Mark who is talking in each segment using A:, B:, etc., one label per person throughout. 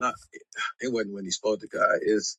A: Not, it wasn't when he spoke to God. It's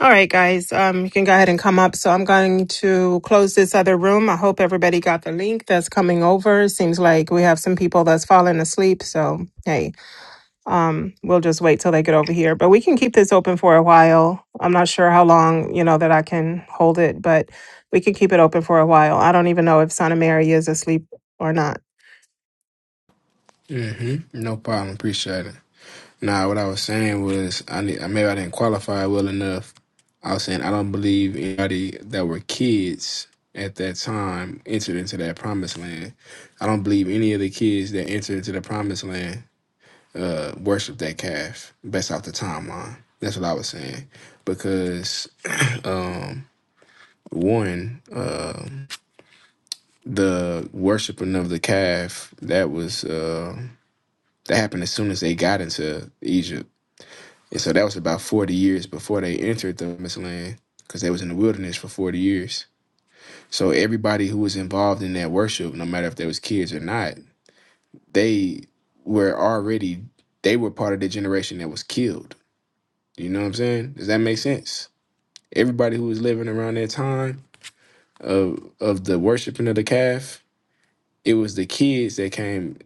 A: All right, guys, um, you can go ahead and come up. So I'm going to close this other room. I hope everybody got the link that's coming over. Seems like we have some people that's falling asleep. So, hey, um, we'll just wait till they get over here. But we can keep this open for a while. I'm not sure how long, you know, that I can hold it, but we can keep it open for a while. I don't even know if Santa Mary is asleep or not.
B: hmm No problem. Appreciate it. Now, what I was saying was I need, maybe I didn't qualify well enough. I was saying I don't believe anybody that were kids at that time entered into that promised land. I don't believe any of the kids that entered into the promised land uh worshiped that calf based off the timeline. That's what I was saying. Because one, uh the worshiping of the calf, that was uh that happened as soon as they got into Egypt And so that was about 40 years before they entered the promised land because they was in the wilderness for 40 years. So everybody who was involved in that worship, no matter if they was kids or not, they were already they were part of the generation that was killed. You know what I'm saying? Does that make sense? Everybody who was living around that time of of the worshiping of the calf, it was the kids that came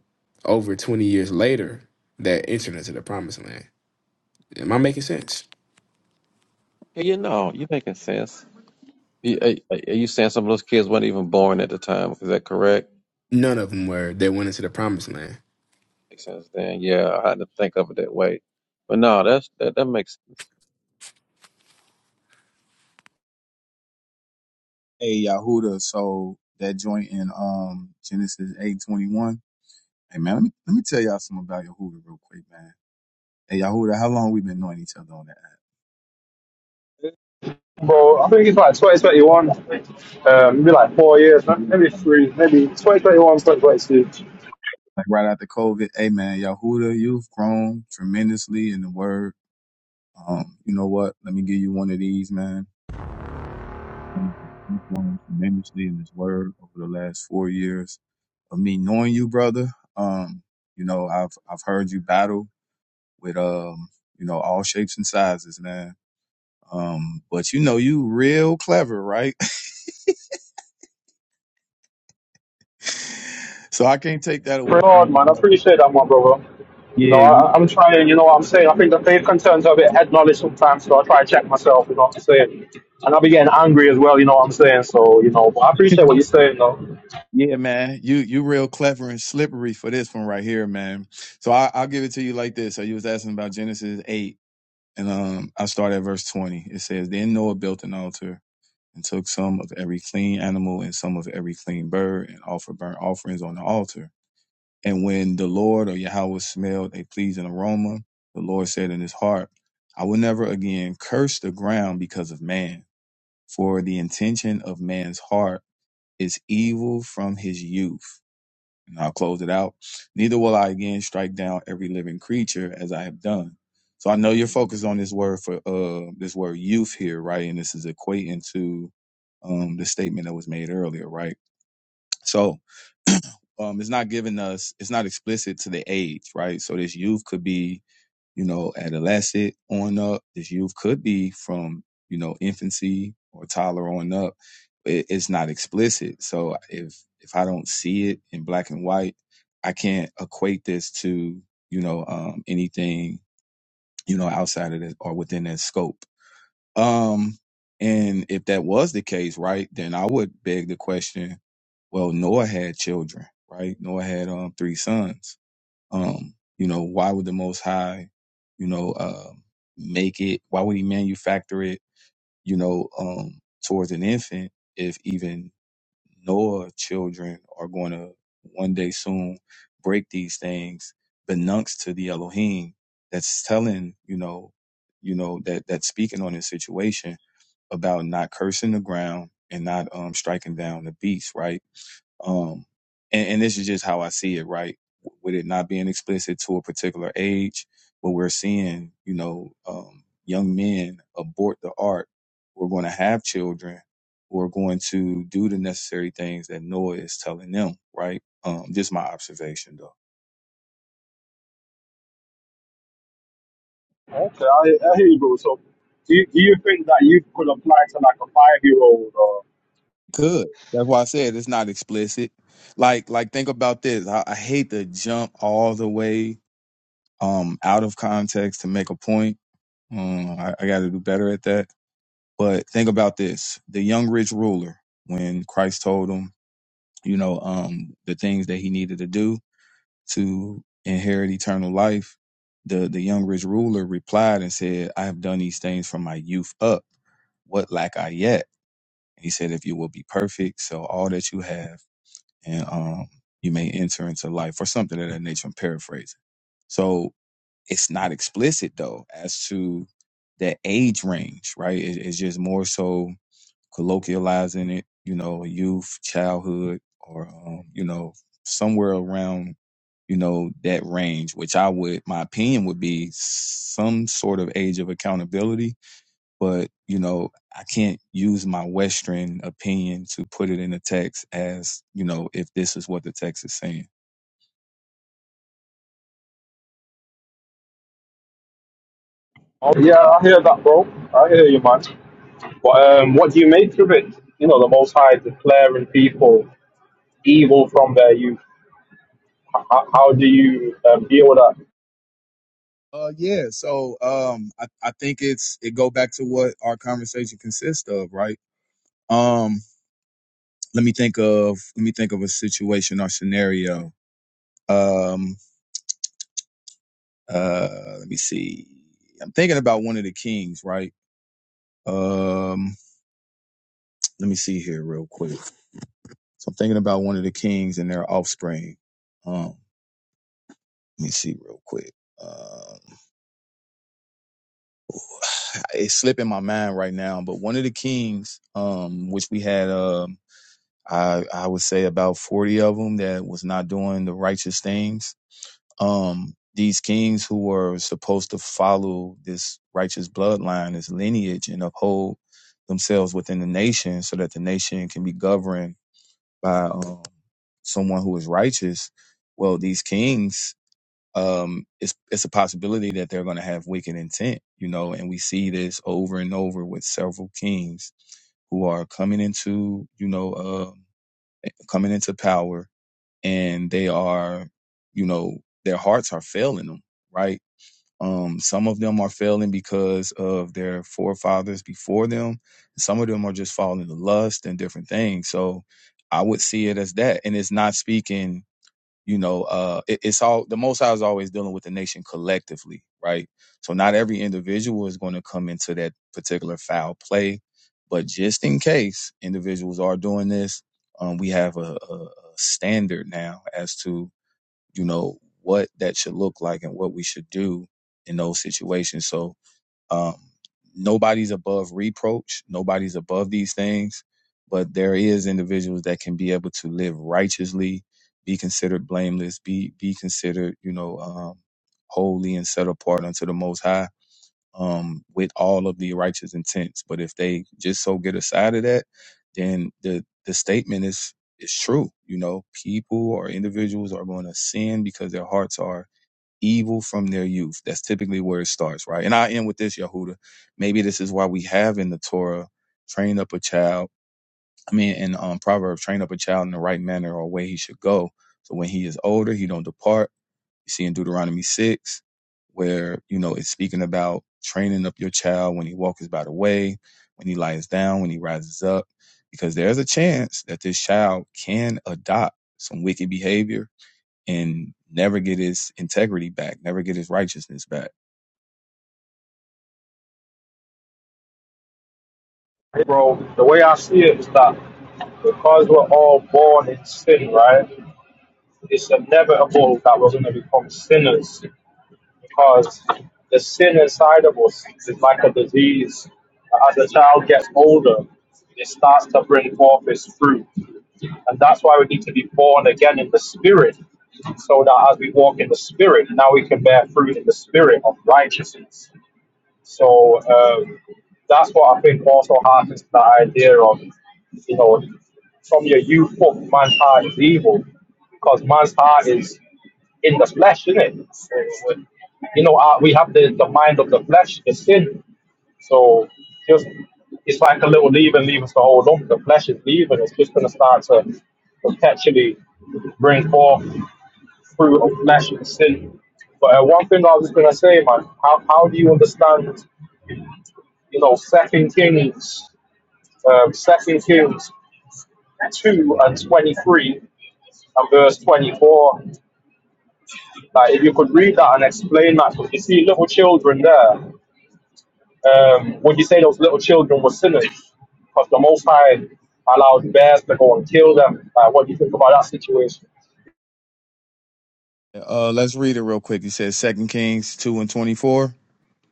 B: over 20 years later that entered into the promised land. Am I making sense?
C: Yeah, You know, you're making sense. You, are, are you saying some of those kids weren't even born at the time? Is that correct?
B: None of them were. They went into the promised land.
C: Makes sense then. Yeah, I had to think of it that way. But no, that's that, that makes sense.
D: Hey Yahuda, so that joint in um Genesis eight twenty one. Hey man, let me let me tell y'all something about Yahuda real quick, man. Hey Yahuda, how long we been knowing each other on that?
E: Bro, I think it's like 2021, um, maybe like four years,
D: app?
E: ma- maybe
D: Like,
E: three, maybe 2021, 2022.
D: like right after COVID. Hey man, Yahuda, you've grown tremendously in the word. Um, you know what? Let me give you one of these, man. You've grown tremendously in this word over the last four years of me knowing you, brother. Um, you know, I've I've heard you battle with um, you know, all shapes and sizes, man Um, but you know, you real clever, right? so I can't take that away
E: Pray
D: from
E: hard,
D: you,
E: man. I
D: brother.
E: appreciate that, my brother. You know,
D: Yeah, you-
E: I, I'm trying, you know what I'm saying? I think the faith concerns are a bit head knowledge sometimes, so I try to check myself, you know what I'm saying? And I'll be getting angry as well, you know what I'm saying? So, you know, but I appreciate what you're saying, though.
D: yeah, man. You you real clever and slippery for this one right here, man. So I, I'll give it to you like this. So you was asking about Genesis eight, and um, I start at verse twenty. It says, "Then Noah built an altar and took some of every clean animal and some of every clean bird and offered burnt offerings on the altar." And when the Lord or Yahweh smelled a pleasing aroma, the Lord said in his heart, I will never again curse the ground because of man, for the intention of man's heart is evil from his youth. And I'll close it out. Neither will I again strike down every living creature as I have done. So I know you're focused on this word for uh this word youth here, right? And this is equating to um the statement that was made earlier, right? So um it's not giving us it's not explicit to the age right so this youth could be you know adolescent on up this youth could be from you know infancy or toddler on up it, it's not explicit so if if i don't see it in black and white i can't equate this to you know um anything you know outside of it or within that scope um and if that was the case right then i would beg the question well noah had children right noah had um three sons um you know why would the most high you know uh, make it why would he manufacture it you know um towards an infant if even Noah's children are going to one day soon break these things benunks to the elohim that's telling you know you know that that's speaking on this situation about not cursing the ground and not um striking down the beast right um, and, and this is just how I see it, right? With it not being explicit to a particular age, but we're seeing, you know, um, young men abort the art. We're going to have children who are going to do the necessary things that Noah is telling them, right? Um, just my observation, though.
E: Okay, I, I hear you, bro. So, do you, do you think that you could apply to like a five year old? Or...
D: Good. That's why I said it's not explicit. Like, like think about this. I, I hate to jump all the way um, out of context to make a point. Um, I, I got to do better at that But think about this: the young rich ruler, when Christ told him, you know, um, the things that he needed to do to inherit eternal life, the the young rich ruler replied and said, "I have done these things from my youth up. What lack I yet?" And he said, "If you will be perfect, sell all that you have, and um, you may enter into life, or something of that nature." I'm paraphrasing. So it's not explicit though as to the age range, right? It, it's just more so colloquializing it, you know, youth, childhood, or, um, you know, somewhere around, you know, that range, which I would, my opinion would be some sort of age of accountability but you know i can't use my western opinion to put it in the text as you know if this is what the text is saying
E: Oh, yeah, I hear that, bro. I hear you, man. But, um, what do you make of it? You know, the Most High declaring people evil from their youth. How, how do you um, deal with that?
D: Uh, yeah. So, um, I, I think it's it go back to what our conversation consists of, right? Um, let me think of let me think of a situation or scenario. Um, uh, let me see. I'm thinking about one of the kings, right? Um, let me see here real quick. So I'm thinking about one of the kings and their offspring. Um, let me see real quick. Um, it's slipping my mind right now, but one of the kings, um, which we had, um, I I would say about 40 of them that was not doing the righteous things um, these kings who were supposed to follow this righteous bloodline, this lineage, and uphold themselves within the nation so that the nation can be governed by um, someone who is righteous. Well, these kings, um, it's, it's a possibility that they're going to have wicked intent, you know, and we see this over and over with several kings who are coming into, you know, uh, coming into power and they are, you know, their hearts are failing them, right? Um, some of them are failing because of their forefathers before them. Some of them are just falling to lust and different things. So I would see it as that. And it's not speaking you know uh it, it's all the most high is always dealing with the nation collectively right so not every individual is going to come into that particular foul play but just in case individuals are doing this um, we have a, a, a standard now as to you know what that should look like and what we should do in those situations so um, nobody's above reproach. Nobody's above these things, but there is individuals that can be able to live righteously, be considered blameless, be be considered, you know, um, holy and set apart unto the Most High, um, with all of the righteous intents. But if they just so get aside of that, then the the statement is is true. You know, people or individuals are going to sin because their hearts are evil from their youth. That's typically where it starts, right? And I end with this, Yehuda. Maybe this is why we have in the Torah, train up a child. I mean, in um, Proverbs, train up a child in the right manner or way he should go. So when he is older, he don't depart. You see in Deuteronomy 6, where, you know, it's speaking about training up your child when he walks by the way, when he lies down, when he rises up, because there's a chance that this child can adopt some wicked behavior and never get his integrity back, never get his righteousness back.
E: Bro, the way I see it is that because we're all born in sin, right? It's inevitable that we're going to become sinners because the sin inside of us is like a disease. As a child gets older, it starts to bring forth its fruit. And that's why we need to be born again in the spirit, so that as we walk in the spirit, now we can bear fruit in the spirit of righteousness. So um, that's what I think also harkens to that idea of, you know, from your youth up, man's heart is evil, because man's heart is in the flesh, isn't it? So, uh, you know, uh, we have the, the mind of the flesh, the sin. So just it's like a little leaven leaves the whole lump. The flesh is leaving. It's just going to start to perpetually bring forth fruit of flesh and sin. But uh, one thing I was going to say, man, how, how do you understand, you know, Second Kings, um, Second Kings two and twenty three and verse twenty four? Like if you could read that and explain that, because you see little children there. Um, would you say those little children were sinners? Because the Most High allowed bears to go and kill them. Like, what do you think about that situation?
D: Uh, let's read it real quick. He says Second Kings two and twenty four.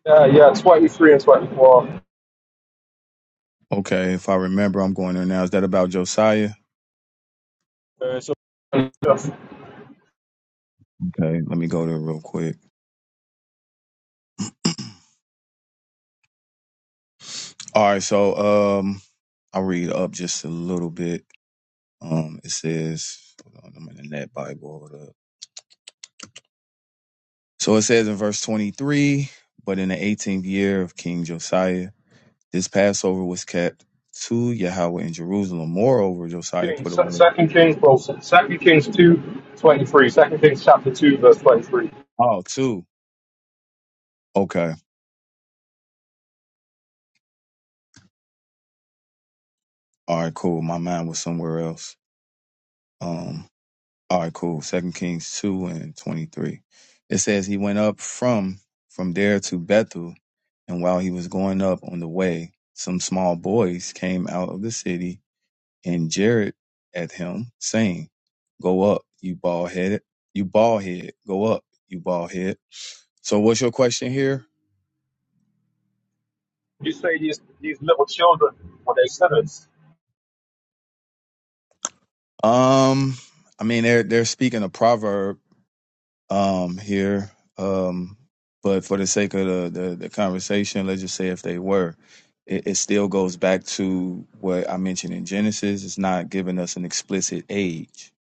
E: Yeah, yeah, 23 and 24.
D: Okay, if I remember, I'm going there now. Is that about Josiah?
E: Uh, so
D: Okay, let me go there real quick. All right, so um, I'll read up just a little bit. Um, it says, hold on, I'm in the Net Bible. Hold up. So it says in verse 23, but in the 18th year of King Josiah, this Passover was kept to Yahweh in Jerusalem. Moreover, Josiah put
E: Kings,
D: away
E: Second Kings, bro. Second Kings 2:23. Second Kings chapter 2, verse 23.
D: all oh, two. Okay. All right, cool. My mind was somewhere else. Um, all right, cool. Second Kings two and twenty three. It says he went up from from there to Bethel, and while he was going up on the way, some small boys came out of the city and jeered at him, saying, Go up, you bald headed you bald head, go up, you bald head. So what's your question here?
E: You say these, these little children, were they sinners?
D: Um, I mean they're they're speaking a proverb um, here. Um, but for the sake of the, the, the conversation, let's just say if they were, it, it still goes back to what I mentioned in Genesis. It's not giving us an explicit age.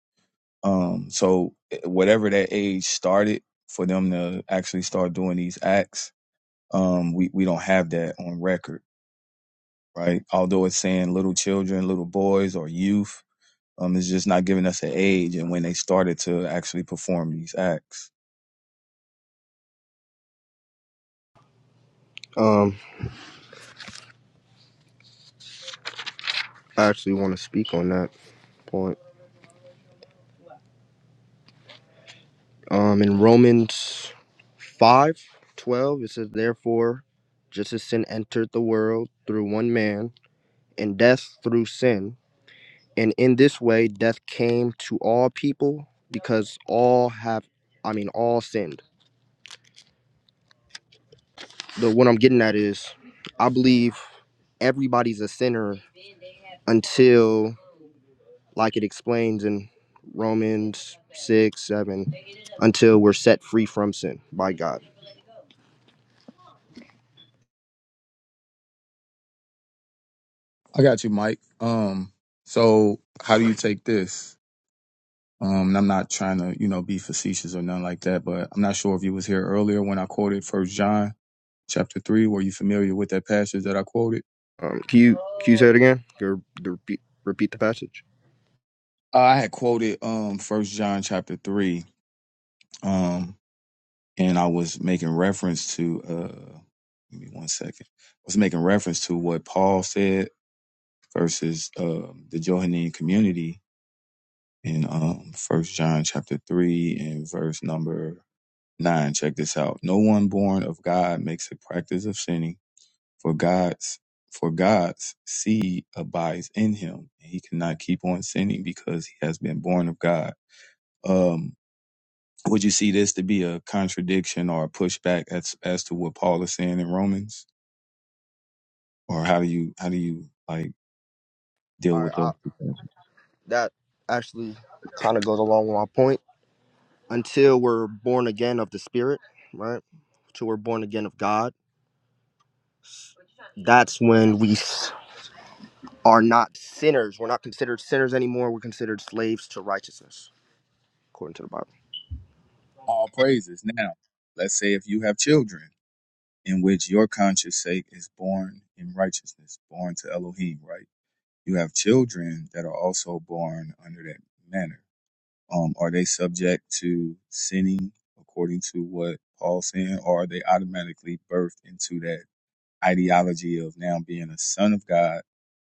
D: Um, so eh, whatever that age started for them to actually start doing these acts, um, we, we don't have that on record, right? Although it's saying little children, little boys or youth, um, it's just not giving us an age and when they started to actually perform these acts.
F: Um, I actually want to speak on that point. Um, in Romans 5:12, it says, Therefore, just as sin entered the world through one man, and death through sin, and in this way death came to all people because all have, I mean, all sinned. The what I'm getting at is, I believe everybody's a sinner until, like it explains in Romans 6 7, until we're set free from sin by God
D: I got you, Mike. Um, so how do you take this? Um, and I'm not trying to, you know, be facetious or nothing like that, but I'm not sure if you was here earlier when I quoted First John chapter three. Were you familiar with that passage that I quoted?
F: Um, can you can you say it again? Go repeat repeat the passage.
D: I had quoted um First John chapter three, um, and I was making reference to uh, give me one second. I was making reference to what Paul said versus um the Johannine community in um First John chapter three and verse number 9 check this out no one born of god makes a practice of sinning for god's for god's seed abides in him and he cannot keep on sinning because he has been born of god um would you see this to be a contradiction or a pushback as as to what paul is saying in romans or how do you how do you like deal
F: All right,
D: with
F: I,
D: those two things
F: that actually kind of goes along with my point. Until we're born again of the Spirit, right? Until we're born again of God, that's when we s- are not sinners. We're not considered sinners anymore. We're considered slaves to righteousness, according to the Bible.
D: all praises now let's say if you have children in which your conscious sake is born in righteousness born to elohim right you have children that are also born under that manner. Um, are they subject to sinning according to what Paul's saying, or are they automatically birthed into that ideology of now being a son of God,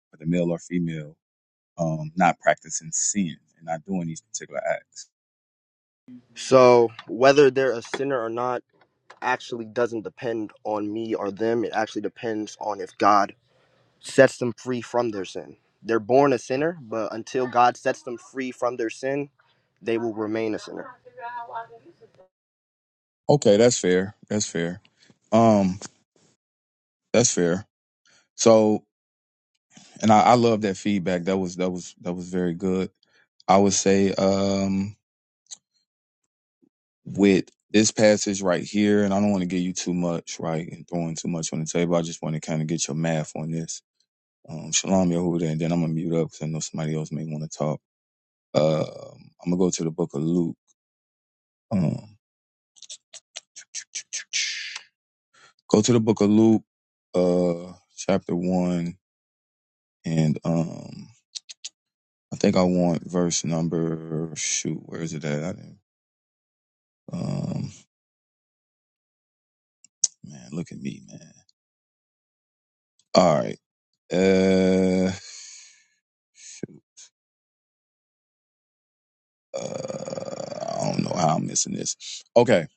D: whether male or female, um, not practicing sin and not doing these particular acts?
F: So whether they're a sinner or not actually doesn't depend on me or them. It actually depends on if God sets them free from their sin. They're born a sinner, but until God sets them free from their sin, they will remain a sinner.
D: Okay, that's fair. That's fair. Um, that's fair. So, and I, I love that feedback. That was that was that was very good. I would say. um with this passage right here, and I don't want to give you too much, right, and throwing too much on the table. I just want to kind of get your math on this. Um, Shalom Yehuda, and then I'm gonna mute up because I know somebody else may want to talk. Um I'm gonna go to the Book of Luke. Um, go to the Book of Luke, uh, chapter one, and um, I think I want verse number. Shoot, where is it at? I didn't, um, man, look at me, man. All right, uh. uh, I don't know how I'm missing this. Okay,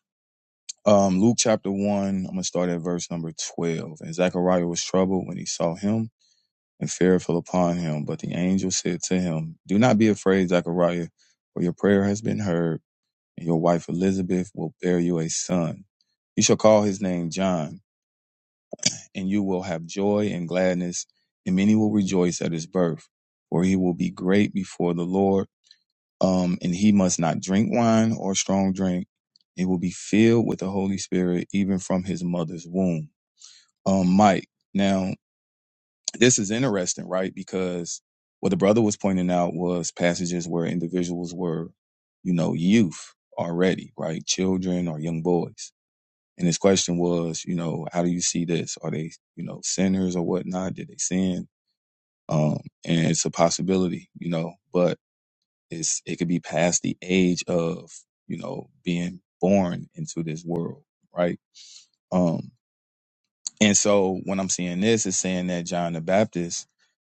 D: um, Luke chapter one. I'm gonna start at verse number twelve. And Zechariah was troubled when he saw him, and fear fell upon him. But the angel said to him, "Do not be afraid, Zechariah, for your prayer has been heard, and your wife Elizabeth will bear you a son. You shall call his name John, and you will have joy and gladness, and many will rejoice at his birth, for he will be great before the Lord." Um, and he must not drink wine or strong drink. He will be filled with the Holy Spirit even from his mother's womb. Um, Mike, now this is interesting, right? Because what the brother was pointing out was passages where individuals were, you know, youth already, right? Children or young boys. And his question was, you know, how do you see this? Are they, you know, sinners or whatnot? Did they sin? Um, and it's a possibility, you know, but it's it could be past the age of you know being born into this world, right? Um, and so when I'm seeing this, it's saying that John the Baptist,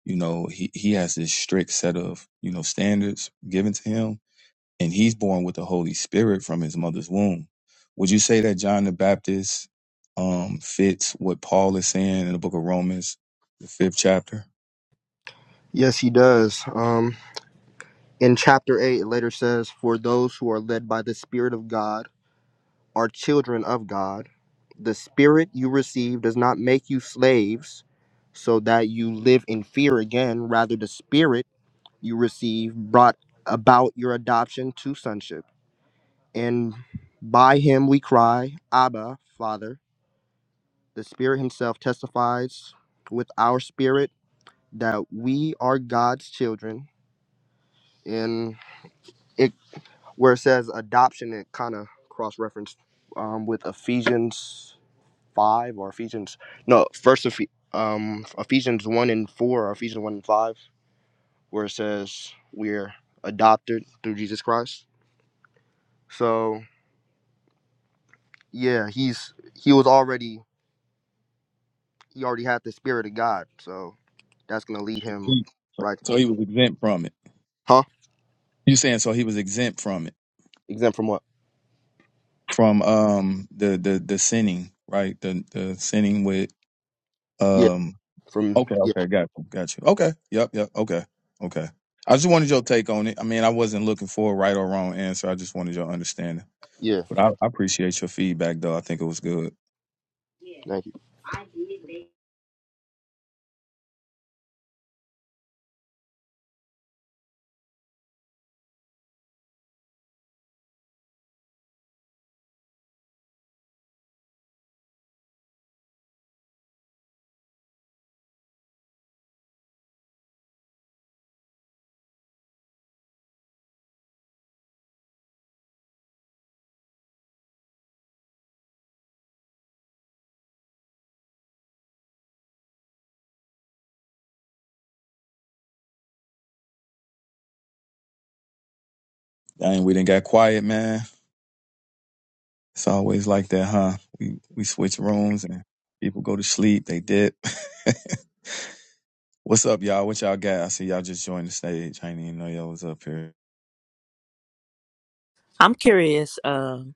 D: you know, he he has this strict set of you know standards given to him, and he's born with the Holy Spirit from his mother's womb. Would you say that John the Baptist um, fits what Paul is saying in the Book of Romans, the fifth chapter?
F: Yes, he does. Um, in chapter 8, it later says, For those who are led by the Spirit of God are children of God. The Spirit you receive does not make you slaves so that you live in fear again. Rather, the Spirit you receive brought about your adoption to sonship. And by him we cry, Abba, Father. The Spirit Himself testifies with our spirit that we are God's children. And it where it says adoption, it kind of cross referenced um, with Ephesians five or Ephesians no first Eph- um, Ephesians one and four or Ephesians one and five, where it says we're adopted through Jesus Christ. So yeah, he's he was already he already had the Spirit of God, so that's gonna lead him
D: So so
F: righteously,
D: he was exempt from it.
F: huh?
D: You saying so he was exempt from it?
F: Exempt from what?
D: from um the the the sinning, right? The the sinning with um.
F: From
D: Okay,
F: yeah,
D: okay, got you, got you. Okay, yep, yep. Okay, okay. I just wanted your take on it. I mean, I wasn't looking for a right or wrong answer. I just wanted your understanding.
F: yeah.
D: But I, I appreciate your feedback, though. I think it was good.
F: Thank you.
D: Dang, we didn't got quiet, man. It's always like that, huh? We we switch rooms and people go to sleep. They dip. What's up, y'all? What y'all got? I see y'all just joined the stage. I didn't even know y'all was up here.
G: I'm curious. Um,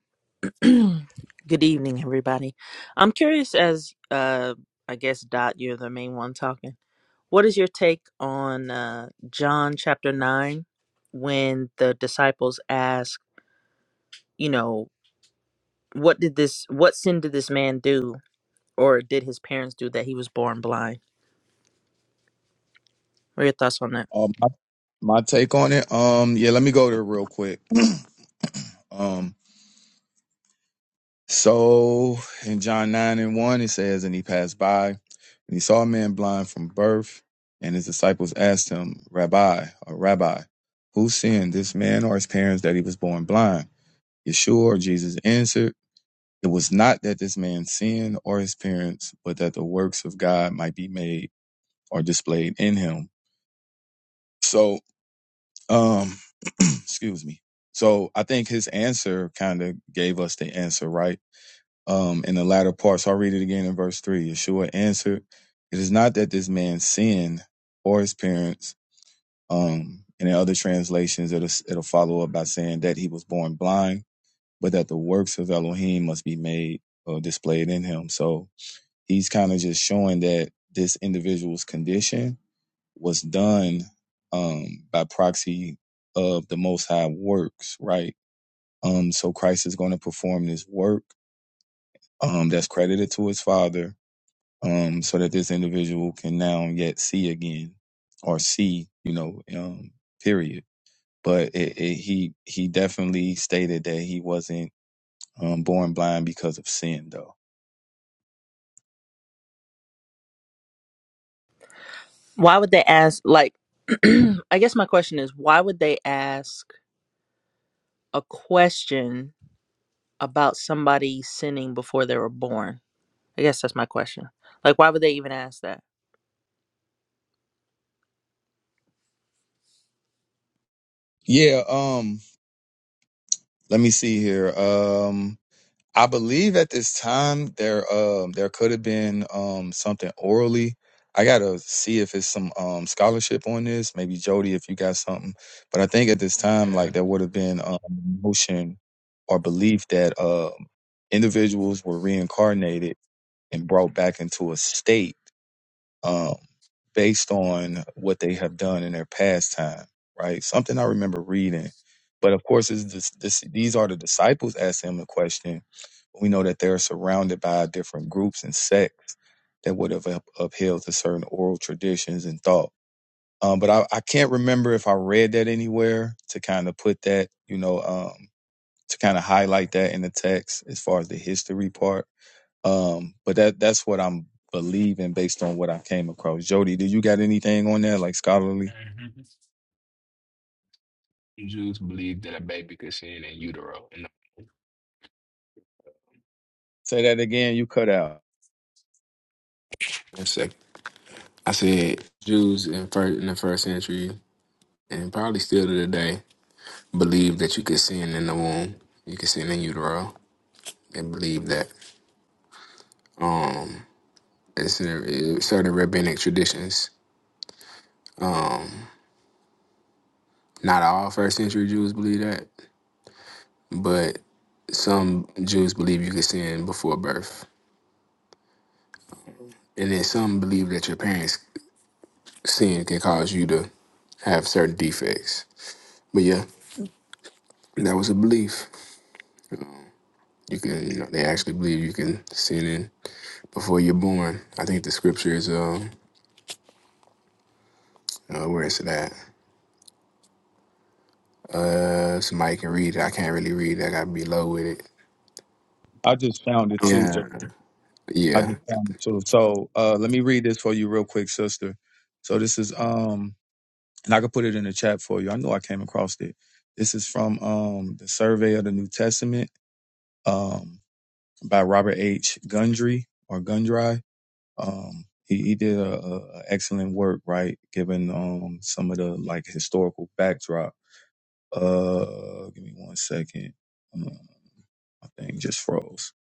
G: good evening, everybody. I'm curious as uh, I guess Dot, you're the main one talking. What is your take on uh, John chapter nine when the disciples ask, you know, what did this, what sin did this man do, or did his parents do that he was born blind? What are your thoughts on that?
D: Um, My take on it, um, yeah, let me go there real quick. Um, so in John 9 and 1, it says, And he passed by, and he saw a man blind from birth, and his disciples asked him, Rabbi, or Rabbi, who sinned, this man or his parents, that he was born blind? Yeshua or Jesus answered, It was not that this man sinned or his parents, but that the works of God might be made or displayed in him. So. Um, excuse me. So I think his answer kind of gave us the answer, right? Um, in the latter part. So I'll read it again in verse three. Yeshua answered, It is not that this man sinned or his parents. Um, and in other translations, it'll, it'll follow up by saying that he was born blind, but that the works of Elohim must be made or displayed in him. So he's kind of just showing that this individual's condition was done um, by proxy of the Most High works, right? Um, so Christ is going to perform this work um, that's credited to his Father, um, so that this individual can now yet see again, or see, you know, um, period. But it, it, he he definitely stated that he wasn't um, born blind because of sin, though.
G: Why would they ask? Like, I guess my question is, why would they ask a question about somebody sinning before they were born? I guess that's my question. Like, why would they even ask that?
D: Yeah. Um. Let me see here. Um. I believe at this time there um there could have been um something orally. I gotta see if it's some um scholarship on this. Maybe Jody, if you got something. But I think at this time,
B: Yeah.
D: like there would have been um notion or belief that um individuals were reincarnated and brought back into a state um, based on what they have done in their past time, right? Something I remember reading. But of course, is this, this, these are the disciples asked him the question. We know that they're surrounded by different groups and sects that would have up- upheld to certain oral traditions and thought. Um, but I, I can't remember if I read that anywhere to kind of put that, you know, um, to kind of highlight that in the text as far as the history part um, but that that's what I'm believing based on what I came across. Jody, do you got anything on there like scholarly?
B: Mhm. Jews believe that a baby could sin in utero. In the
D: Say that again. You cut out.
B: first sec- I said Jews in first in the first century and probably still to today believe that you could sin in the womb. You could sin in utero. They believe that. Um, it's in it's certain rabbinic traditions. Not all first century Jews believe that, but some Jews believe you could sin before birth, and then some believe that your parents' sin can cause you to have certain defects. But yeah. That was a belief. You can, you know, they actually believe you can sin in before you're born. I think the scripture is, um, uh, where is it at? Uh, somebody can read it. I can't really read it. I gotta be low with it.
D: I just found it too. Jo-
B: Yeah,
D: I
B: yeah.
D: just found it too. So uh, let me read this for you real quick, sister. So this is um, and I could put it in the chat for you. I know I came across it. This is from um the Survey of the New Testament um by Robert H. Gundry or Gundry um he, he did a, a a excellent work right given um some of the like historical backdrop uh give me one second um, i think just froze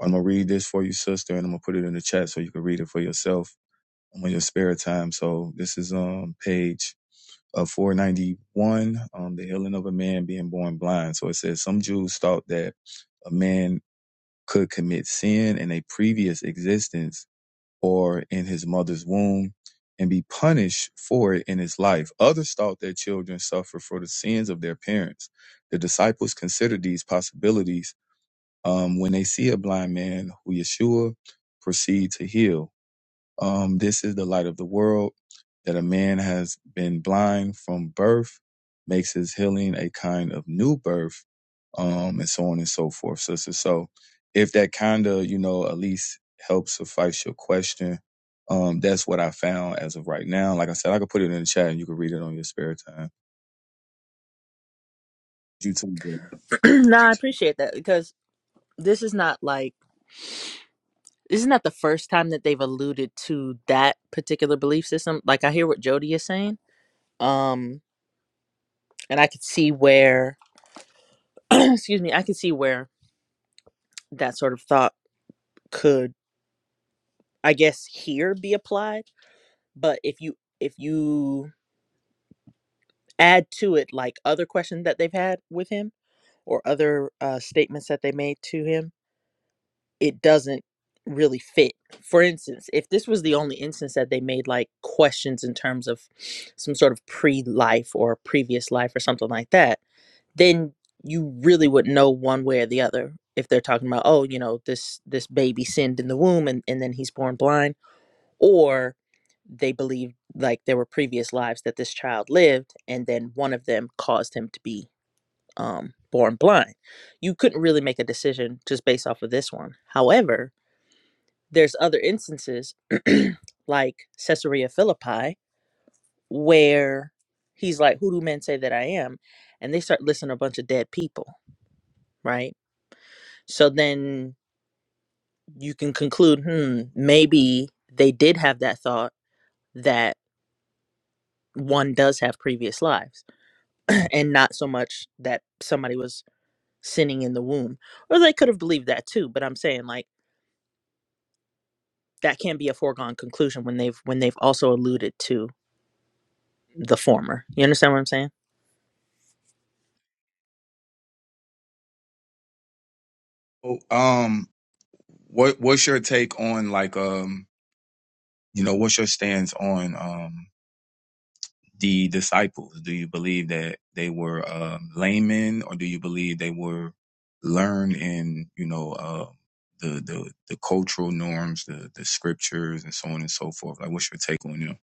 D: i'm gonna read this for you sister and i'm gonna put it in the chat so you can read it for yourself on your spare time so this is um page uh, 491 um the healing of a man being born blind so it says some jews thought that a man could commit sin in a previous existence or in his mother's womb and be punished for it in his life. Others thought that children suffer for the sins of their parents. The disciples considered these possibilities um, when they see a blind man who Yeshua proceed to heal. Um, this is the light of the world that a man has been blind from birth, makes his healing a kind of new birth, um, and so on and so forth, sister. So if that kind of, you know, at least helps suffice your question, um, that's what I found as of right now. Like I said, I could put it in the chat and you can read it on your spare time. You too. brother.
G: no, I appreciate that because this is not like this is not the first time that they've alluded to that particular belief system. Like, I hear what Jody is saying, um, and I could see where, excuse me, I could see where that sort of thought could, I guess, here be applied. But if you if you add to it like other questions that they've had with him or other uh, statements that they made to him it doesn't really fit. For instance, if this was the only instance that they made like questions in terms of some sort of pre life or previous life or something like that, then you really would know one way or the other if they're talking about oh you know this this baby sinned in the womb and, and then he's born blind or they believe like there were previous lives that this child lived and then one of them caused him to be um, born blind you couldn't really make a decision just based off of this one however there's other instances like Caesarea Philippi where he's like, Who do men say that I am? And they start listing a bunch of dead people, right? So then you can conclude, hmm, maybe they did have that thought that one does have previous lives and not so much that somebody was sinning in the womb. Or they could have believed that too, but I'm saying like that can't be a foregone conclusion when they've when they've also alluded to the former. You understand what I'm saying?
D: Oh, Um, what what's your take on like um, you know, what's your stance on um the disciples? Do you believe that they were um, laymen, or do you believe they were learned in you know uh, the the the cultural norms, the the scriptures, and so on and so forth? Like, what's your take on them?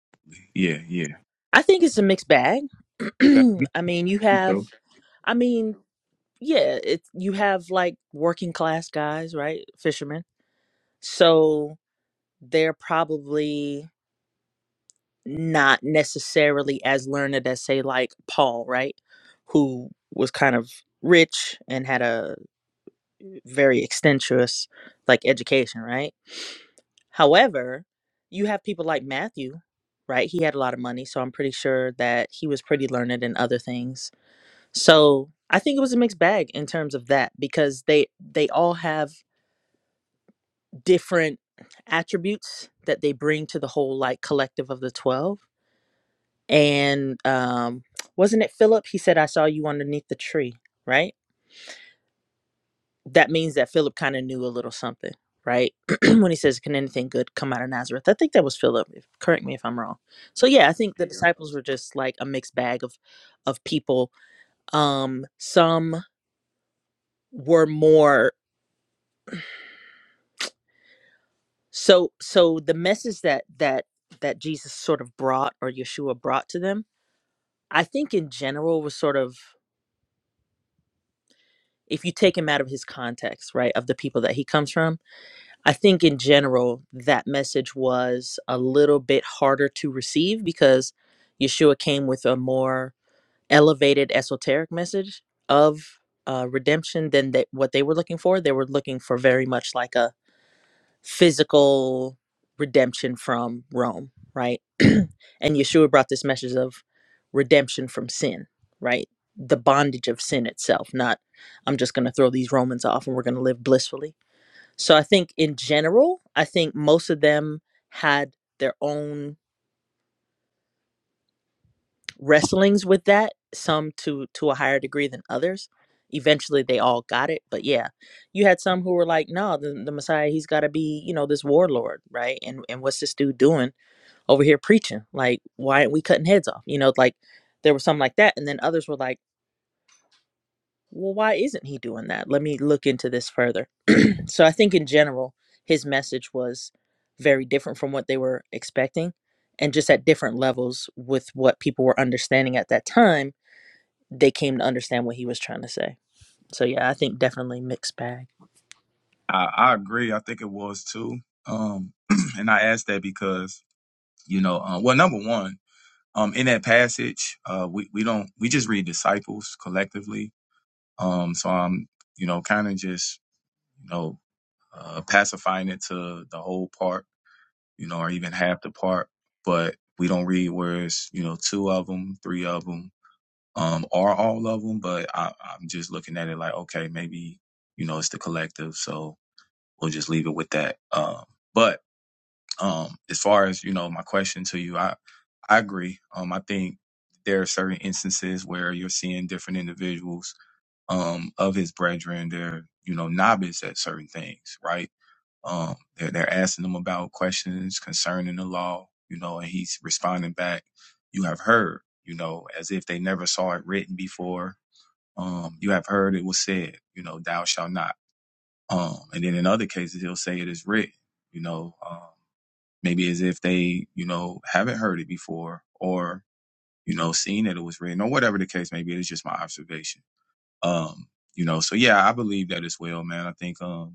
D: Yeah, yeah.
G: I think it's a mixed bag.
D: Okay.
G: I mean, you have,
D: So
G: I mean, yeah, it's you have like working class guys, right? Fishermen. So they're probably not necessarily as learned as, say, like Paul, right? Who was kind of rich and had a very extensive, like, education, right? However, you have people like Matthew, right? He had a lot of money, so I'm pretty sure that he was pretty learned in other things So I think it was a mixed bag in terms of that because they they all have different attributes that they bring to the whole like collective of the twelve. And um, wasn't it Philip? He said, "I saw you underneath the tree." Right. That means that Philip kind of knew a little something, right? when he says, "Can anything good come out of Nazareth?" I think that was Philip. if- Correct me if I'm wrong. So yeah, I think the Yeah. disciples were just like a mixed bag of of people. Um, some were more. So so the message that that that Jesus sort of brought or Yeshua brought to them, I think in general was sort of if you take him out of his context, right, of the people that he comes from, I think in general that message was a little bit harder to receive because Yeshua came with a more elevated esoteric message of uh, redemption than that what they were looking for. They were looking for very much like a physical redemption from Rome, right? and Yeshua brought this message of redemption from sin, right? The bondage of sin itself, not I'm just going to throw these Romans off and we're going to live blissfully. So I think in general, I think most of them had their own wrestlings with that, some to to a higher degree than others. Eventually they all got it, but yeah, you had some who were like, "No, the, the Messiah, he's got to be, you know, this warlord, right? And and what's this dude doing?" over here preaching. Like, why aren't we cutting heads off? You know, like there was something like that. And then others were like, well, why isn't he doing that? Let me look into this further. So I think in general, his message was very different from what they were expecting. And just at different levels with what people were understanding at that time, they came to understand what he was trying to say. So yeah, I think definitely mixed bag.
D: I, I agree. I think it was too. Um, and I asked that because you know, uh, well, number one, um, in that passage, uh, we we don't we just read disciples collectively. Um, so I'm you know kind of just you know uh, pacifying it to the whole part, you know, or even half the part. But we don't read where it's, you know, two of them, three of them, um, or all of them. But I, I'm just looking at it like, okay, maybe, you know, it's the collective. So we'll just leave it with that. Um, but um, as far as, you know, my question to you, I, I agree. Um, I think there are certain instances where you're seeing different individuals um, of his brethren. They're, you know, novice at certain things, right? Um, they're, they're asking him about questions concerning the law, you know, and he's responding back, you have heard, you know, as if they never saw it written before. Um, you have heard it was said, you know, thou shalt not. Um, and then in other cases, he'll say it is written, you know, um, maybe as if they, you know, haven't heard it before or, you know, seen that it was written or whatever the case may be. It's just my observation. Um, you know, so yeah, I believe that as well, man. I think, um,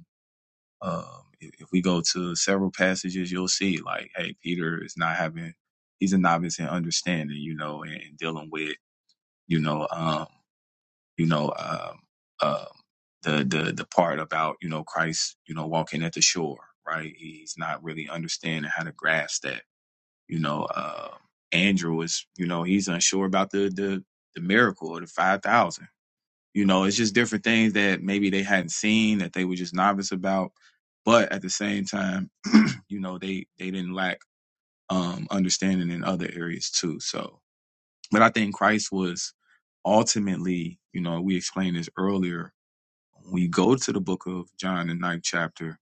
D: um, if, if we go to several passages, you'll see like, hey, Peter is not having, he's a novice in understanding, you know, and, and dealing with, you know, um, you know, um, um, the the the part about you know Christ, you know, walking at the shore, right? He's not really understanding how to grasp that, you know. Um, Andrew is, you know, he's unsure about the the the miracle of the five thousand you know, it's just different things that maybe they hadn't seen that they were just novice about. But at the same time, you know, they they didn't lack um, understanding in other areas too. So, but I think Christ was ultimately, you know, we explained this earlier. When we go to the book of John, the ninth chapter,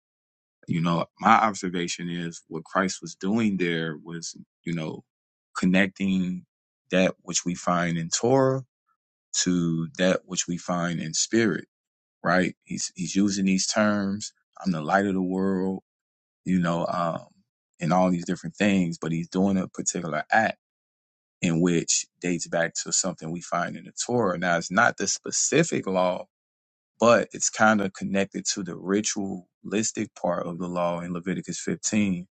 D: you know, my observation is what Christ was doing there was, you know, connecting that which we find in Torah to that which we find in spirit right? He's he's using these terms. I'm the light of the world, you know, um, and all these different things. But he's doing a particular act in which dates back to something we find in the Torah. Now, it's not the specific law, but it's kind of connected to the ritualistic part of the law in Leviticus 15,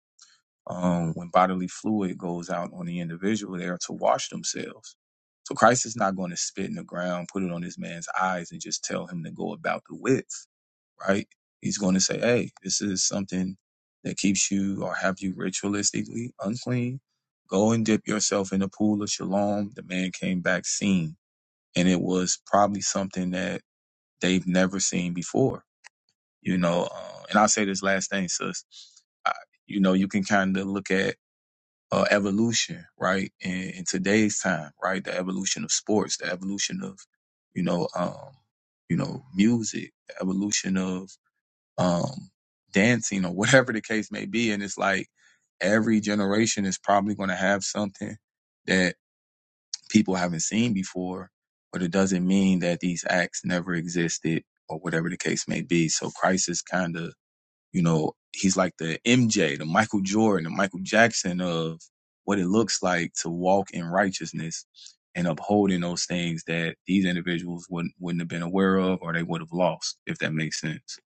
D: um, when bodily fluid goes out on the individual there to wash themselves. So Christ is not going to spit in the ground, put it on this man's eyes, and just tell him to go about the width right? He's going to say, hey, this is something that keeps you or have you ritualistically unclean. Go and dip yourself in the pool of shalom. The man came back seen, and it was probably something that they've never seen before, you know. Uh, and I'll say this last thing, sis. I, you know, you can kind of look at uh, evolution, right? In, in today's time, right? The evolution of sports, the evolution of, you know, um, you know, music, the evolution of um, dancing or whatever the case may be. And it's like every generation is probably going to have something that people haven't seen before, but it doesn't mean that these acts never existed or whatever the case may be. So Christ is kind of, you know, he's like the MJ, the Michael Jordan, the Michael Jackson of what it looks like to walk in righteousness and upholding those things that these individuals wouldn't wouldn't have been aware of or they would have lost, if that makes sense.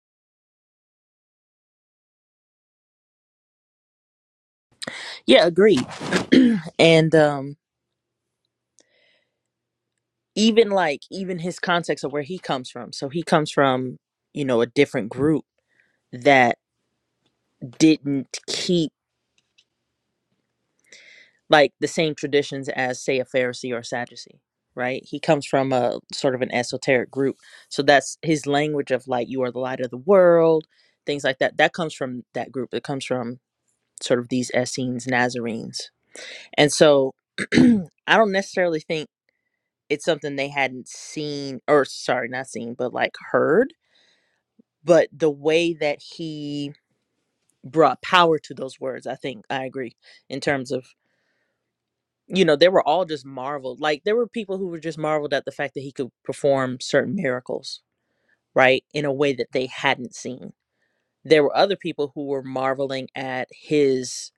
G: Yeah, agreed. And um, even like even his context of where he comes from. So he comes from, you know, a different group that didn't keep like the same traditions as say a pharisee or a sadducee right he comes from a sort of an esoteric group so that's his language of like you are the light of the world things like that that comes from that group it comes from sort of these essenes nazarenes and so i don't necessarily think it's something they hadn't seen or sorry not seen but like heard but the way that he brought power to those words i think i agree in terms of you know, they were all just marveled. Like there were people who were just marveled at the fact that he could perform certain miracles, right, in a way that they hadn't seen. There were other people who were marveling at his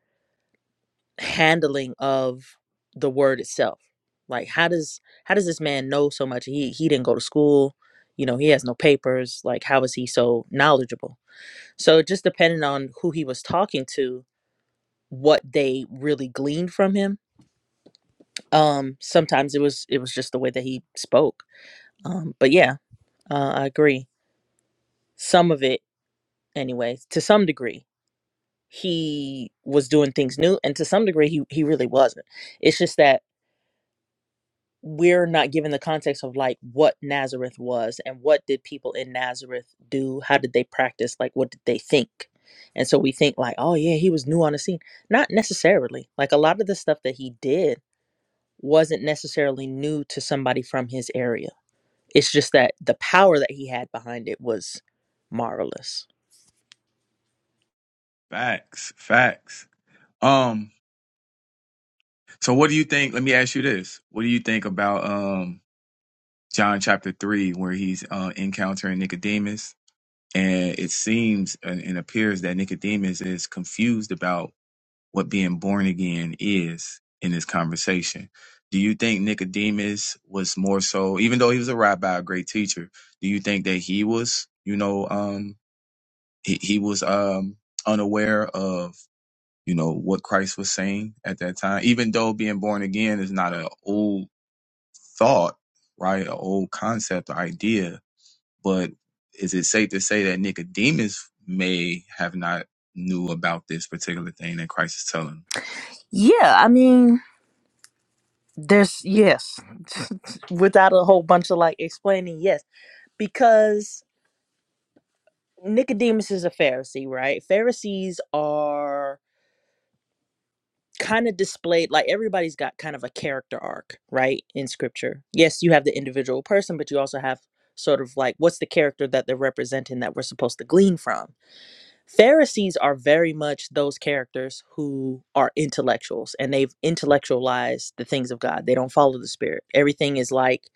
G: handling of the word itself. Like how does how does this man know so much? He he didn't go to school, you know, he has no papers. Like how is he so knowledgeable? So it just depending on who he was talking to, what they really gleaned from him um sometimes it was it was just the way that he spoke Um, but yeah, uh, I agree. Some of it, anyways, to some degree, he was doing things new, and to some degree, he he really wasn't. It's just that we're not given the context of like what Nazareth was and what did people in Nazareth do? How did they practice? Like, what did they think? And so we think like, oh yeah, he was new on the scene. Not necessarily. Like a lot of the stuff that he did wasn't necessarily new to somebody from his area. It's just that the power that he had behind it was marvelous.
D: Facts, facts. Um, so what do you think? Let me ask you this. What do you think about um John chapter three, where he's uh encountering Nicodemus? And it seems and, and appears that Nicodemus is confused about what being born again is in this conversation. Do you think Nicodemus was more so, even though he was a rabbi, a great teacher, do you think that he was, you know, um he, he was um unaware of you know what Christ was saying at that time. Even though being born again is not an old thought, right, an old concept or idea, but is it safe to say that Nicodemus may have not knew about this particular thing that Christ is telling? him?
G: Yeah, I mean, there's yes, without a whole bunch of like explaining, yes, because Nicodemus is a Pharisee, right? Pharisees are kind of displayed like everybody's got kind of a character arc, right, in scripture. Yes, you have the individual person, but you also have sort of like what's the character that they're representing that we're supposed to glean from. Pharisees are very much those characters who are intellectuals and they've intellectualized the things of God. They don't follow the spirit. Everything is like,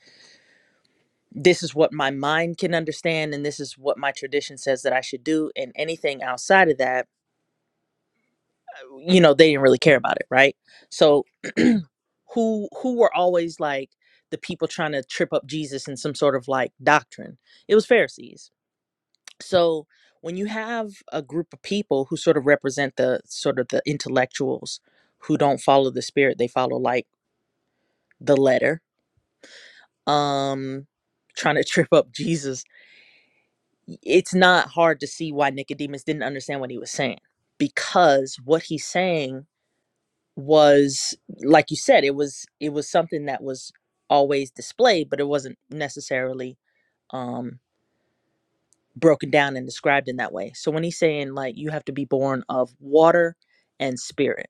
G: this is what my mind can understand and this is what my tradition says that I should do. And anything outside of that, uh, you know, they didn't really care about it, right? So who who were always like the people trying to trip up Jesus in some sort of like doctrine? It was Pharisees so when you have a group of people who sort of represent the sort of the intellectuals who don't follow the spirit they follow like the letter um trying to trip up jesus it's not hard to see why nicodemus didn't understand what he was saying because what he's saying was like you said it was it was something that was always displayed but it wasn't necessarily um broken down and described in that way. So when he's saying like you have to be born of water and spirit,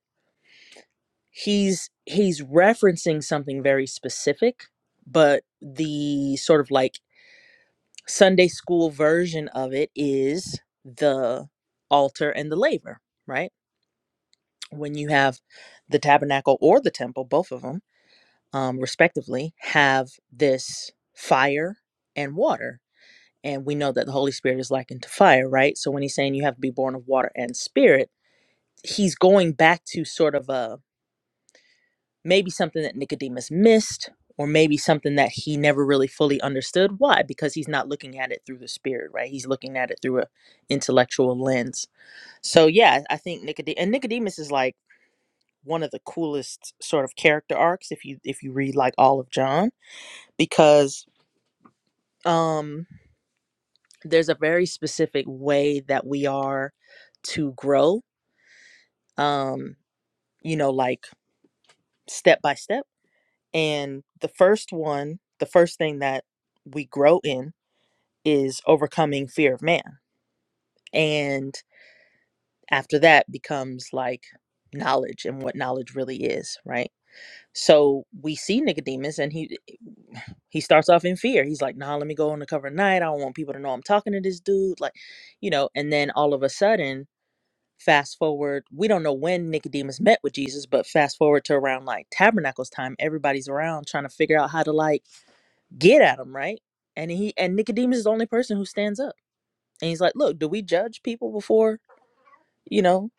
G: he's he's referencing something very specific, but the sort of like Sunday school version of it is the altar and the laver, right? When you have the tabernacle or the temple, both of them, um, respectively, have this fire and water And we know that the Holy Spirit is likened to fire, right? So when he's saying you have to be born of water and spirit, he's going back to sort of a maybe something that Nicodemus missed, or maybe something that he never really fully understood. Why? Because he's not looking at it through the spirit, right? He's looking at it through a intellectual lens. So yeah, I think Nicodemus and Nicodemus is like one of the coolest sort of character arcs if you if you read like all of John because um there's a very specific way that we are to grow um you know like step by step and the first one the first thing that we grow in is overcoming fear of man and after that becomes like knowledge and what knowledge really is right so we see nicodemus and he he starts off in fear he's like nah let me go on the cover of night i don't want people to know i'm talking to this dude like you know and then all of a sudden Fast forward, we don't know when Nicodemus met with Jesus, but fast forward to around like Tabernacles time, everybody's around trying to figure out how to like get at him, right? And he and Nicodemus is the only person who stands up. And he's like, "Look, do we judge people before, you know,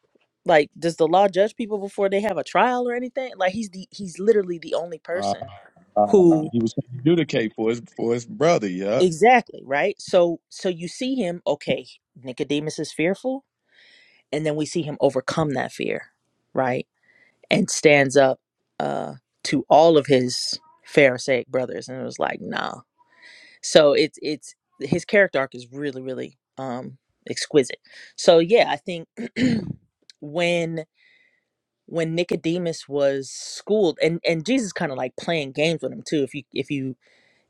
G: like does the law judge people before they have a trial or anything?" Like he's the he's literally the only
D: Uh,
G: person
D: uh,
G: who
D: he was trying to adjudicate for his for his brother. Yeah,
G: exactly, right? So so you see him, okay, Nicodemus is fearful, and then we see him overcome that fear, right? and stands up uh, to all of his Pharisaic brothers, and it was like, nah. So it's it's his character arc is really really um, exquisite. So yeah, I think when when Nicodemus was schooled, and and Jesus kind of like playing games with him too. If you if you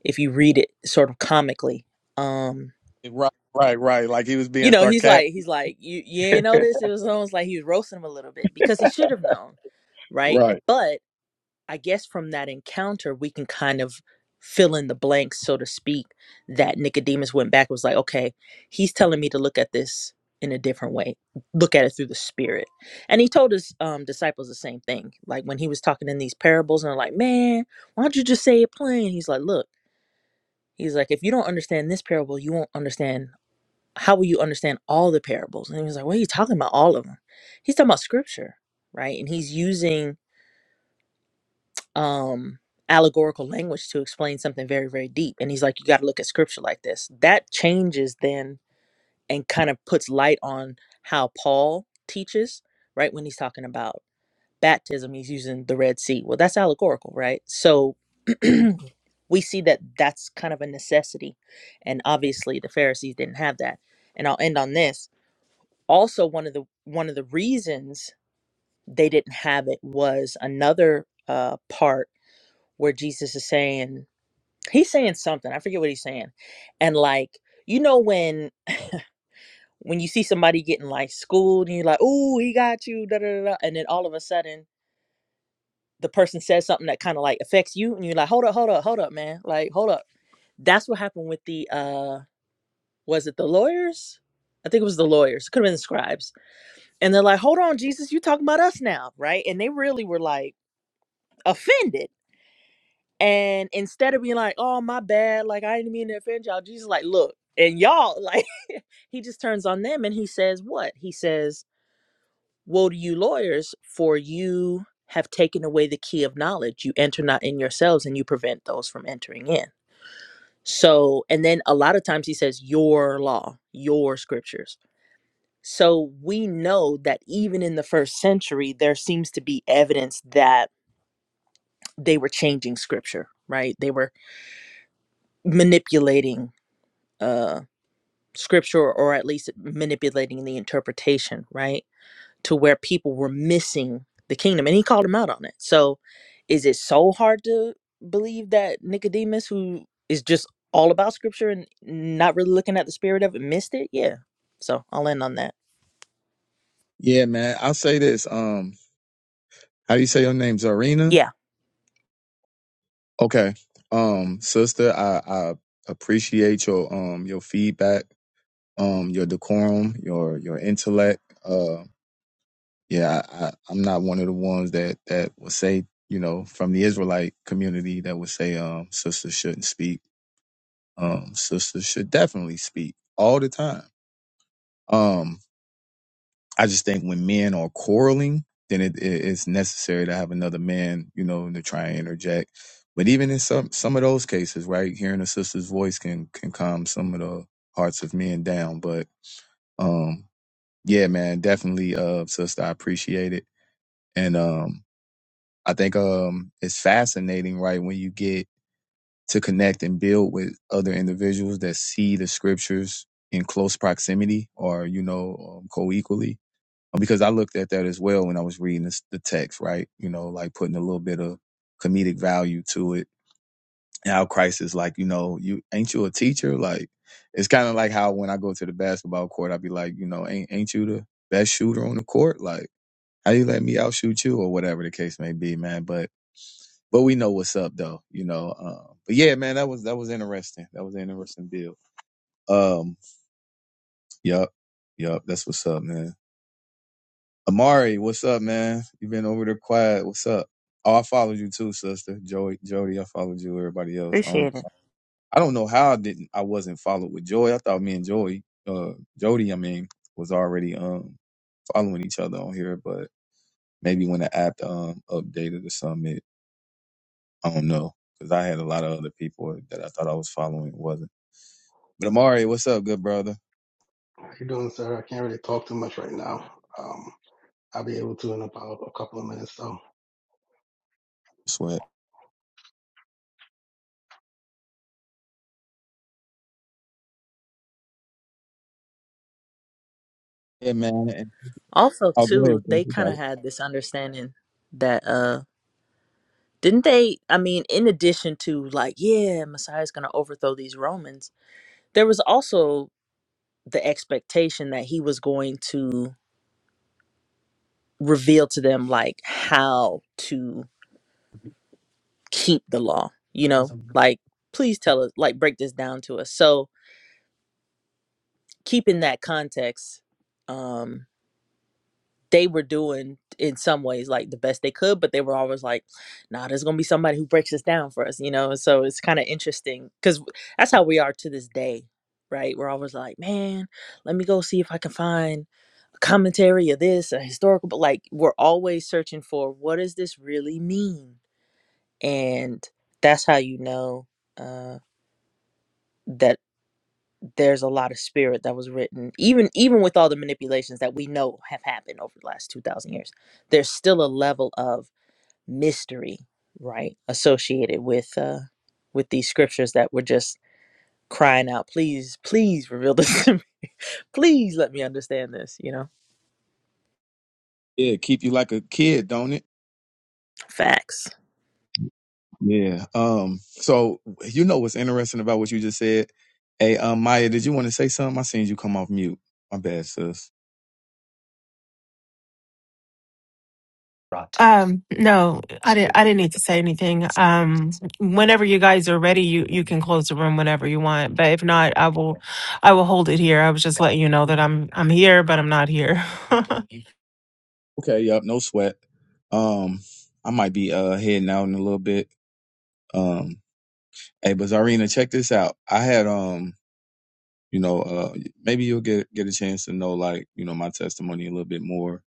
G: if you read it sort of comically, um,
D: right, right, right. Like he was
G: you
D: being
G: know, he's
D: sarcastic.
G: like he's like you you ain't know this. It was almost like he was roasting him a little bit because he should have known, right?
D: Right.
G: But I guess from that encounter, we can kind of fill in the blanks, so to speak, that Nicodemus went back and was like, okay, he's telling me to look at this in a different way, look at it through the spirit. And he told his um, disciples the same thing. Like when he was talking in these parables, and they're like, man, why don't you just say it plain? He's like, look, he's like, if you don't understand this parable, you won't understand. How will you understand all the parables? And he was like, what are you talking about? All of them. He's talking about scripture, right? And he's using um allegorical language to explain something very very deep and he's like you got to look at scripture like this that changes then and kind of puts light on how paul teaches right when he's talking about baptism he's using the red sea well that's allegorical right so we see that that's kind of a necessity and obviously the pharisees didn't have that and i'll end on this also one of the one of the reasons they didn't have it was another uh, part where Jesus is saying he's saying something. I forget what he's saying. And like, you know when when you see somebody getting like schooled and you're like, "Ooh, he got you." Da, da, da, da. And then all of a sudden, the person says something that kind of like affects you and you're like, "Hold up, hold up, hold up, man." Like, "Hold up." That's what happened with the uh was it the lawyers? I think it was the lawyers. Could have been the scribes. And they're like, "Hold on, Jesus, you talking about us now, right?" And they really were like offended And instead of being like, oh, my bad, like I didn't mean to offend y'all, Jesus, like, look, and y'all, like, he just turns on them and he says, what? He says, Woe to you, lawyers, for you have taken away the key of knowledge. You enter not in yourselves and you prevent those from entering in. So, and then a lot of times he says, Your law, your scriptures. So we know that even in the first century, there seems to be evidence that they were changing scripture, right? They were manipulating uh scripture or at least manipulating the interpretation, right? To where people were missing the kingdom. And he called them out on it. So is it so hard to believe that Nicodemus, who is just all about scripture and not really looking at the spirit of it, missed it? Yeah. So I'll end on that.
D: Yeah, man. I'll say this. Um, how do you say your name? Zarina?
G: Yeah.
D: Okay. Um, sister, I, I appreciate your um your feedback, um, your decorum, your your intellect. Uh yeah, I, I I'm not one of the ones that that will say, you know, from the Israelite community that would say um sisters shouldn't speak. Um sisters should definitely speak all the time. Um. I just think when men are quarreling, then it, it, it's necessary to have another man, you know, to try and interject. But even in some some of those cases, right, hearing a sister's voice can can calm some of the hearts of men down. But um, yeah, man, definitely, uh, sister, I appreciate it, and um, I think um, it's fascinating, right, when you get to connect and build with other individuals that see the scriptures in close proximity or you know um, co-equally because I looked at that as well when I was reading this, the text, right? You know, like putting a little bit of comedic value to it. And how Christ is like, you know, you ain't you a teacher? Like, it's kind of like how when I go to the basketball court, I'd be like, you know, ain't ain't you the best shooter on the court? Like, how you let me outshoot you or whatever the case may be, man? But but we know what's up though, you know. Um, but yeah, man, that was that was interesting. That was an interesting deal. Um, yup, yup, that's what's up, man. Amari, what's up, man? you been over there quiet. What's up? Oh, I followed you too, sister. Joey, Jody, I followed you. Everybody else, I don't,
G: Appreciate it.
D: I don't know how I didn't. I wasn't followed with Joy. I thought me and Joy, uh, Jody, I mean, was already um following each other on here, but maybe when the app um updated or something, it, I don't know, because I had a lot of other people that I thought I was following, it wasn't. But Amari, what's up, good brother?
H: How you doing, sir? I can't really talk too much right now. Um, I'll be able to in about a couple of minutes, though.
D: Sweat. Yeah, man.
G: Also,
D: Oh, go ahead.
G: too,
D: sis.
G: they
D: You
G: kind
D: got
G: of
D: it.
G: had this understanding that, uh, didn't they? I mean, in addition to like, yeah, Messiah's going to overthrow these Romans, there was also the expectation that he was going to reveal to them like how to keep the law you
A: That's
G: know
A: a-
G: like please tell us like break this down to us so keeping that context um they were doing in some ways like the best they could but they were always like nah there's gonna be somebody who breaks this down for us you know so it's kind of interesting because that's how we are to this day right we're always like man let me go see if i can find commentary or this, a historical, but like we're always searching for what does this really mean? And that's how you know uh, that there's a lot of spirit that was written, even even with all the manipulations that we know have happened over the last two thousand years. There's still a level of mystery, right, associated with uh, with these scriptures that we're just crying out, please, please reveal this to me. Please let me understand this, you know?
D: Yeah, keep you like a kid, don't it?
G: Facts.
D: Yeah. Um. So you know what's interesting about what you just said? Hey, um, Maya, did you want to say something? I seen you come off mute. My bad, sis.
A: Right. Um, no, I didn't. I didn't need to say anything. Um, whenever you guys are ready, you you can close the room whenever you want. But if not, I will, I will hold it here. I was just letting you know that I'm I'm here, but I'm not here.
D: Okay. Yup. No sweat. Um, I might be uh heading out in a little bit. Um. Hey, but Zarina, check this out. I had um, you know, uh, maybe you'll get get a chance to know like you know my testimony a little bit more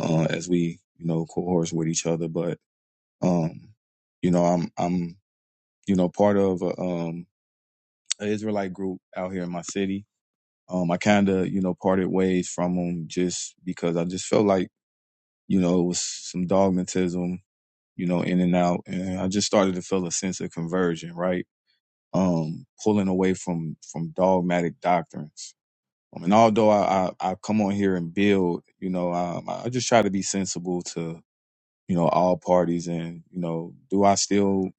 D: uh, as we you know cohorse with each other. But um, you know, I'm I'm you know part of a, um an Israelite group out here in my city Um, I kind of, you know, parted ways from him just because I just felt like, you know, it was some dogmatism, you know, in and out. And I just started to feel a sense of conversion, right? Um, pulling away from, from dogmatic doctrines. Um, and although I, I, I come on here and build, you know, um, I just try to be sensible to, you know, all parties and, you know, do I still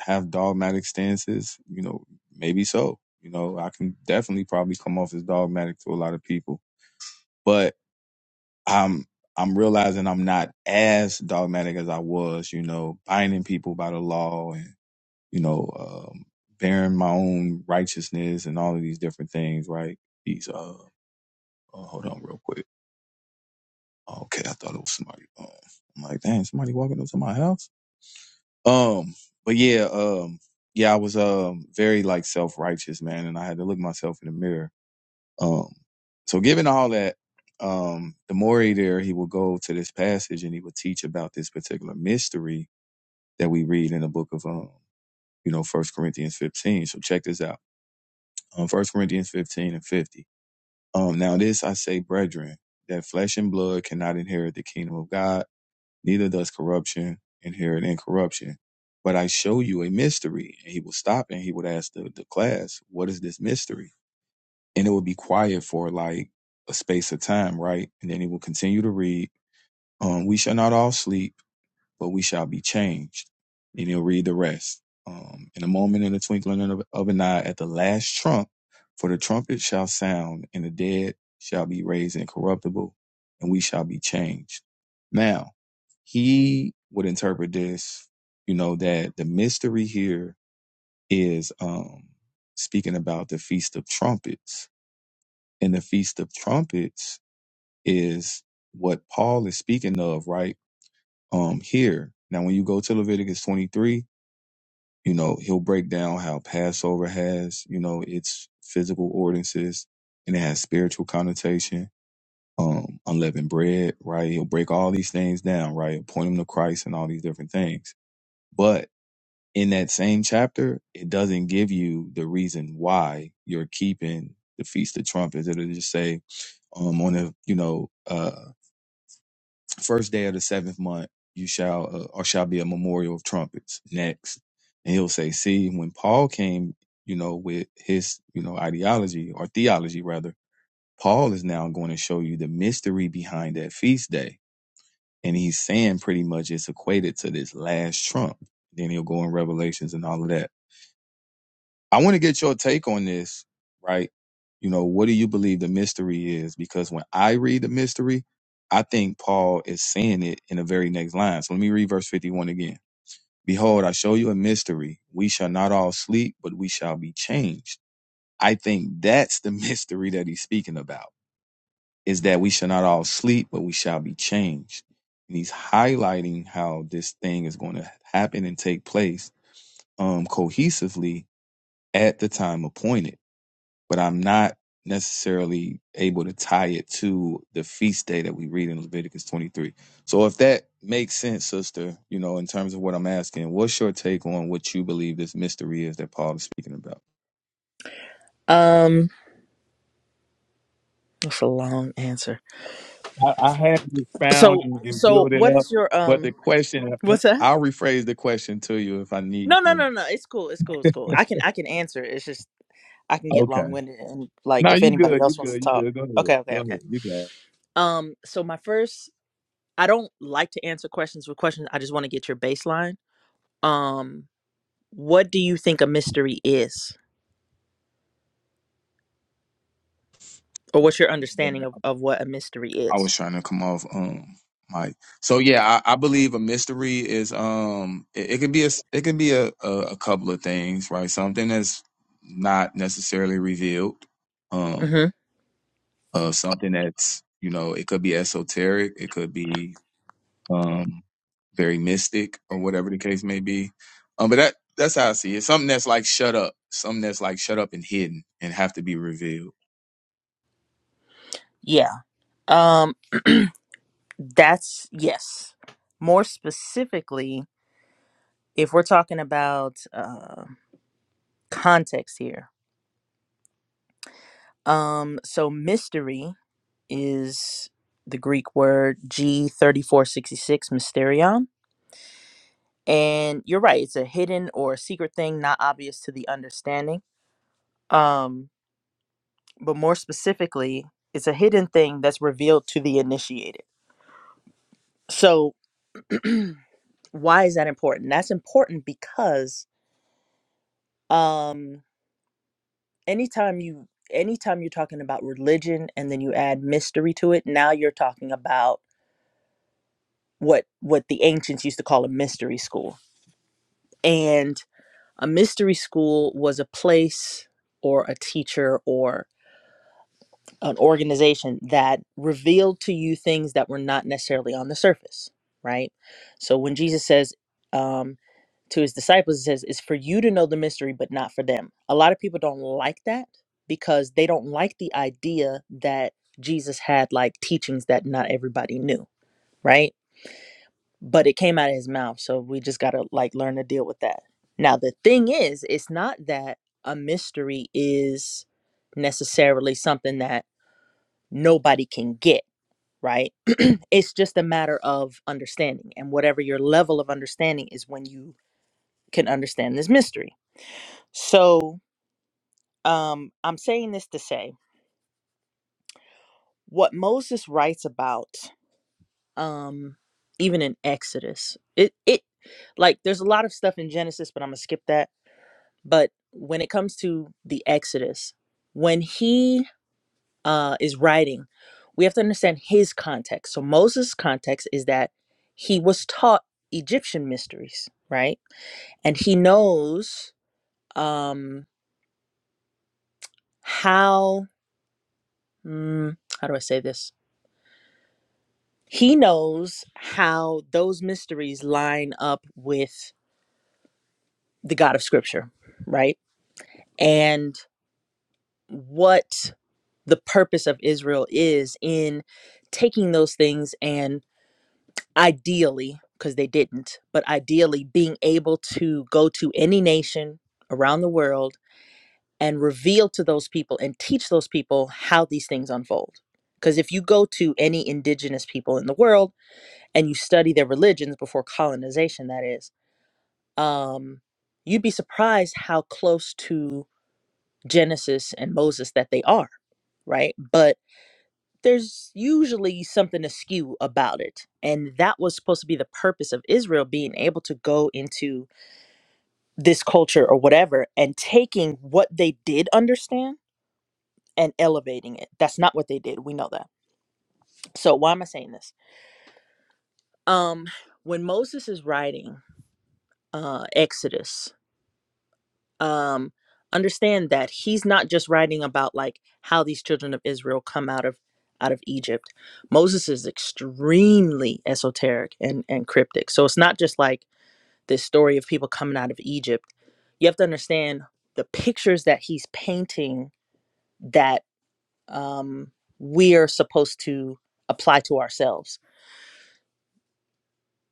D: have dogmatic stances? You know, maybe so. You know, I can definitely probably come off as dogmatic to a lot of people. But I'm I'm realizing I'm not as dogmatic as I was, you know, binding people by the law and you know, um, bearing my own righteousness and all of these different things, right? These uh, oh, hold on real quick. Okay, I thought it was somebody. Um, I'm like, dang, somebody walking into my house. Um, but yeah, um, yeah, I was um very like self righteous, man, and I had to look myself in the mirror Um, so given all that, um, the more there he will go to this passage and he will teach about this particular mystery that we read in the book of um, you know, First Corinthians 15. So check this out. Um, First Corinthians 15 and 50. Um, now this I say, brethren, that flesh and blood cannot inherit the kingdom of God, neither does corruption inherit incorruption. But I show you a mystery. And he will stop and he would ask the, the class, what is this mystery? and it would be quiet for like a space of time, right? And then he will continue to read, um, We shall not all sleep, but we shall be changed. And he'll read the rest. Um, in a moment, in the twinkling of, of an eye, at the last trump, for the trumpet shall sound, and the dead shall be raised incorruptible, and we shall be changed. Now, he would interpret this, you know, that the mystery here is um, speaking about the Feast of Trumpets in the Feast of Trumpets is what Paul is speaking of right um here. Now when you go to Leviticus 23, you know, he'll break down how Passover has, you know, its physical ordinances and it has spiritual connotation. Um, unleavened bread, right? He'll break all these things down, right? He'll point them to Christ and all these different things. But in that same chapter, it doesn't give you the reason why you're keeping the Feast of Trumpets. It'll just say, um, on the you know uh, first day of the seventh month you shall uh, or shall be a memorial of trumpets next and he'll say see when paul came you know with his you know ideology or theology rather paul is now going to show you the mystery behind that feast day and he's saying pretty much it's equated to this last trump then he'll go in revelations and all of that I want to get your take on this, right? You know, what do you believe the mystery is? Because when I read the mystery, I think Paul is saying it in the very next line. So let me read verse 51 again. Behold, I show you a mystery. We shall not all sleep, but we shall be changed. I think that's the mystery that he's speaking about is that we shall not all sleep, but we shall be changed. And he's highlighting how this thing is going to happen and take place um, cohesively at the time appointed but I'm not necessarily able to tie it to the feast day that we read in Leviticus 23. So if that makes sense, sister, you know, in terms of what I'm asking, what's your take on what you believe this mystery is that Paul is speaking about?
G: Um, that's a long answer.
D: I, I had it found
G: So
D: and, and
G: so
D: build it
G: what
D: up,
G: is your
D: but the
G: um
D: question.
G: what's that?
D: I'll rephrase the question to you if I need
G: No no
D: to.
G: no no it's cool it's cool it's cool. I can I can answer It's just I can get
D: Okay.
G: long winded and like
D: No,
G: if
D: you
G: anybody
D: good. You
G: else wants to
D: good. You
G: talk.
D: good. Go ahead.
G: Okay
D: Go
G: okay okay.
D: ahead. You got.
G: Um so my first I don't like to answer questions with questions. I just want to get your baseline. Um what do you think a mystery is? Or what's your
D: It.
G: understanding of, of what a mystery
D: I
G: is?
D: was trying to come off um mic. So yeah, I, I believe a mystery is um it, it could be a s- it can be a, a a couple of things, right? Something that's not necessarily revealed. Um
G: Mm-hmm.
D: uh something that's, you know, it could be esoteric, it could be um very mystic or whatever the case may be. Um but that that's how I see it. Something that's like shut up, something that's like shut up and hidden and have to be revealed.
G: Yeah. Um that's yes. More specifically, if we're talking about um. context here. Um, so mystery is the Greek word G3466, mysterion. And you're right, it's a hidden or a secret thing not obvious to the understanding. Um, but more specifically, it's a hidden thing that's revealed to the initiated. So why is that important? That's important because um anytime you anytime you're talking about religion and then you add mystery to it, now you're talking about what what the ancients used to call a mystery school and a mystery school was a place or a teacher or an organization that revealed to you things that were not necessarily on the surface right so when jesus says um, to his disciples he says it's for you to know the mystery but not for them a lot of people don't like that because they don't like the idea that jesus had like teachings that not everybody knew right but it came out of his mouth so we just got to like learn to deal with that now the thing is it's not that a mystery is necessarily something that nobody can get right it's just a matter of understanding and whatever your level of understanding is when you can understand this mystery so um i'm saying this to say what moses writes about um even in exodus it it like there's a lot of stuff in genesis but i'm gonna skip that But when it comes to the Exodus, when he uh, is writing, we have to understand his context. So Moses' context is that he was taught Egyptian mysteries, right? And he knows um, how, mm, how do I say this? He knows how those mysteries line up with the God of Scripture, right? And what the purpose of Israel is in taking those things and ideally, because they didn't, but ideally being able to go to any nation around the world and reveal to those people and teach those people how these things unfold. Because if you go to any indigenous people in the world and you study their religions before colonization, that is, um, you'd be surprised how close to Genesis and Moses that they are, right? But there's usually something askew about it. And that was supposed to be the purpose of Israel being able to go into this culture or whatever and taking what they did understand and elevating it. That's not what they did. We know that. So why am I saying this? Um when Moses is writing uh Exodus um, understand that he's not just writing about like how these children of Israel come out of out of Egypt. Moses is extremely esoteric and and cryptic. So it's not just like this story of people coming out of Egypt. You have to understand the pictures that he's painting that um, we are supposed to apply to ourselves.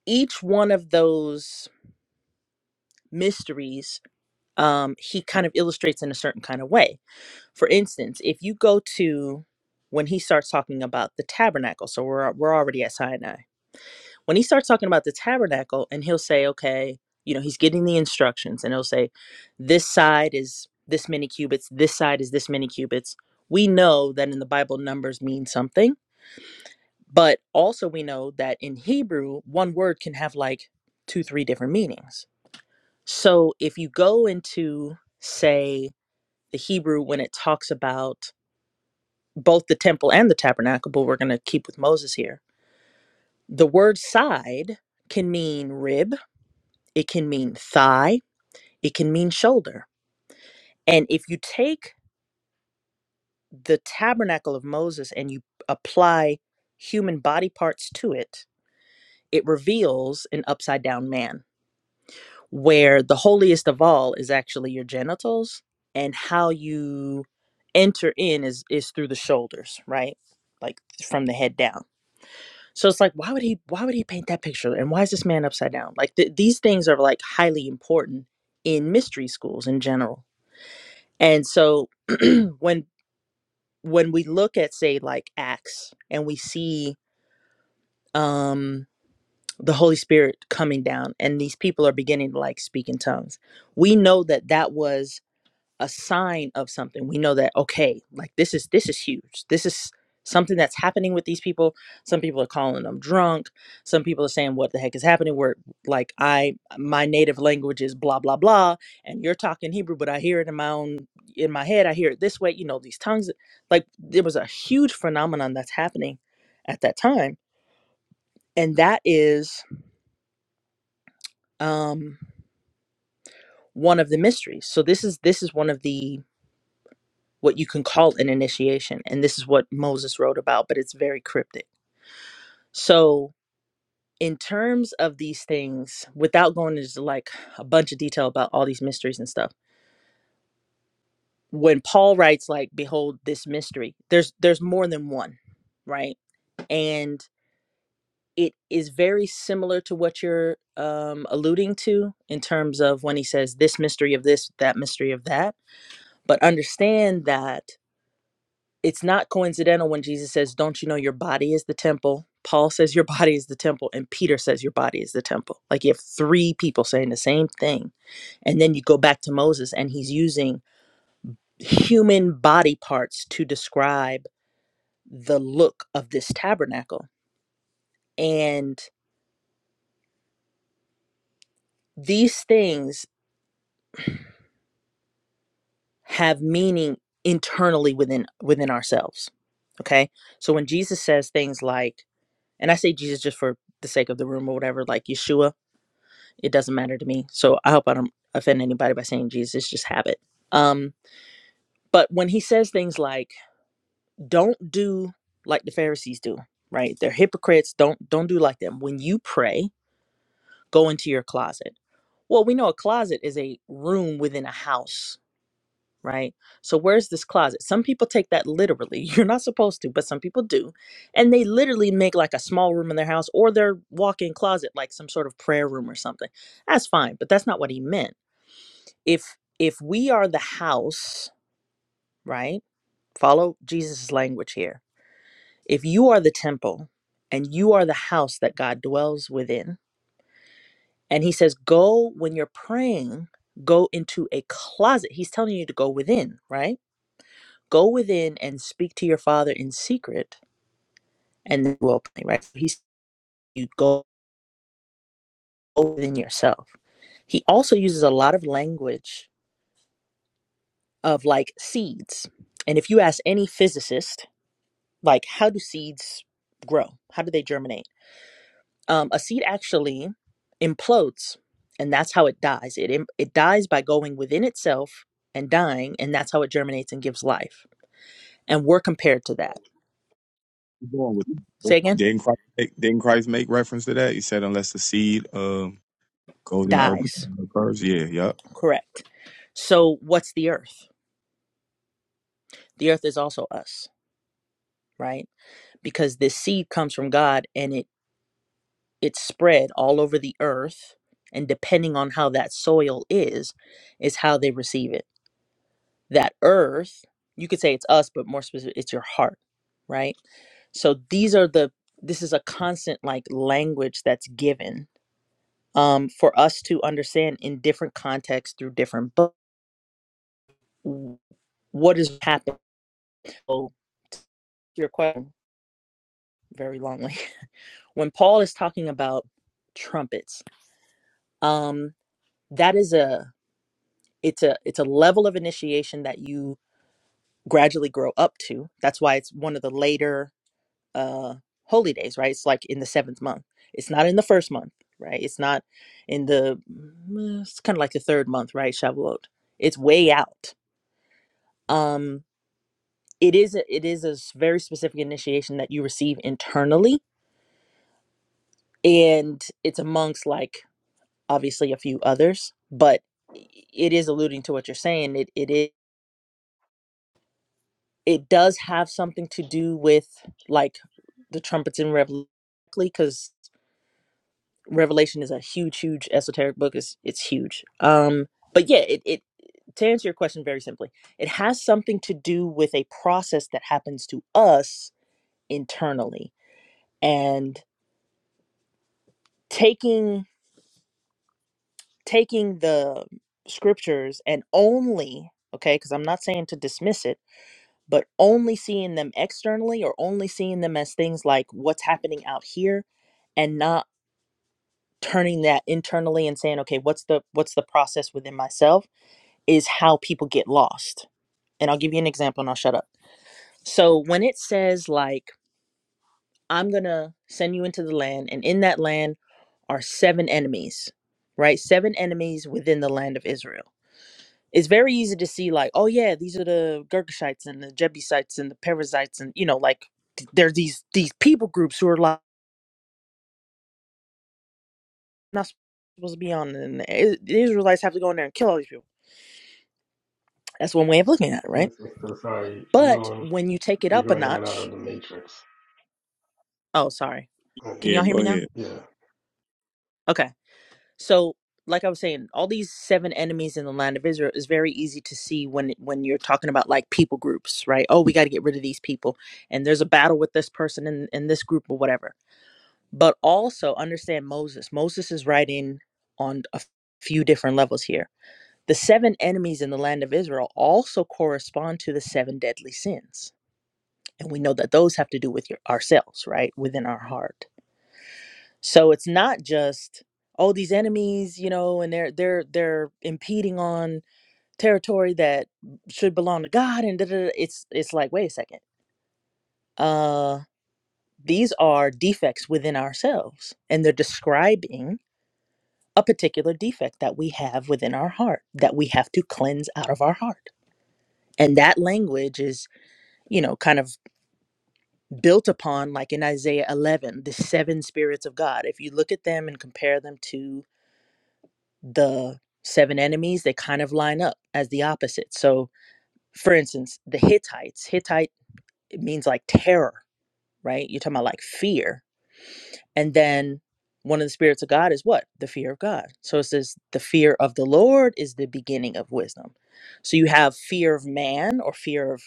G: Each one of those mysteries, um, he kind of illustrates in a certain kind of way For instance, if you go to when he starts talking about the tabernacle, so we're we're already at Sinai. When he starts talking about the tabernacle, and he'll say, okay, you know, he's getting the instructions, and he'll say, this side is this many cubits, this side is this many cubits. We know that in the Bible, numbers mean something, but also we know that in Hebrew, one word can have like two, three different meanings. So if you go into, say, the Hebrew when it talks about both the temple and the tabernacle, but we're going to keep with Moses here. The word side can mean rib, it can mean thigh, it can mean shoulder. And if you take the tabernacle of Moses and you apply human body parts to it, it reveals an upside down man, where the holiest of all is actually your genitals and how you enter in is is through the shoulders, right? Like from the head down. So it's like, why would he? Why would he paint that picture? And why is this man upside down? Like th- these things are like highly important in mystery schools in general. And so when when we look at say like Acts and we see um, the Holy Spirit coming down and these people are beginning to like speak in tongues, we know that that was a sign of something we know that okay like this is this is huge this is something that's happening with these people some people are calling them drunk some people are saying what the heck is happening where like i my native language is blah blah blah and you're talking hebrew but i hear it in my own in my head i hear it this way you know these tongues like there was a huge phenomenon that's happening at that time and that is um one of the mysteries so this is this is one of the what you can call an initiation. And this is what Moses wrote about, but it's very cryptic. So, in terms of these things, without going into like a bunch of detail about all these mysteries and stuff, when Paul writes like behold this mystery, there's there's more than one, right? And it is very similar to what you're um, alluding to in terms of when he says this mystery of this, that mystery of that. But understand that it's not coincidental when Jesus says, Don't you know your body is the temple? Paul says your body is the temple, and Peter says your body is the temple. Like you have three people saying the same thing. And then you go back to Moses, and he's using human body parts to describe the look of this tabernacle. And these things have meaning internally within within ourselves. Okay. So when Jesus says things like, and I say Jesus just for the sake of the room or whatever, like Yeshua, it doesn't matter to me. So I hope I don't offend anybody by saying Jesus, It's just have it. Um, but when he says things like, don't do like the Pharisees do, right? They're hypocrites, don't don't do like them. When you pray, go into your closet. Well, we know a closet is a room within a house, right? So where's this closet? Some people take that literally. You're not supposed to, but some people do. And they literally make like a small room in their house or their walk-in closet like some sort of prayer room or something. That's fine, but that's not what he meant if if we are the house right follow jesus' language here if you are the temple and you are the house that god dwells within and he says go when you're praying go into a closet he's telling you to go within right go within and speak to your father in secret and then will pray right he's you go within yourself he also uses a lot of language of like seeds and if you ask any physicist like how do seeds grow how do they germinate um, a seed actually implodes and that's how it dies it im- it dies by going within itself and dying and that's how it germinates and gives life and we're compared to that
D: you going with it?
G: say again
D: Didn't Christ, make, didn't Christ make reference to that? He said, unless the seed um, goes in the earth
G: dies
D: first. Yeah, yep.
G: correct so what's the earth the earth is also us right because this seed comes from god and it it's spread all over the earth and depending on how that soil is is how they receive it that earth you could say it's us but more specific it's your heart right so these are the this is a constant like language that's given um, for us to understand in different contexts through different books what is happening so your question very longly when paul is talking about trumpets um that is a it's a it's a level of initiation that you gradually grow up to that's why it's one of the later uh holy days right it's like in the seventh month it's not in the first month right it's not in the mm, it's kind of like the third month right shavuot it's way out um it is a, it is a s- very specific initiation that you receive internally and it's amongst like obviously a few others but i- it is alluding to what you're saying it it is it does have something to do with like the trumpets in revelation because Revelation is a huge, huge esoteric book. It's it's huge. Um, but yeah, it, it to answer your question very simply, it has something to do with a process that happens to us internally. And taking taking the scriptures and only okay, because I'm not saying to dismiss it, but only seeing them externally or only seeing them as things like what's happening out here and not turning that internally and saying, okay, what's the what's the process within myself? is how people get lost. And I'll give you an example and I'll shut up. So when it says, like, I'm going to send you into the land, and in that land are seven enemies, right? Seven enemies within the land of Israel. It's very easy to see, like, oh, yeah, these are the Girgashites and the Jebusites and the Perizzites. And, you know, like, th- there's these these people groups who are like, not supposed to be on. And I- the Israelites have to go in there and kill all these people. That's one way of looking at it,
H: Yes,
G: right?
H: sister, sorry, you're
G: But
H: going,
G: when you take it
H: you're
G: up a
H: going in and out
G: notch,
H: of the matrix.
G: oh, sorry.
H: Uh,
G: Can
D: Yeah,
G: y'all hear
D: go
G: me now?
D: ahead.
H: Yeah,
G: Okay. So, like I was saying, all these seven enemies in the land of Israel is very easy to see when when you're talking about like people groups, right? Oh, we got to get rid of these people, and there's a battle with this person in in this group or whatever. But also understand Moses. Moses is writing on a f- few different levels here. The seven enemies in the land of Israel also correspond to the seven deadly sins, and we know that those have to do with your, ourselves, right, within our heart so it's not just oh these enemies, you know, and they're they're they're impeding on territory that should belong to God and da, da, da. it's it's like wait a second. Uh these are defects within ourselves and they're describing a particular defect that we have within our heart that we have to cleanse out of our heart. And that language is, you know, kind of built upon like in Isaiah 11, the seven spirits of God. If you look at them and compare them to the seven enemies they kind of line up as the opposite so for instance the hittites hittite it means like terror right you're talking about like fear and then one of the spirits of god is what the fear of god so it says the fear of the lord is the beginning of wisdom so you have fear of man or fear of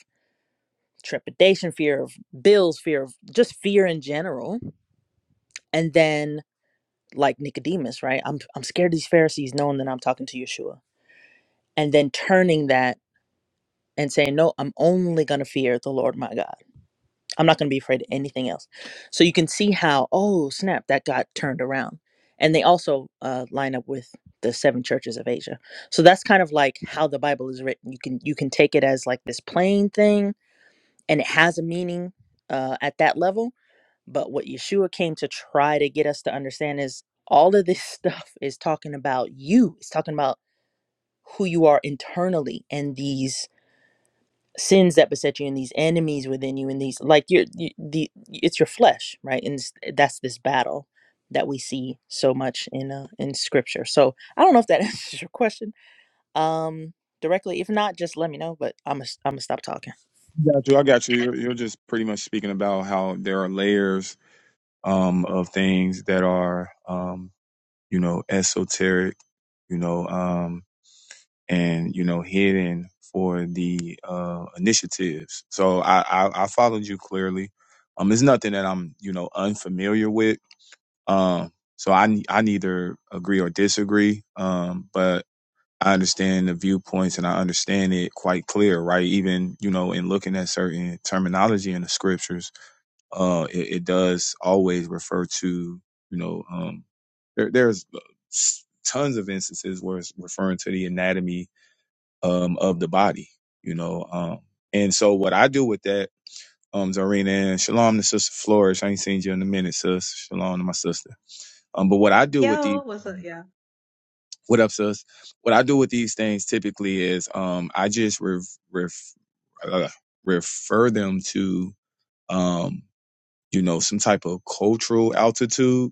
G: trepidation fear of bills fear of just fear in general and then like nicodemus right i'm, I'm scared of these pharisees knowing that i'm talking to yeshua and then turning that and saying, No, I'm only going to fear the Lord my God. I'm not going to be afraid of anything else. So you can see how, oh, snap, that got turned around. And they also uh, line up with the seven churches of Asia. So that's kind of like how the Bible is written. You can you can take it as like this plain thing and it has a meaning uh, at that level. But what Yeshua came to try to get us to understand is all of this stuff is talking about you. It's talking about who you are internally and these sins that beset you and these enemies within you and these like you're you, the it's your flesh right and it's, that's this battle that we see so much in uh, in scripture so i don't know if that answers your question um directly if not just let me know but i'm gonna I'm gonna stop talking
D: Got you. I got you. You're, you're just pretty much speaking about how there are layers um, of things that are, um, you know, esoteric, you know, um, and you know, hidden for the uh, initiatives. So I, I, I followed you clearly. Um, it's nothing that I'm, you know, unfamiliar with Um, so I I neither agree or disagree, um, but I understand the viewpoints and I understand it quite clear, right? Even you know, in looking at certain terminology in the scriptures, uh, it, it does always refer to you know, um, there, there's uh, s- tons of instances where it's referring to the anatomy um, of the body, you know, um, and so what I do with that, um, Zarina and Shalom to Sister Flourish. I ain't seen you in a minute, sis. Shalom to my sister um, but what I do with the
I: Yo, what's up, y'all?
D: what up, sus? What I do with these things typically is um, I just ref, ref, uh, refer them to um, you know some type of cultural altitude.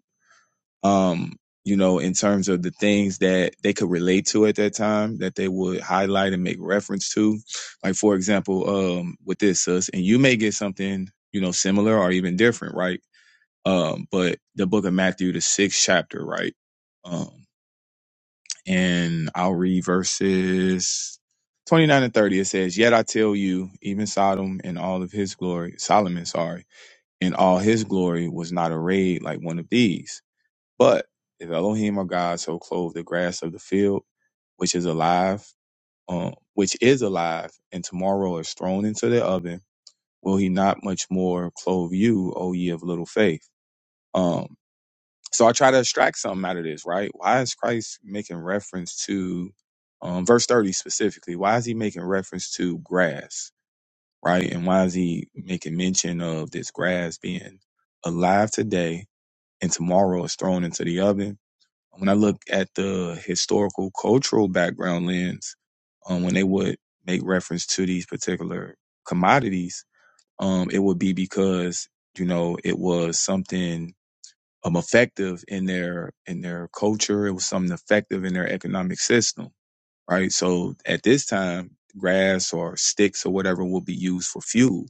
D: Um, you know, in terms of the things that they could relate to at that time, that they would highlight and make reference to. Like for example, um, with this sus, and you may get something you know similar or even different, right? Um, but the Book of Matthew, the sixth chapter, right? Um, and I'll read verses 29 and 30. It says, Yet I tell you, even Sodom and all of his glory, Solomon, sorry, in all his glory was not arrayed like one of these. But if Elohim or God so clothed the grass of the field, which is alive, um, which is alive, and tomorrow is thrown into the oven, will he not much more clothe you, O ye of little faith? Um, so I try to extract something out of this, right? Why is Christ making reference to um, verse 30 specifically? Why is he making reference to grass, right? And why is he making mention of this grass being alive today and tomorrow is thrown into the oven? When I look at the historical cultural background lens, um, when they would make reference to these particular commodities, um, it would be because, you know, it was something um, effective in their in their culture. It was something effective in their economic system, right? So at this time, grass or sticks or whatever will be used for fuel,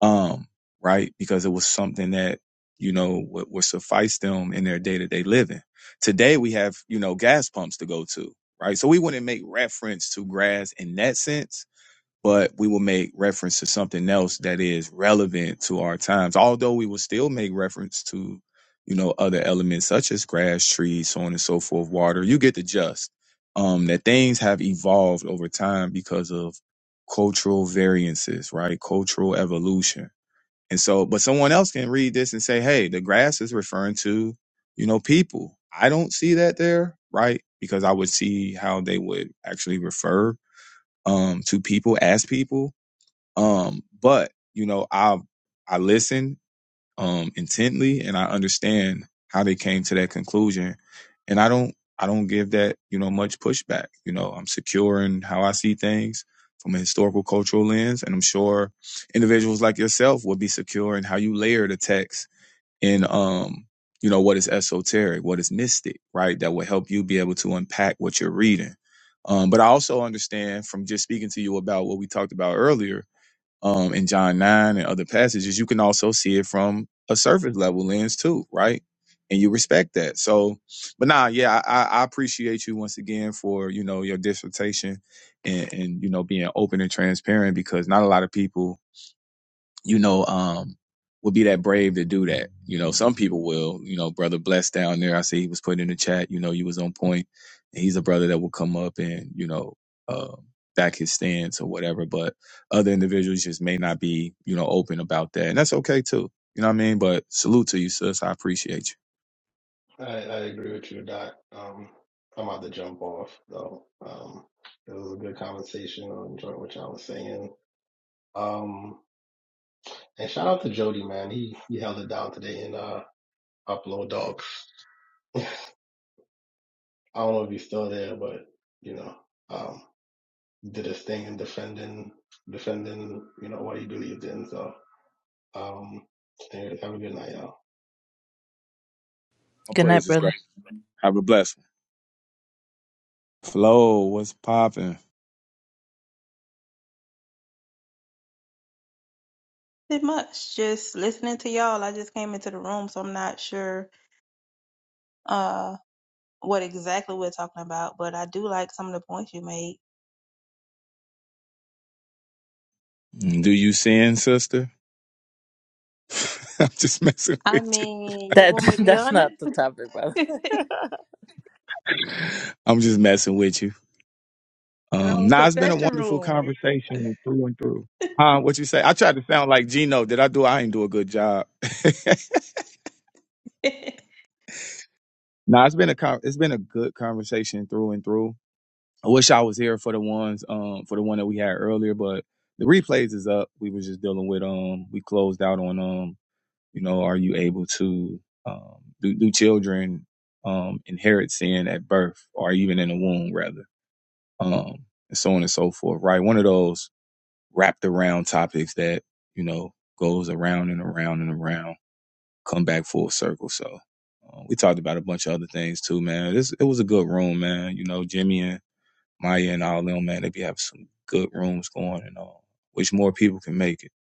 D: um, right? Because it was something that you know would, would suffice them in their day to day living. Today we have you know gas pumps to go to, right? So we wouldn't make reference to grass in that sense but we will make reference to something else that is relevant to our times. Although we will still make reference to, you know, other elements such as grass, trees, so on and so forth, water. You get the gist. Um, that things have evolved over time because of cultural variances, right? Cultural evolution. And so, but someone else can read this and say, hey, the grass is referring to, you know, people. I don't see that there, right? Because I would see how they would actually refer um, to people as people um, but you know, I I listen um intently and I understand how they came to that conclusion. And I don't I don't give that, you know, much pushback. You know, I'm secure in how I see things from a historical cultural lens. And I'm sure individuals like yourself will be secure in how you layer the text in um, you know, what is esoteric, what is mystic, right? That will help you be able to unpack what you're reading. Um, but I also understand from just speaking to you about what we talked about earlier um, in John 9 and other passages, you can also see it from a surface level lens too, right? And you respect that. So, but nah, yeah, I, I I appreciate you once again for, you know, your dissertation and, and, you know, being open and transparent because not a lot of people you know, um, would be that brave to do that. You know, some people will, you know, brother blessed down there. I see he was put in the chat, you know, you was on point. And he's a brother that will come up and, you know, uh, back his stance or whatever. But other individuals just may not be, you know, open about that. And that's okay too. You know what I mean? But salute to you, sis. I appreciate you.
H: I, I agree with you, Doc. Um, I'm about to jump off, though. Um, it was a good conversation. I enjoyed what y'all was saying. Um, and shout out to Jody, man. He he held it down today in uh, Upload Dogs. I don't know if he's still there, but you know. um, did his thing in defending defending you know what he believed in. So um, anyway, have a good night, y'all.
D: All
G: good night
D: praises,
G: brother
D: brother. Have a blessed one. Flo, what's popping?
I: Pretty much just listening to y'all. I just came into the room, so I'm not sure uh what exactly we're talking about, but I do like some of the points you made.
D: Do you sin, sister? I'm just messing
I: I
D: with you.
I: mean, you
G: that
I: want me to be
G: that's
I: honest?
G: not the topic brother
D: I'm just messing with you.
I: That
D: Um,
I: old
D: now it's been a
I: confession
D: wonderful
I: room.
D: conversation through and through. Huh? what you say? I tried to sound like Gino. Did I do? I ain't do a good job. nah, it's been a con- it's been a good conversation through and through. I wish I was here for the ones um for the one that we had earlier, but the replays is up. We were just dealing with um we closed out on um you know are you able to um do, do children um inherit sin at birth or even in the womb rather um and so on and so forth right one of those wrapped around topics that you know goes around and around and around, come back full circle. So uh, we talked about a bunch of other things too, man. This it was a good room, man. You know, Jimmy and Maya and all of them, man, they be having some good rooms going and all. Wish more people can make it.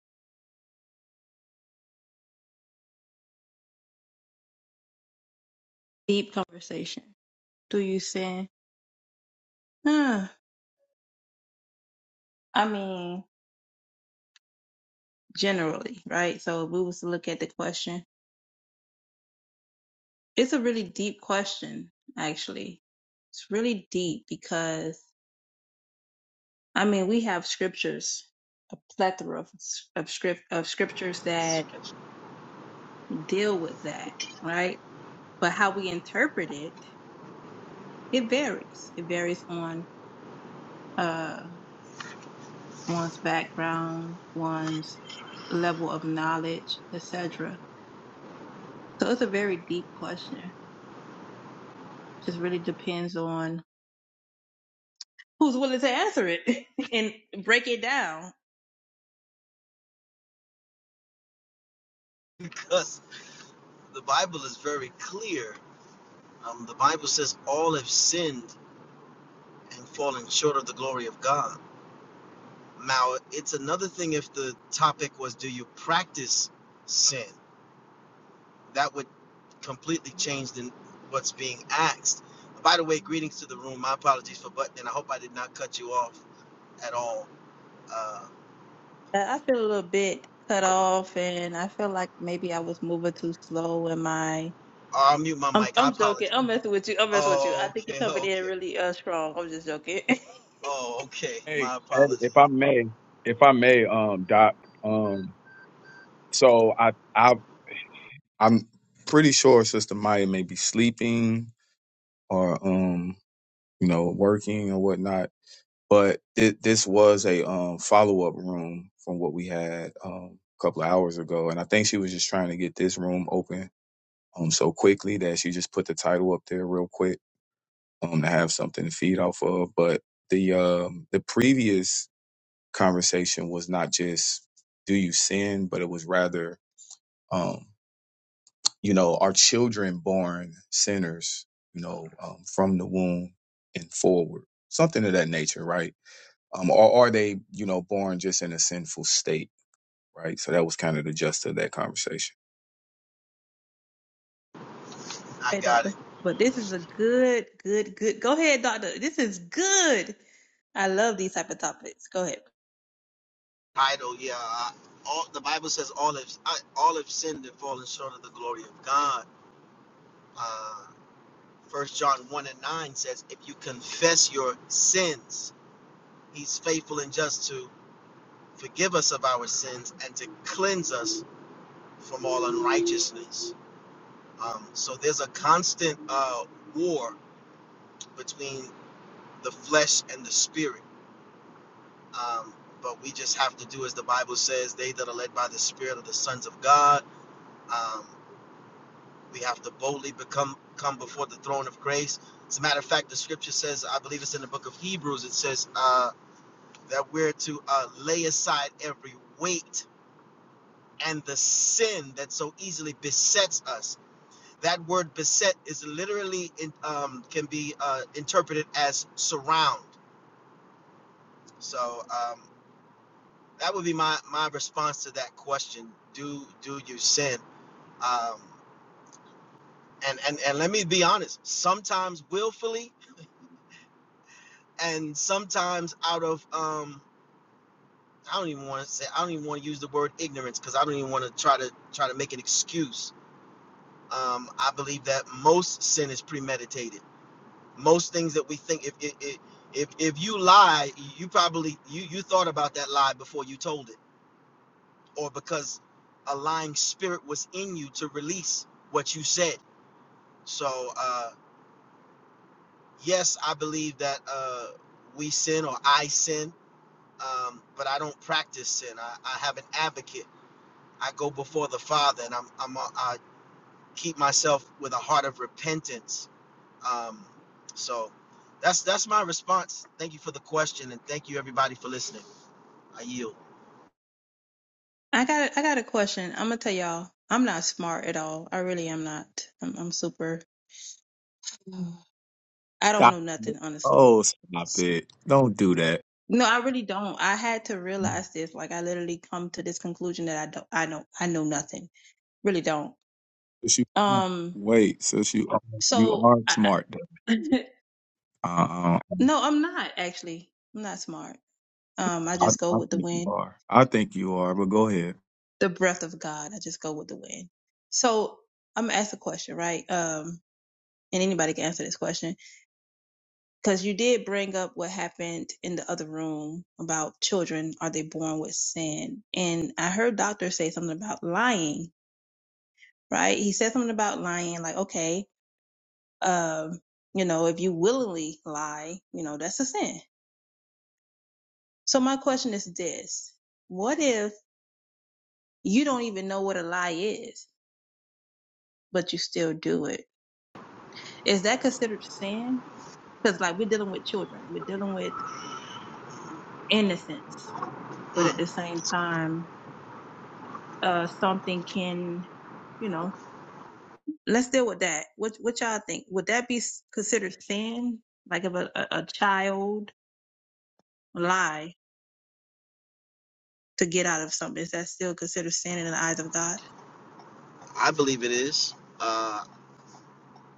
I: Deep conversation. Do you sin? Huh. I mean, generally, right? So if we was to look at the question, it's a really deep question, actually. It's really deep because I mean, we have scriptures, a plethora of, s- of script of scriptures that deal with that, right? But how we interpret it, it varies. It varies on uh one's background, one's level of knowledge, etc. So it's a very deep question. Just really depends on who's willing to answer it and break it down.
J: because the Bible is very clear. Um, the Bible says all have sinned and fallen short of the glory of God. Now, it's another thing if the topic was, do you practice sin? That would completely change the, what's being asked. By the way, greetings to the room. My apologies for butting. in. I hope I did not cut you off at all. Uh,
I: Uh, I feel a little bit cut off, and I feel like maybe I was moving too slow in my
J: I'll mute my
I: I'm
J: mic. I
I: I'm joking.
J: apologize.
I: I'm messing with you. I'm messing with you.
J: Oh,
I: I think you're
J: okay,
I: coming in
J: okay.
I: really uh strong. I'm just joking.
J: Oh, okay.
D: Hey,
J: My
D: hey,
J: apologies.
D: if I may, if I may, um, Doc, um, so I, I, I'm pretty sure Sister Maya may be sleeping or um, you know, working or whatnot. but thi- this was a um, follow up room from what we had um, a couple of hours ago, and I think she was just trying to get this room open um, so quickly that she just put the title up there real quick um, to have something to feed off of. But the um, the previous conversation was not just do you sin, but it was rather um, you know are children born sinners, you know, um, from the womb and forward, something of that nature, right? um, or are they, you know, born just in a sinful state, right? So that was kind of the gist of that conversation.
J: I
I: hey,
J: got it.
I: doctor. But this is a good, good, good. Go ahead, doctor. This is good. I love these type of topics. Go ahead.
J: title, yeah. Uh, all the Bible says all have I- all have sinned and fallen short of the glory of God. Uh, First John one and nine says, if you confess your sins, He's faithful and just to forgive us of our sins and to cleanse us from all unrighteousness. Um, so there's a constant uh, war between the flesh and the spirit. Um, but we just have to do as the Bible says, they that are led by the Spirit are the sons of God. Um, We have to boldly become come before the throne of grace. As a matter of fact, the scripture says, I believe it's in the book of Hebrews, it says uh, that we're to uh, lay aside every weight and the sin that so easily besets us. That word beset is literally in, um, can be uh, interpreted as surround. So um, that would be my, my response to that question. Do do you sin? Um, and, and and let me be honest. Sometimes willfully, and sometimes out of um I don't even want to say I don't even want to use the word ignorance because I don't even want to try to try to make an excuse. Um, I believe that most sin is premeditated. Most things that we think if it if if, if you lie, you probably you you thought about that lie before you told it, or because a lying spirit was in you to release what you said. So uh, yes, I believe that uh, we sin or I sin um, but I don't practice sin. I, I have an advocate. I go before the Father, and I'm, I'm a, I keep myself with a heart of repentance. Um, so that's that's my response. Thank you for the question, and thank you everybody for listening. I yield.
I: I got a, I got a question. I'm gonna tell y'all. I'm not smart at all. I really am not. I'm, I'm super. I don't
D: Stop!
I: know
D: it.
I: nothing honestly.
D: Oh, stop
I: S-
D: it! Don't do that.
I: No, I really don't. I had to realize this. Like I literally come to this conclusion that I don't. I don't. I know nothing. Really don't.
D: Since you-
I: Um.
D: wait, since you are, you
I: So
D: are
I: I,
D: smart, though. uh,
I: no, I'm not actually. I'm not smart. Um, I
D: I,
I: just go
D: I
I: with the
D: think you
I: wind,
D: are. I think you are. But go ahead.
I: the breath of God. I just go with the wind. So I'm gonna ask a question, right? Um, and anybody can answer this question because you did bring up what happened in the other room about children. Are they born with sin? And I heard doctor say something about lying, right? He said something about lying, like okay, um, you know, if you willingly lie, you know, that's a sin. So my question is this: What if You don't even know what a lie is, but you still do it. Is that considered sin? Because like we're dealing with children, we're dealing with innocence, but at
J: Mm,
I: the same time, uh, something can, you know, let's deal with that. What what y'all think? Would that be considered sin? Like if a, a, a child lie to get out of something, is that still considered sin in the eyes of God?
J: I believe it is. Uh,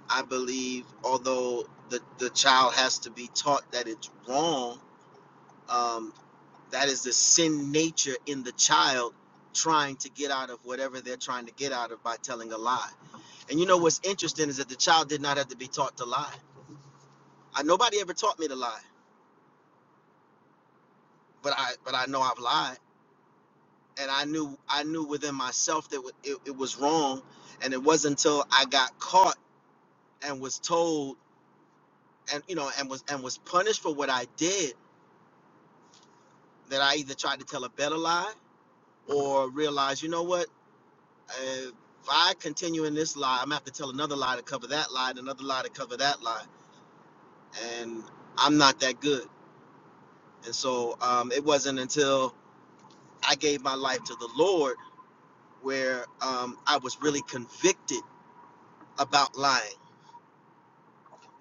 J: I believe, although the the child has to be taught that it's wrong, um, that is the sin nature in the child trying to get out of whatever they're trying to get out of by telling a lie And you know what's interesting is that the child did not have to be taught to lie. I nobody ever taught me to lie, but I but I know I've lied, and I knew I knew within myself that it, it was wrong, and it wasn't until I got caught and was told and you know and was and was punished for what I did that I either tried to tell a better lie or realized you know what if I continue in this lie I'm gonna have to tell another lie to cover that lie and another lie to cover that lie, and I'm not that good. And so um, it wasn't until I gave my life to the Lord where um, I was really convicted about lying,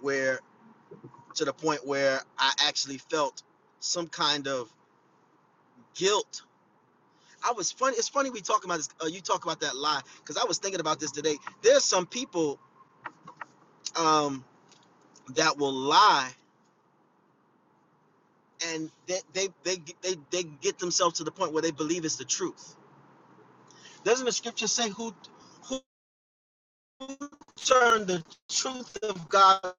J: where to the point where I actually felt some kind of guilt. I was funny. It's funny we talk about this. Uh, you talk about that lie because I was thinking about this today. There's some people um, that will lie and they they, they they they get themselves to the point where they believe it's the truth. Doesn't the scripture say who who turned the truth of God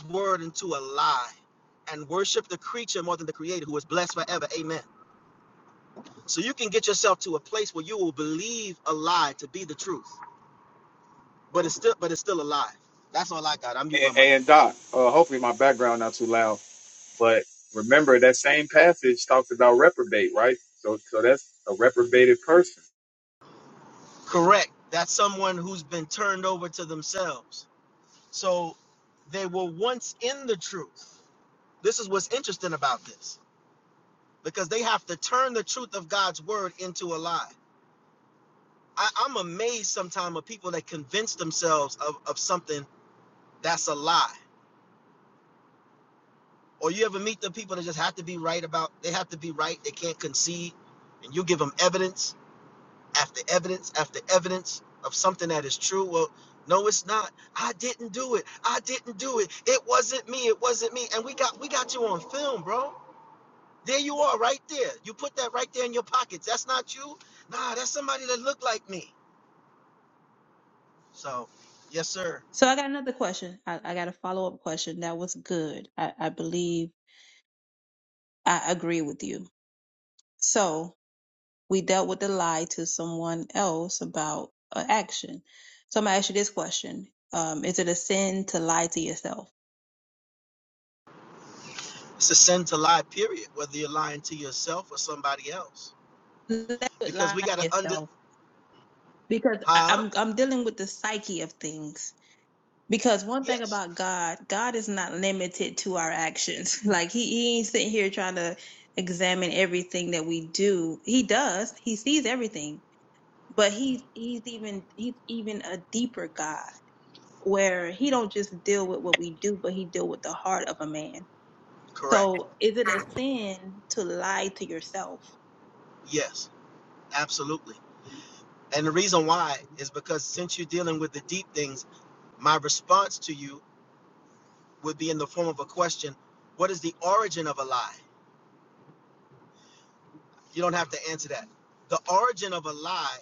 J: his word into a lie and worship the creature more than the creator who is blessed forever. Amen. So you can get yourself to a place where you will believe a lie to be the truth, but it's still but it's still a lie. That's all I got. I mute my mic.
D: but it's our record, right? So so that's a record.
J: Correct. That's someone who's been turned over to themselves. So they were once in the truth. This is what's interesting about this because they have to turn the truth of God's word into a lie. I, I'm amazed sometimes of people that convince themselves of, of something that's a lie Or you ever meet the people that just have to be right about, they have to be right, they can't concede, and you give them evidence after evidence after evidence of something that is true. Well, no, it's not. I didn't do it. I didn't do it. It wasn't me. It wasn't me. And we got we got you on film, bro. There you are, right there. You put that right there in your pockets. That's not you. Nah, that's somebody that looked like me. So, yes, sir.
I: So I got another question. I, I got a follow up question. That was good. I, I believe I agree with you. So we dealt with the lie to someone else about an action. So I'm gonna ask you this question: um, Is it a sin to lie to yourself?
J: It's a sin to lie, period. Whether you're lying to yourself or somebody else,
I: Let it
J: because
I: lie
J: we got
I: to
J: to under,
I: yourself because I-
J: huh?
I: I'm I'm dealing with the psyche of things. Because one thing
J: Yes.
I: about God, God is not limited to our actions. Like he, he ain't sitting here trying to examine everything that we do. He does. He sees everything. But he he's even he's even a deeper God where he don't just deal with what we do, but he deal with the heart of a man.
J: Correct.
I: So is it a sin to lie to yourself?
J: Yes, absolutely. And the reason why is because since you're dealing with the deep things, my response to you would be in the form of a question What is the origin of a lie? You don't have to answer that. The origin of a lie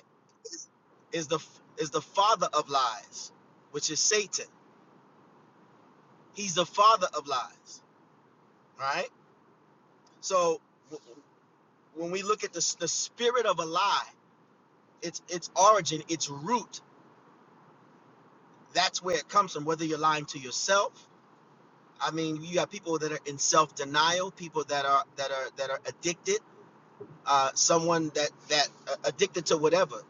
J: is the is the father of lies, which is Satan. He's the father of lies, right? So w- w- when we look at the, s- the spirit of a lie, its its origin, its root, that's where it comes from. Whether you're lying to yourself I mean, you have people that are in self-denial, people that are that are that are addicted, uh, someone that that uh, addicted to whatever,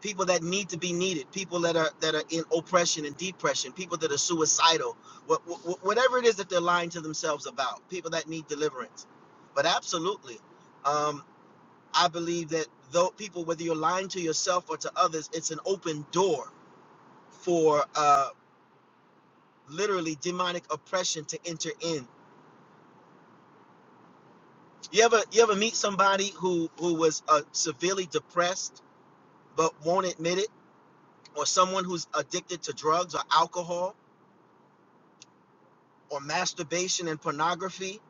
J: people that need to be needed, people that are that are in oppression and depression, people that are suicidal, what, what, whatever it is that they're lying to themselves about, people that need deliverance. But absolutely, um, I believe that though people, whether you're lying to yourself or to others, it's an open door for uh, literally demonic oppression to enter in You ever you ever meet somebody who who was uh, severely depressed but won't admit it, or someone who's addicted to drugs or alcohol or masturbation and pornography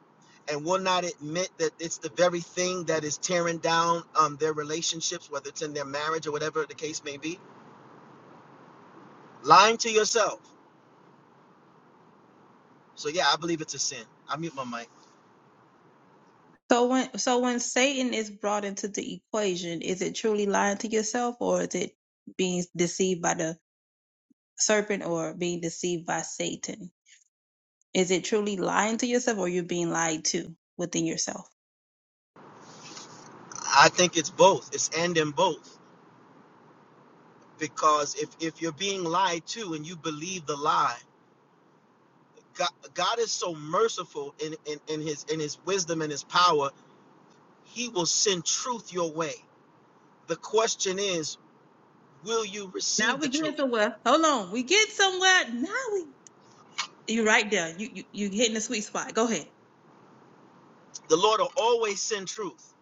J: and will not admit that it's the very thing that is tearing down um, their relationships, whether it's in their marriage or whatever the case may be, lying to yourself. So yeah, I believe it's a sin. I mute my mic.
I: So when so when Satan is brought into the equation, is it truly lying to yourself or is it being deceived by the serpent or being deceived by Satan? Is it truly lying to yourself or you're being lied to within yourself?
J: I think it's both. It's and in both because if if you're being lied to and you believe the lie God, God is so merciful in, in, in his in his wisdom and his power, he will send truth your way. The question is, will you
I: Now
J: receive
I: we
J: the
I: get
J: truth?
I: somewhere. Hold on. We get somewhere. Now we you're right there. You you you're hitting the sweet spot. Go ahead.
J: The Lord will always send truth.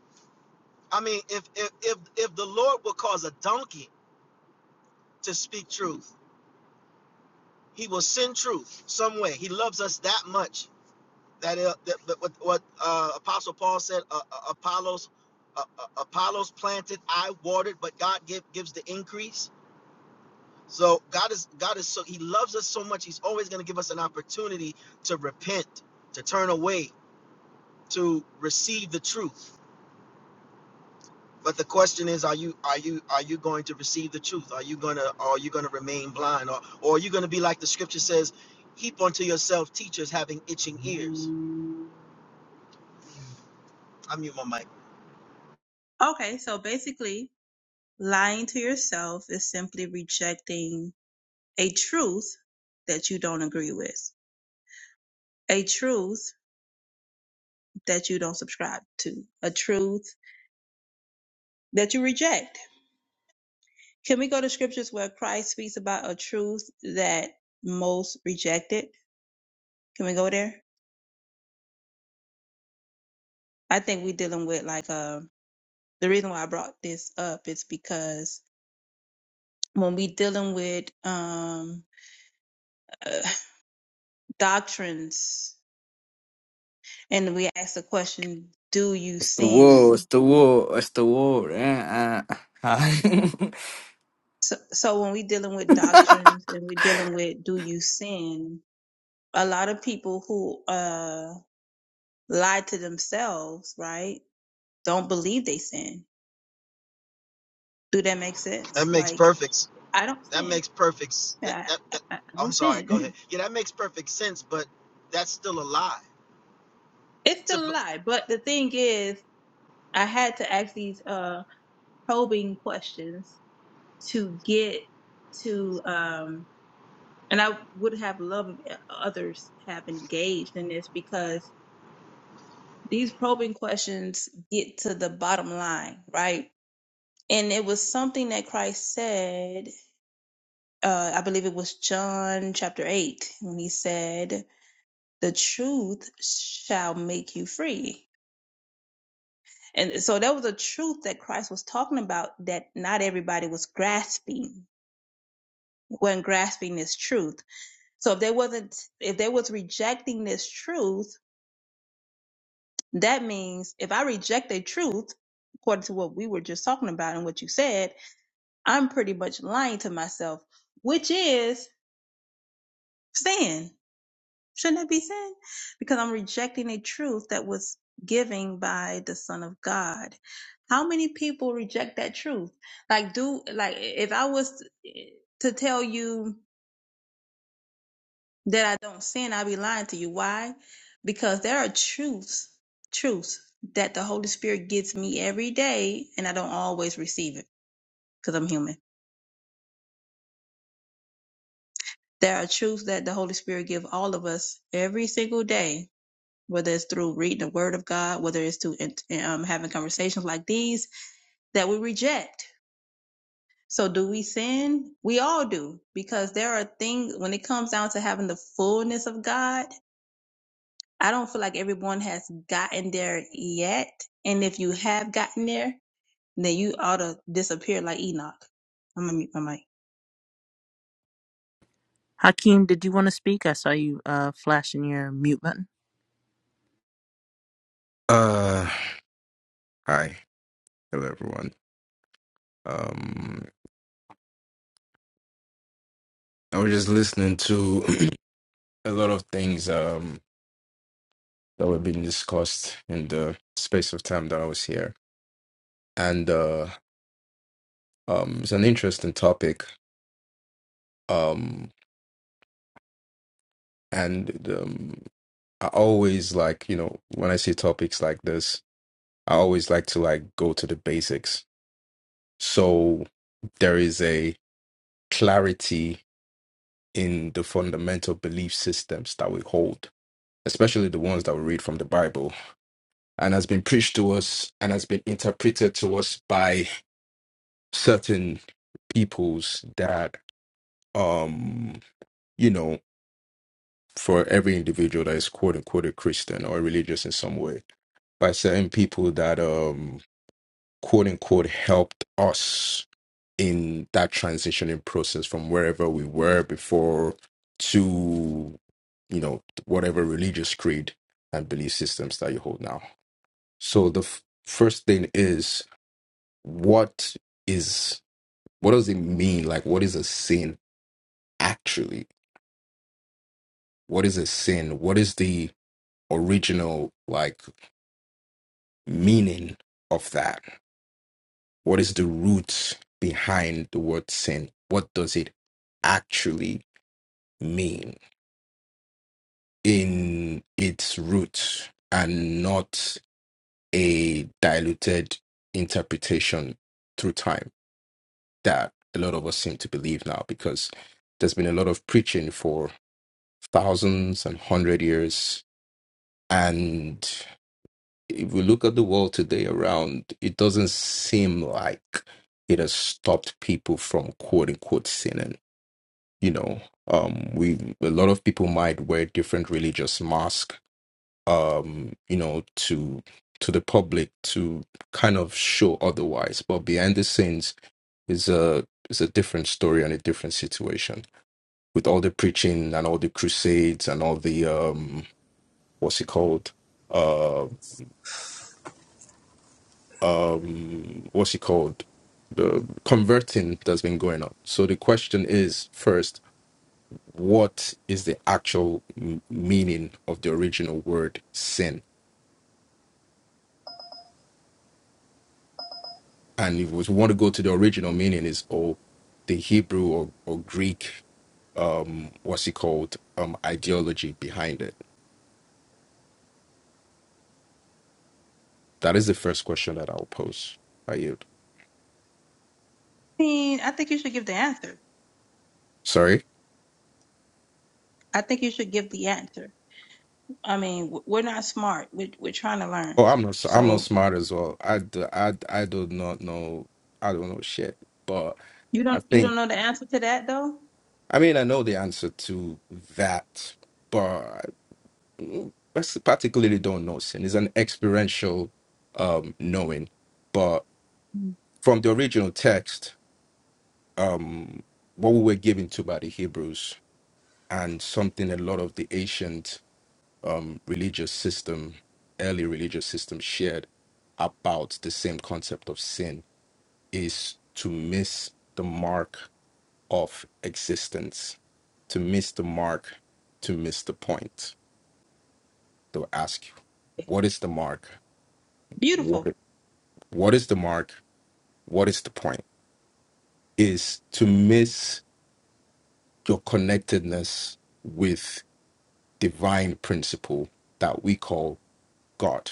J: I mean, if if if, if the Lord will cause a donkey to speak truth, he will send truth some way. He loves us that much that, uh, that, that what, what uh, Apostle Paul said, uh, uh, Apollos uh, uh, Apollos planted, I watered, but God give, gives the increase So God is God is so He loves us so much. He's always going to give us an opportunity to repent, to turn away, to receive the truth. But the question is, are you are you are you going to receive the truth? Are you gonna are you gonna remain blind, or or are you gonna be like the Scripture says, heap unto yourself teachers having itching ears? I mute my mic.
I: Okay, so basically, lying to yourself is simply rejecting a truth that you don't agree with, a truth that you don't subscribe to, a truth that you reject. Can we go to scriptures where Christ speaks about a truth that most rejected? Can we go there? I think we're dealing with like uh the reason why I brought this up is because when we dealing with um uh, doctrines and we ask the question, do you
K: It's the war. It's
I: sin?
K: the war. It's the war. Eh? Uh, hi.
I: So, so when we're dealing with doctrines and we're dealing with do you sin, a lot of people who uh, lie to themselves, right, don't believe they sin. Do that make
J: That
I: sense?
J: makes
I: Like,
J: perfect.
I: I don't
J: That
I: sin.
J: makes perfect. s- That,
I: I,
J: that,
I: I,
J: that
I: I
J: I'm
I: don't
J: sorry. Go ahead.
I: sin.
J: Yeah, that makes perfect sense, but that's still a lie
I: it's still a lie. But the thing is, I had to ask these uh, probing questions to get to. um, And I would have loved eh, others have engaged in this because these probing questions get to the bottom line, right? And it was something that Christ said, uh, I believe it was John chapter 8, when he said, The truth shall make you free. And so that was a truth that Christ was talking about that not everybody was grasping, wasn't grasping this truth. So if they wasn't, if they was rejecting this truth, That means if I reject a truth, according to what we were just talking about and what you said, I'm pretty much lying to myself, which is sin. Shouldn't that be sin? Because I'm rejecting a truth that was given by the Son of God. How many people reject that truth? Like, do, like, if I was to tell you, that I don't sin, I be lying to you. Why? Because there are truths, truths that the Holy Spirit gives me every day, and I don't always receive it because I'm human. There are truths that the Holy Spirit give all of us every single day, whether it's through reading the Word of God, whether it's to um, having conversations like these that we reject. So do we sin? We all do because there are things when it comes down to having the fullness of God. I don't feel like everyone has gotten there yet. And if you have gotten there, then you ought to disappear like Enoch. I'm gonna mute my mic.
G: hakeem did you want to speak i saw you uh flashing your mute button
L: Uh, hi, hello everyone. Um, I was just listening to a lot of things um that were being discussed in the space of time that I was here, and uh, um, it's an interesting topic. Um, and um, I always like you know when I see topics like this, I always like to like go to the basics. So there is a clarity in the fundamental belief systems that we hold especially the ones that we read from the Bible, and has been preached to us and has been interpreted to us by certain peoples that, um, you know, for every individual that is quote unquote a Christian or religious in some way, by certain people that, um, quote unquote, helped us in that transitioning process from wherever we were before to, you know, whatever religious creed and belief systems that you hold now. So the f- first thing is what is what does it mean? Like what is a sin actually? What is a sin? What is the original like meaning of that? What is the root behind the word sin? What does it actually mean in its root and not a diluted interpretation through time? that a lot of us seem to believe now because there's been a lot of preaching for thousands and hundred years. And if we look at the world today around, it doesn't seem like it has stopped people from quote unquote sinning. You know, um, we a lot of people might wear different religious masks, um, you know, to to the public to kind of show otherwise. But behind the scenes is a is a different story and a different situation with all the preaching and all the crusades and all the um what's it called uh um what's it called the converting that's been going on so the question is first what is the actual m- meaning of the original word sin and if we want to go to the original meaning is all the hebrew or, or greek um what's it called um ideology behind it that is the first question that i'll pose are you
I: I mean, I think you should give the answer.
L: sorry
I: I think you should give the answer. I mean, w- we're not smart. We're, we're trying to learn.
L: Well, I'm not. I'm not
I: So
L: smart as well. I do. I I do not know. I don't know shit. But
I: you
L: I
I: don't you
L: think.
I: don't know the answer to that though.
L: I mean, I know the answer to that, but mm, I particularly don't know. Sin It's an experiential um, knowing. But
I: Mm.
L: from the original text, um, what we were given to by the Hebrews and something a lot of the ancient um, religious system, early religious system, shared about the same concept of sin is to miss the mark of existence, to miss the mark, to miss the point. They'll ask you, what is the mark?
I: Beautiful.
L: What, what is the mark? What is the point? Is to miss your connectedness with divine principle that we call God,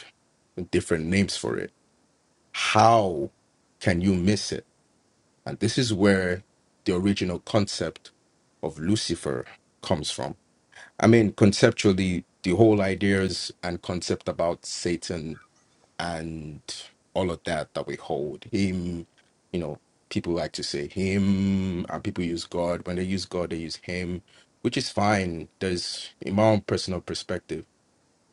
L: with different names for it. How can you miss it? And this is where the original concept of Lucifer comes from I mean, conceptually, the whole ideas and concept about Satan and all of that that we hold him, you know, people like to say him, and people use God. When they use God, they use him, which is fine. There's, in my own personal perspective,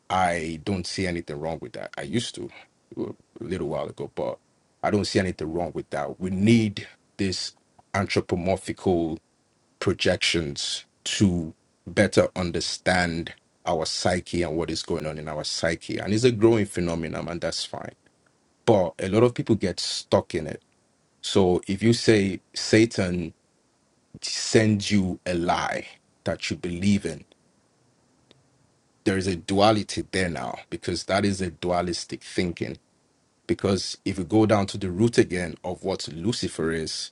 L: I don't see anything wrong with that. I used to a little while ago, but I don't see anything wrong with that. We need this anthropomorphical projections to better understand our psyche and what is going on in our psyche. And it's a growing phenomenon, and that's fine. But a lot of people get stuck in it. So if you say Satan sends you a lie that you believe in, there is a duality there now because that is a dualistic thinking. Because if you go down to the root again of what Lucifer is,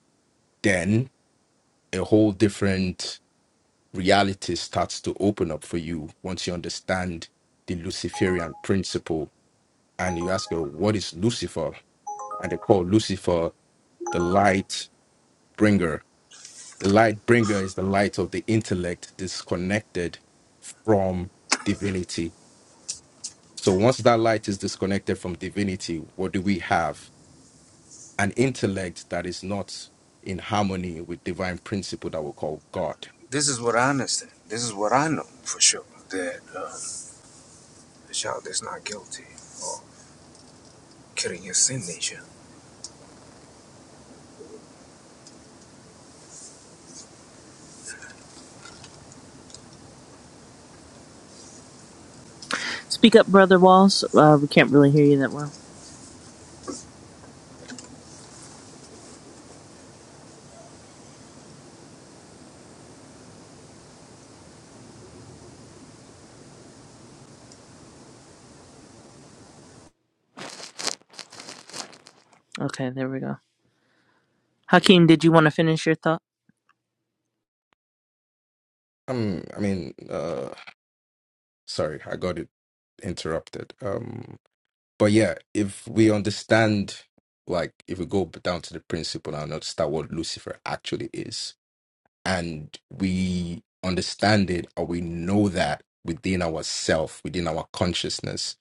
L: then a whole different reality starts to open up for you once you understand the Luciferian principle and you ask, oh, what is Lucifer? And they call Lucifer the light bringer. The light bringer is the light of the intellect disconnected from divinity. So once that light is disconnected from divinity, what do we have? An intellect that is not in harmony with divine principle that we call God.
M: This is what I understand. This is what I know for sure that uh, the child is not guilty of killing his sin nature.
G: speak up brother walls uh we can't really hear you that well okay there we go hakeem did you want to finish your thought
L: Um, I mean, uh, Sorry, I got it interrupted. Um, but yeah, if we understand, like, if we go down to the principle and understand what Lucifer actually is, and we understand it or we know that within ourself, within our consciousness,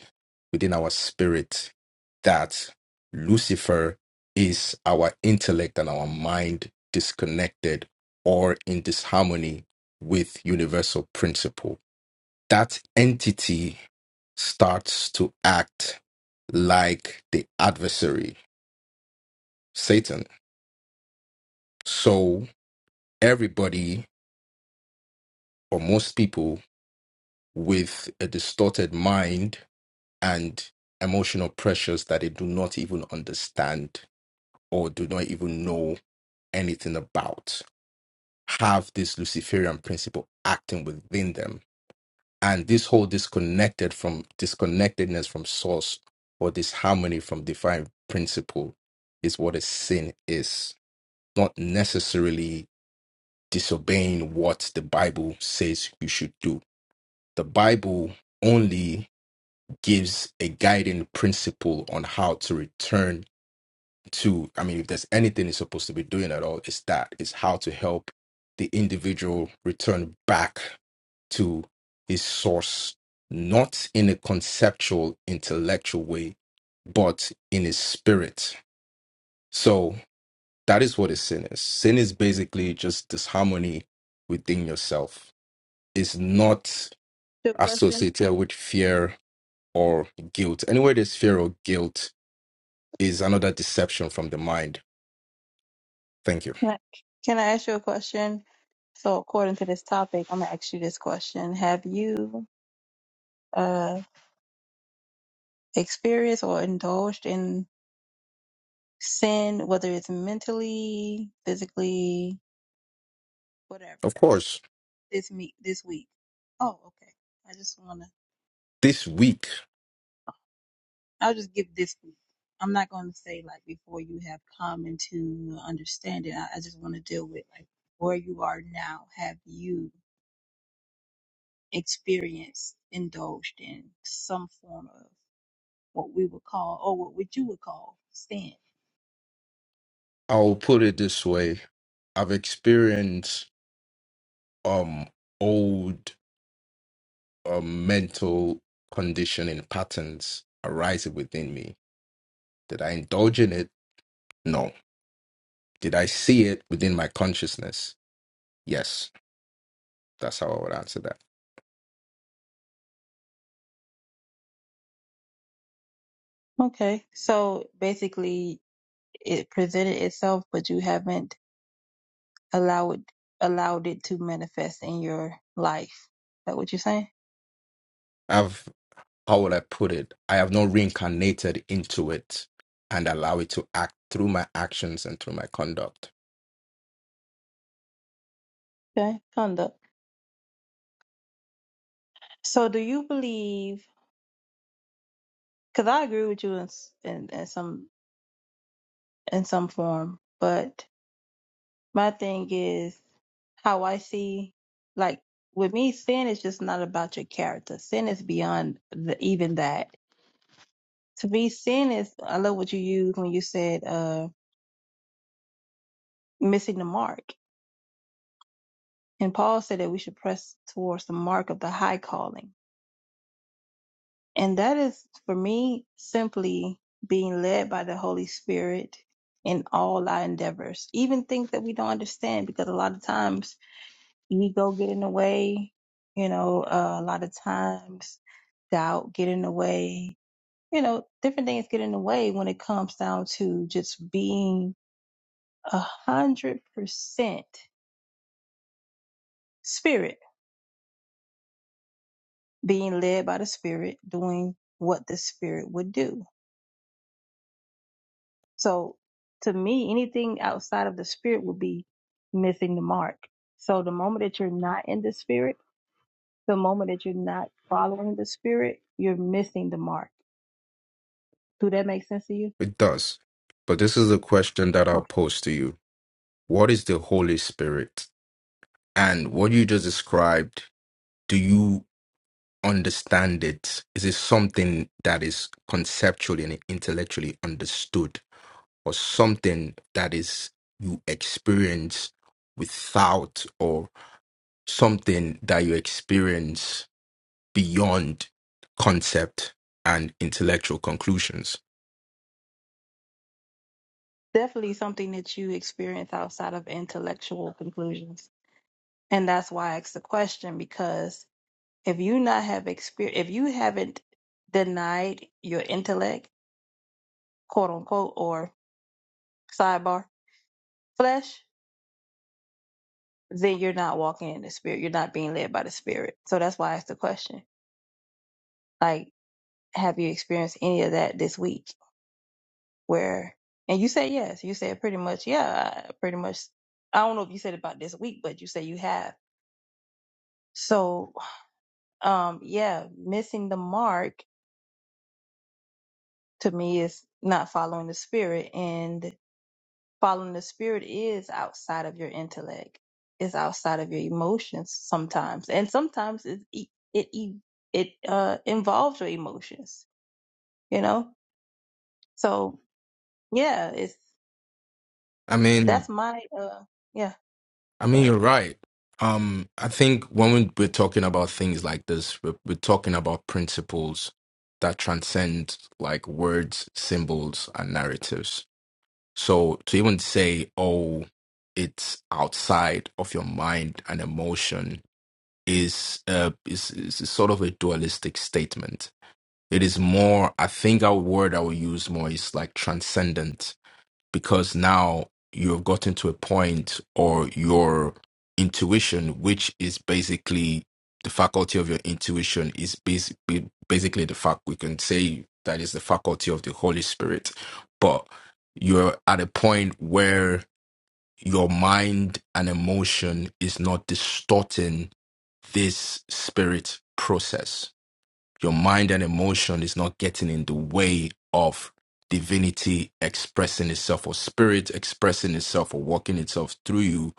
L: within our spirit, that Lucifer is our intellect and our mind disconnected or in disharmony with universal principle that entity starts to act like the adversary, Satan. So everybody, or most people, with a distorted mind and emotional pressures that they do not even understand or do not even know anything about, have this Luciferian principle acting within them and this whole disconnected from disconnectedness from source or this harmony from divine principle is what a sin is not necessarily disobeying what the bible says you should do the bible only gives a guiding principle on how to return to i mean if there's anything it's supposed to be doing at all it's that it's how to help the individual return back to its source, not in a conceptual, intellectual way, but in his spirit. So that is what a sin is. Sin is basically just disharmony within yourself. It's not
I: Good question.
L: associated with fear or guilt. Anywhere there's fear or guilt is another deception from the mind. Thank you.
I: Can I can I ask you a question? So according to this topic, I'm gonna ask you this question: Have you uh experienced or indulged in sin, whether it's mentally, physically, whatever,
L: Of course,
I: this meet this week. Oh, okay. I just wanna
L: this week,
I: I'll just give this week. I'm not gonna say like before you have come into understanding. I, I just wanna deal with like where you are now. Have you experienced, indulged in some form of what we would call or what, would you would call sin?
L: I'll put it this way I've experienced um old or mental conditioning patterns arising within me. Did I indulge in it? No. Did I see it within my consciousness? Yes. That's how I would answer that.
I: Okay. So basically it presented itself but you haven't Allow it, allowed it to manifest in your life. Is that what you're saying?
L: I've how would I put it? I have not reincarnated into it and allow it to act through my actions and through my conduct.
I: Okay, conduct. So, do you believe? Because I agree with you in, s- in in some in some form, but My thing is how I see, like with me, sin is just not about your character. Sin is beyond the, even that. To me, sin is. I love what you used when you said uh, missing the mark. And Paul said that we should press towards the mark of the high calling. And that is for me simply being led by the Holy Spirit in all our endeavors, even things that we don't understand, because a lot of times ego get in the way, you know, uh, a lot of times doubt get in the way, you know, different things get in the way when it comes down to just being a hundred percent spirit, being led by the spirit, doing what the spirit would do. So to me, anything outside of the spirit would be missing the mark. So the moment that you're not in the spirit, the moment that you're not following the spirit, you're missing the mark. Do that make sense to you?
L: It does. But this is a question that I'll
I: Oh,
L: pose to you. What is the Holy Spirit? And what you just described, do you understand it? Is it something that is conceptually and intellectually understood, or something that is you experience without, or something that you experience beyond concept and intellectual conclusions?
I: definitely something that you experience outside of intellectual conclusions. And that's why I asked the question because if you not have experience, if you haven't denied your intellect, quote unquote, or sidebar flesh, then you're not walking in the spirit. You're not being led by the spirit. So that's why I asked the question. Like, have you experienced any of that this week? Where, and you said yes. You said pretty much, yeah, I pretty much. I don't know if you said about this week, but you say you have. So um yeah missing the mark to me is not following the spirit and following the spirit is outside of your intellect it's outside of your emotions sometimes and sometimes it e- it e- it uh involves your emotions you know so yeah it's
L: I mean, Mm.
I: that's my uh yeah
L: I mean,
I: but
L: you're right. Um, I think when we- we're talking about things like this, we're, we're talking about principles that transcend like words, symbols, and narratives So to even say, oh, it's outside of your mind and emotion is uh is, is is sort of a dualistic statement. It is more, I think our word I would use more is like transcendent because now you have gotten to a point or your intuition which is basically the faculty of your intuition is basically basically the fact we can say that is the faculty of the holy spirit but you're at a point where your mind and emotion is not distorting this spirit process your mind and emotion is not getting in the way of divinity expressing itself or spirit expressing itself or working itself through you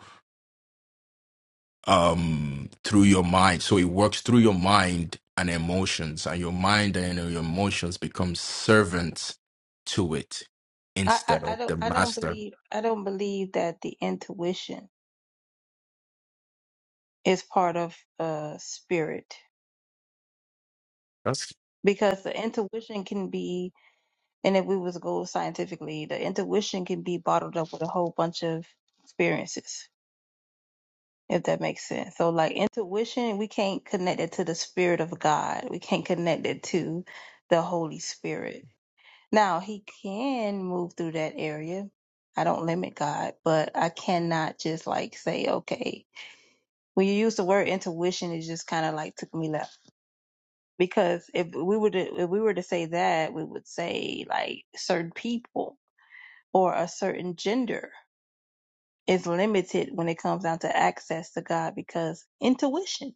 L: um through your mind so it works through your mind and emotions and your mind and your emotions become servants to it
I: I, I
L: instead
I: i
L: of
I: don't
L: the
I: i don't
L: master
I: believe i don't believe that the intuition is part of uh spirit
L: that's
I: because the intuition can be And if we was to go scientifically, the intuition can be bottled up with a whole bunch of experiences, if that makes sense. So like intuition, we can't connect it to the spirit of God. We can't connect it to the Holy Spirit. Now he can move through that area. I don't limit God, but I cannot just like say, okay, when you use the word intuition, it just kind of like took me left. Because if we were to if we were to say that, we would say like certain people or a certain gender is limited when it comes down to access to God because intuition.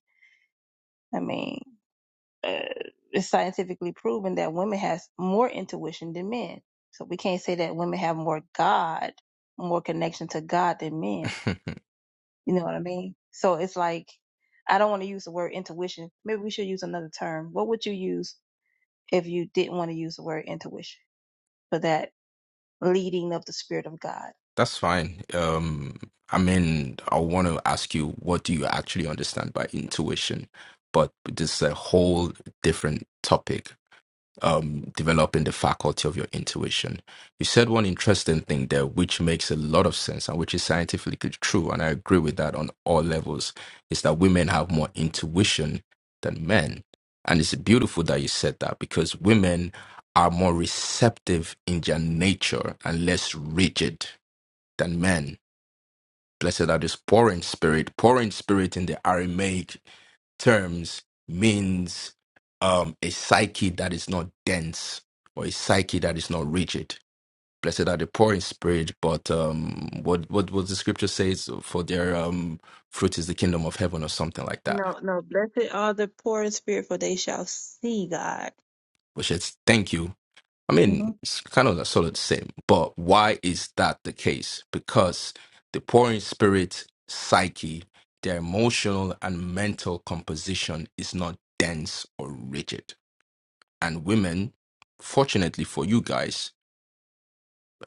I: I mean, uh, it's scientifically proven that women has more intuition than men. So we can't say that women have more God, more connection to God than men. You know what I mean? So it's like I don't want to use the word intuition. Maybe we should use another term. What would you use if you didn't want to use the word intuition for that leading of the spirit of God?
L: That's fine. Um, I mean, I want to ask you, what do you actually understand by intuition? But this is a whole different topic. Um, developing the faculty of your intuition. You said one interesting thing there, which makes a lot of sense and which is scientifically true, and I agree with that on all levels, is that women have more intuition than men. And it's beautiful that you said that because women are more receptive in their nature and less rigid than men. Blessed are those poor in spirit. Poor in spirit in the Aramaic terms means um, a psyche that is not dense or a psyche that is not rigid. Blessed are the poor in spirit, but um, what what what the scripture says for their um, fruit is the kingdom of heaven or something like that.
I: No, no. Blessed are the poor in spirit, for they shall see God.
L: Which is thank you I
I: hmm
L: mean, it's kind of sort of the same, but why is that the case? Because the poor in spirit, psyche, their emotional and mental composition is not dense or rigid. And women, fortunately for you guys,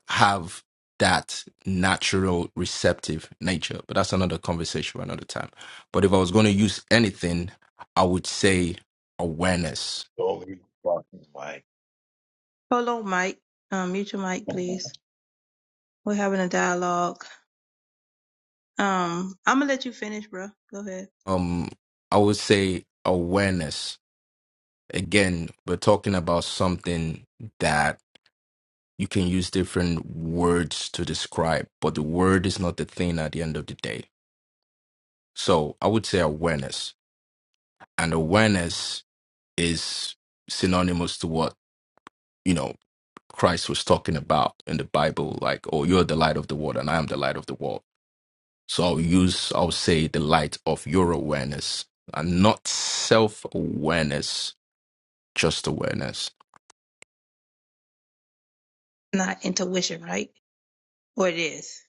L: have that natural receptive nature. But that's another conversation for another time. But if I was going to use anything, I would say awareness.
N: Holy fucking way.
I: Hold on, Mike. Um, mute your mic, please. We're having a dialogue. Um, I'm gonna let you finish, bro. Go ahead.
L: Um, I would say awareness again, we're talking about something that you can use different words to describe, but the word is not the thing at the end of the day. So I would say awareness. And awareness is synonymous to what, you know, Christ was talking about in the Bible, like, oh, you're the light of the world and I am the light of the world. So I'll use, I'll say the light of your awareness and not self awareness, just awareness.
I: Not intuition, right? Or it is.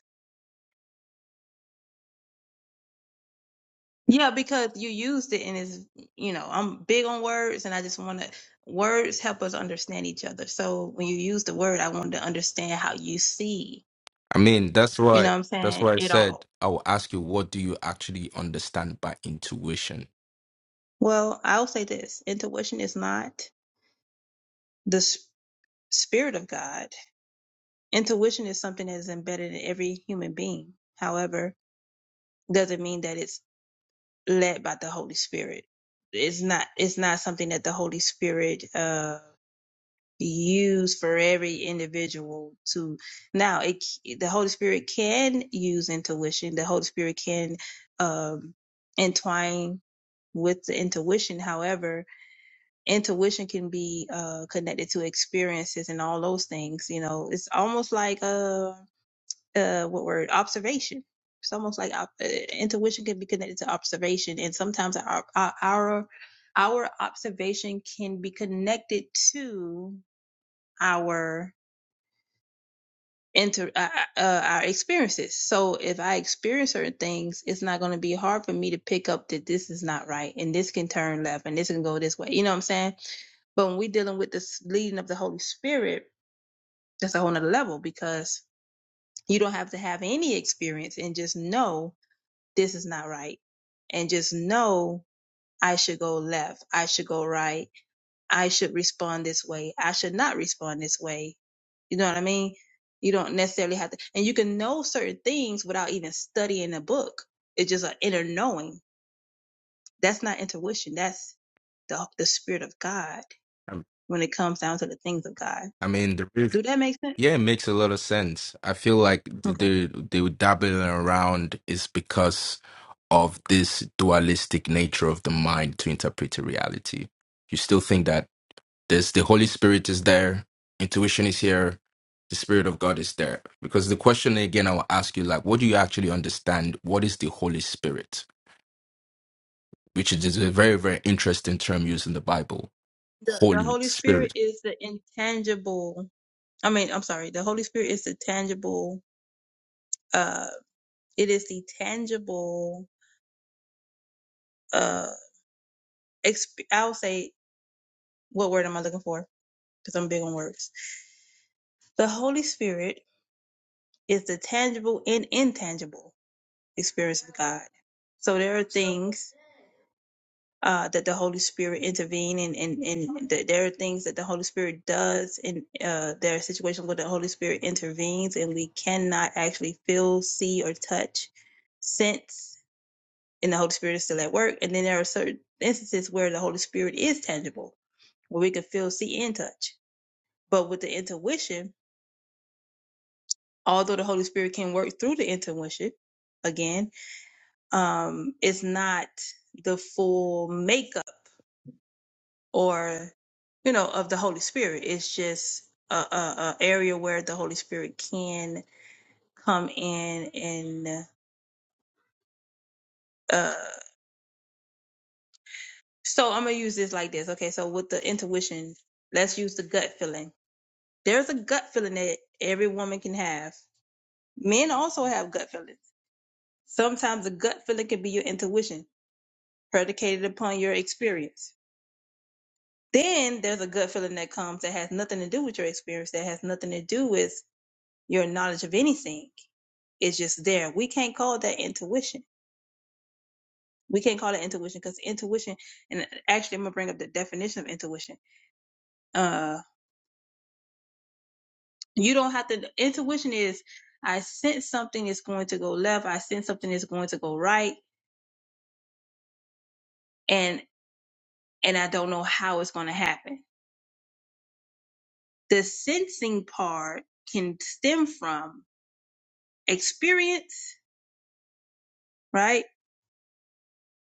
I: Yeah, because you used it, and it's you know I'm big on words, and I just want to words help us understand each other. So when you use the word, I wanted to understand how you see.
L: I mean, that's
I: You know
L: why
I: what I'm
L: that's
I: saying?
L: why I
I: It
L: said
I: all.
L: I will ask you what do you actually understand by intuition.
I: Well, I'll say this: intuition is not the spirit of God. Intuition is something that is embedded in every human being. However, doesn't mean that it's led by the Holy Spirit. It's not it's not something that the Holy Spirit uh use for every individual to now it the Holy Spirit can use intuition. The Holy Spirit can um entwine with the intuition. However, intuition can be uh connected to experiences and all those things you know it's almost like uh uh what word observation it's almost like op- uh, intuition can be connected to observation and sometimes our our our observation can be connected to our inter uh, uh, uh, our experiences so if i experience certain things it's not going to be hard for me to pick up that this is not right and this can turn left and this can go this way you know what i'm saying but when we're dealing with this leading of the Holy Spirit, that's a whole nother level because you don't have to have any experience and just know this is not right. And just know I should go left. I should go right. I should respond this way. I should not respond this way. You know what I mean? You don't necessarily have to, and you can know certain things without even studying a book. It's just an inner knowing. That's not intuition. That's the, the spirit of God
L: Um,
I: when it comes down to the things of God.
L: I mean, the reason-
I: Do that make sense?
L: yeah, it makes a lot of sense. I feel like the
I: Okay.
L: the, the dabbling around is because of this dualistic nature of the mind to interpret a reality. You still think that there's the Holy Spirit is there, intuition is here, the Spirit of God is there. Because the question again I will ask you like, what do you actually understand? What is the Holy Spirit? which is a very very interesting term used in the Bible.
I: The, the
L: Holy
I: Holy Spirit
L: Spirit.
I: is the intangible. I mean, I'm sorry. The Holy Spirit is the tangible. Uh, it is the tangible. Uh, exp- I'll say what word am I looking for? Because I'm big on words. The Holy Spirit is the tangible and intangible experience of God. So there are things. uh, that the Holy Spirit intervene and and and that there are things that the Holy Spirit does and uh, there are situations where the Holy Spirit intervenes and we cannot actually feel, see, or touch, sense, and the Holy Spirit is still at work. And then there are certain instances where the Holy Spirit is tangible, where we can feel, see, and touch. But with the intuition, although the Holy Spirit can work through the intuition, again, um, it's not the full makeup or you know of the holy spirit it's just a, a, a area where the holy spirit can come in and uh so i'm gonna use this like this okay so with the intuition let's use the gut feeling there's a gut feeling that every woman can have men also have gut feelings sometimes a gut feeling can be your intuition predicated upon your experience then there's a gut feeling that comes that has nothing to do with your experience that has nothing to do with your knowledge of anything is just there. We can't call that intuition. We can't call it intuition because intuition, and actually, I'm gonna bring up the definition of intuition. Uh, you don't have to. Intuition is I sense something is going to go left. I sense something is going to go right, and and I don't know how it's going to happen. The sensing part can stem from experience, right,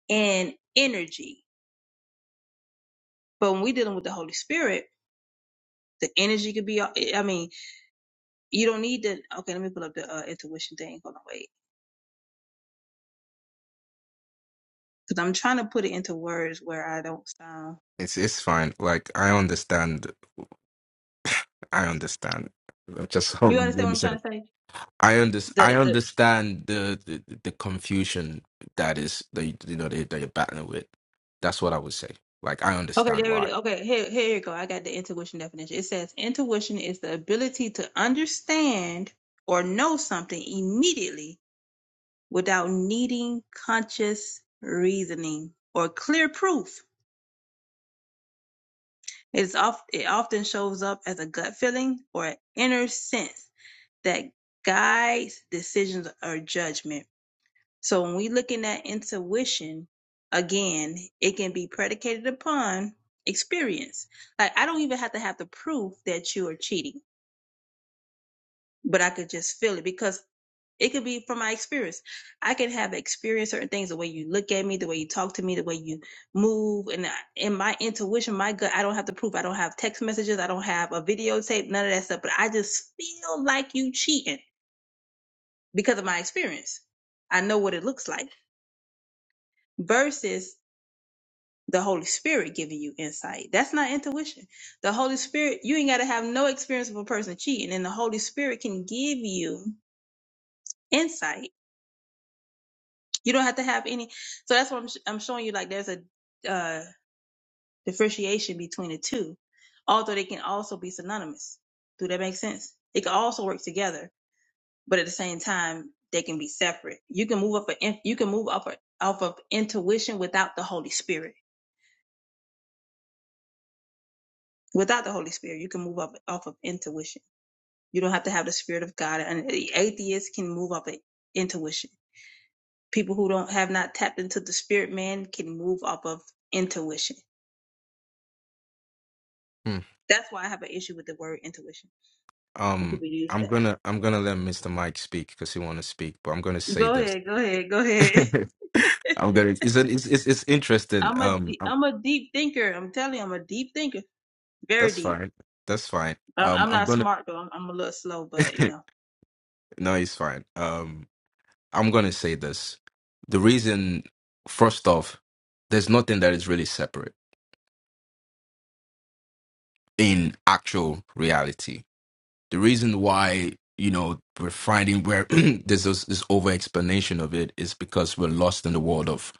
I: and energy. But when we're dealing with the Holy Spirit, the energy could be. I mean, You don't need to. Okay, let me pull up the uh, intuition thing. Hold on, wait, because I'm trying to put it into words where I don't sound.
L: It's it's fine. Like I understand. I understand. Just hold
I: You
L: on.
I: understand
L: Let
I: what
L: me
I: I'm
L: say.
I: trying to say?
L: I under, I
I: The the
L: understand the, the the confusion that is that you you know that you're battling with. That's what I would say. Like I
I: okay,
L: understand
I: there it
L: why.
I: is. Okay, here here you go. I got the intuition definition. It says intuition is the ability to understand or know something immediately without needing conscious reasoning or clear proof. It's oft, it often shows up as a gut feeling or an inner sense that guides decisions or judgment. So when we looking at intuition, again, it can be predicated upon experience. Like I don't even have to have the proof that you are cheating, but I could just feel it because it could be from my experience. I could have experienced certain things, the way you look at me, the way you talk to me, the way you move, and I- in my intuition, my gut, I don't have to prove. I don't have text messages, I don't have a videotape, none of that stuff. But I just feel like you cheating because of my experience. I know what it looks like versus the Holy Spirit giving you insight. That's not intuition. The Holy Spirit, you ain't got to have no experience of a person cheating, and the Holy Spirit can give you insight. You don't have to have any. So that's what I'm, sh- I'm showing you. Like there's a uh, differentiation between the two, although they can also be synonymous. Do that make sense? They can also work together, but at the same time, they can be separate. You can move up. A, in- you can move up a, off of intuition without the Holy Spirit. Without the Holy Spirit, you can move up off of intuition You don't have to have the spirit of God. And atheists can move off of intuition. People who don't have not tapped into the spirit man can move off of intuition.
L: Hmm.
I: That's why I have an issue with the word intuition, and
L: Um,
I: people use
L: I'm
I: that.
L: gonna I'm gonna let Mr. Mike speak because he want to speak, but I'm gonna say
I: Go
L: this.
I: ahead, go ahead, go ahead.
L: I'm gonna. It's, an, it's it's it's interesting.
I: I'm a
L: Um,
I: de- I'm a deep thinker. I'm telling you, I'm a deep thinker, very
L: That's
I: deep.
L: fine. That's fine.
I: I'm,
L: Um,
I: I'm
L: I'm
I: not
L: gonna.
I: smart though. I'm, I'm a little slow, but you know.
L: no, it's fine. Um, I'm gonna say this. The reason, first off, there's nothing that is really separate in actual reality. The reason why you know we're finding where there's this, this over explanation of it is because we're lost in the world of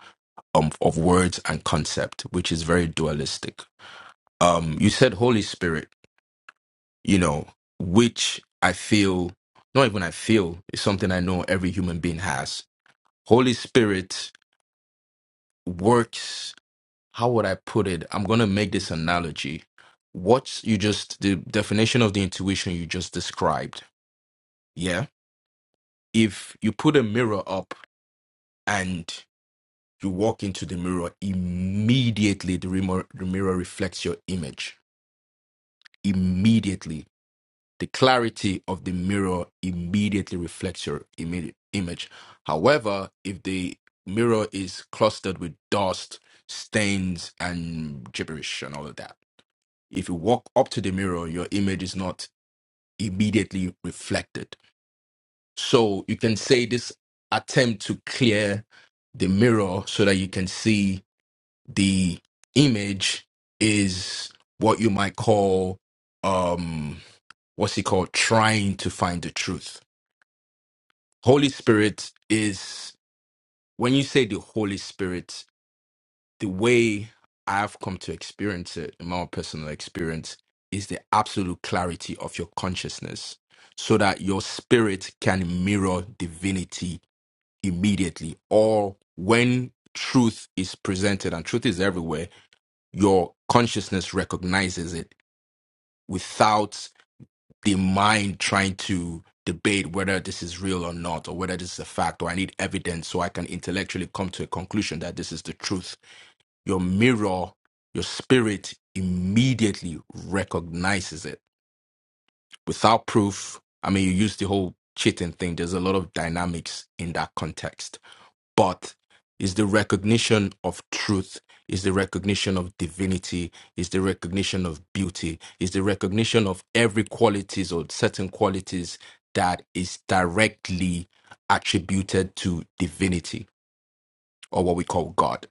L: um of words and concept, which is very dualistic. Um, you said Holy Spirit. you know, which I feel, not even I feel, is something I know every human being has. Holy Spirit works, how would I put it? I'm going to make this analogy. What you just, the definition of the intuition you just described, yeah? If you put a mirror up and you walk into the mirror, immediately the, remo- the mirror reflects your image. Immediately the clarity of the mirror immediately reflects your immediate image. However, if the mirror is clustered with dust, stains, and gibberish and all of that, if you walk up to the mirror, your image is not immediately reflected. So you can say this attempt to clear the mirror so that you can see the image is what you might call um what's it called trying to find the truth Holy Spirit is when you say the Holy Spirit, the way I've come to experience it in my own personal experience is the absolute clarity of your consciousness so that your spirit can mirror divinity immediately or when truth is presented and truth is everywhere your consciousness recognizes it without. the mind trying to debate whether this is real or not, or whether this is a fact, or I need evidence so I can intellectually come to a conclusion that this is the truth. Your mirror, your spirit immediately recognizes it without proof. I mean, you use the whole cheating thing, there's a lot of dynamics in that context but is the recognition of truth is the recognition of divinity is the recognition of beauty is the recognition of every qualities or certain qualities that is directly attributed to divinity or what we call god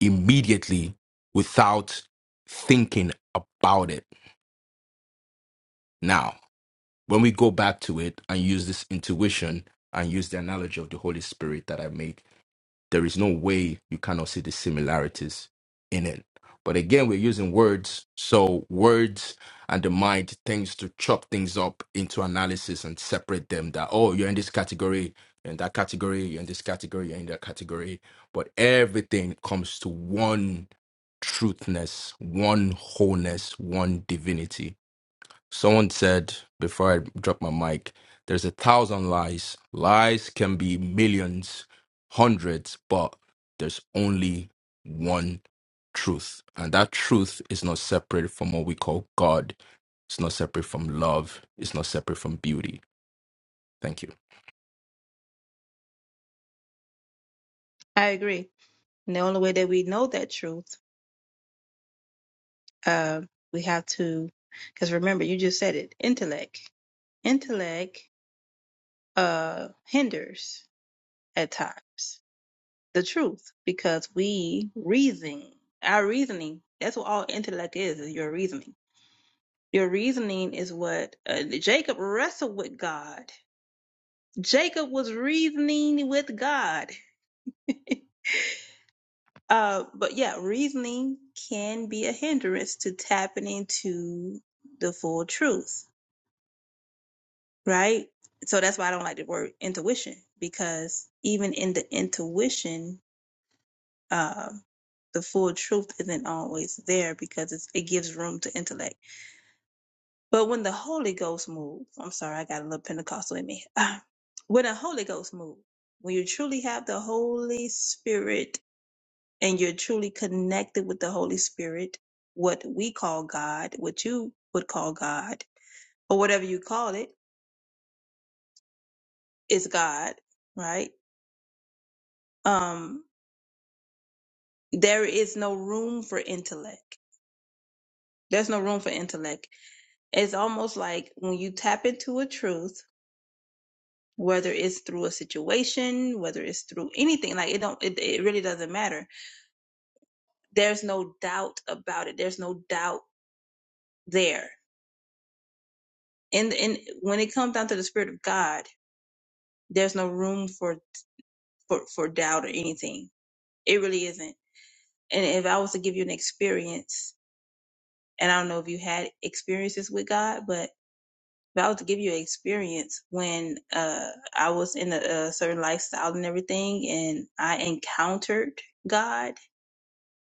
L: immediately without thinking about it now when we go back to it and use this intuition and use the analogy of the holy spirit that i made There is no way you cannot see the similarities in it. But again, we're using words. So words and the mind tends to chop things up into analysis and separate them that, oh, you're in this category, you're in that category, you're in this category, you're in that category. But everything comes to one truthness, one wholeness, one divinity Someone said before I dropped my mic, there's a thousand lies. Lies can be millions, hundreds, but there's only one truth. And that truth is not separate from what we call God. It's not separate from love. It's not separate from beauty. Thank you.
I: I agree. And the only way that we know that truth, uh, we have to, because remember, you just said it, intellect, intellect. uh, hinders at times the truth because we reason our reasoning that's what all intellect is is your reasoning your reasoning is what uh, jacob wrestled with god jacob was reasoning with god uh but yeah reasoning can be a hindrance to tapping into the full truth right so that's why i don't like the word intuition because even in the intuition uh, the full truth isn't always there because it's, it gives room to intellect. But when the Holy Ghost moves, I'm sorry, I got a little Pentecostal in me. when the Holy Ghost moves, when you truly have the Holy Spirit and you're truly connected with the Holy Spirit, what we call God, what you would call God, or whatever you call it, is God, right? Um, there is no room for intellect. There's no room for intellect. It's almost like when you tap into a truth whether it's through a situation, whether it's through anything, like it don't, it, it really doesn't matter. There's no doubt about it. There's no doubt there. And and when it comes down to the spirit of God, there's no room for for for doubt or anything. It really isn't. And if I was to give you an experience, and I don't know if you had experiences with God, but if I was to give you an experience when uh, I was in a, a certain lifestyle and everything, and I encountered God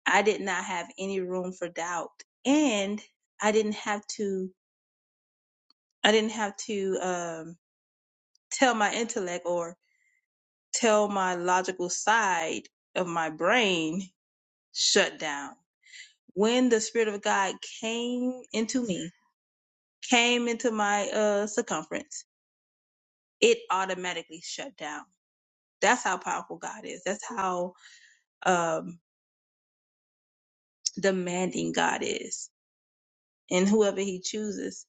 I: I did not have any room for doubt. And I didn't have to, I didn't have to, um, tell my intellect or tell my logical side of my brain shut down. When the Spirit of God came into me, came into my, uh, circumference, it automatically shut down. That's how powerful God is. That's how, um, demanding God is and whoever he chooses.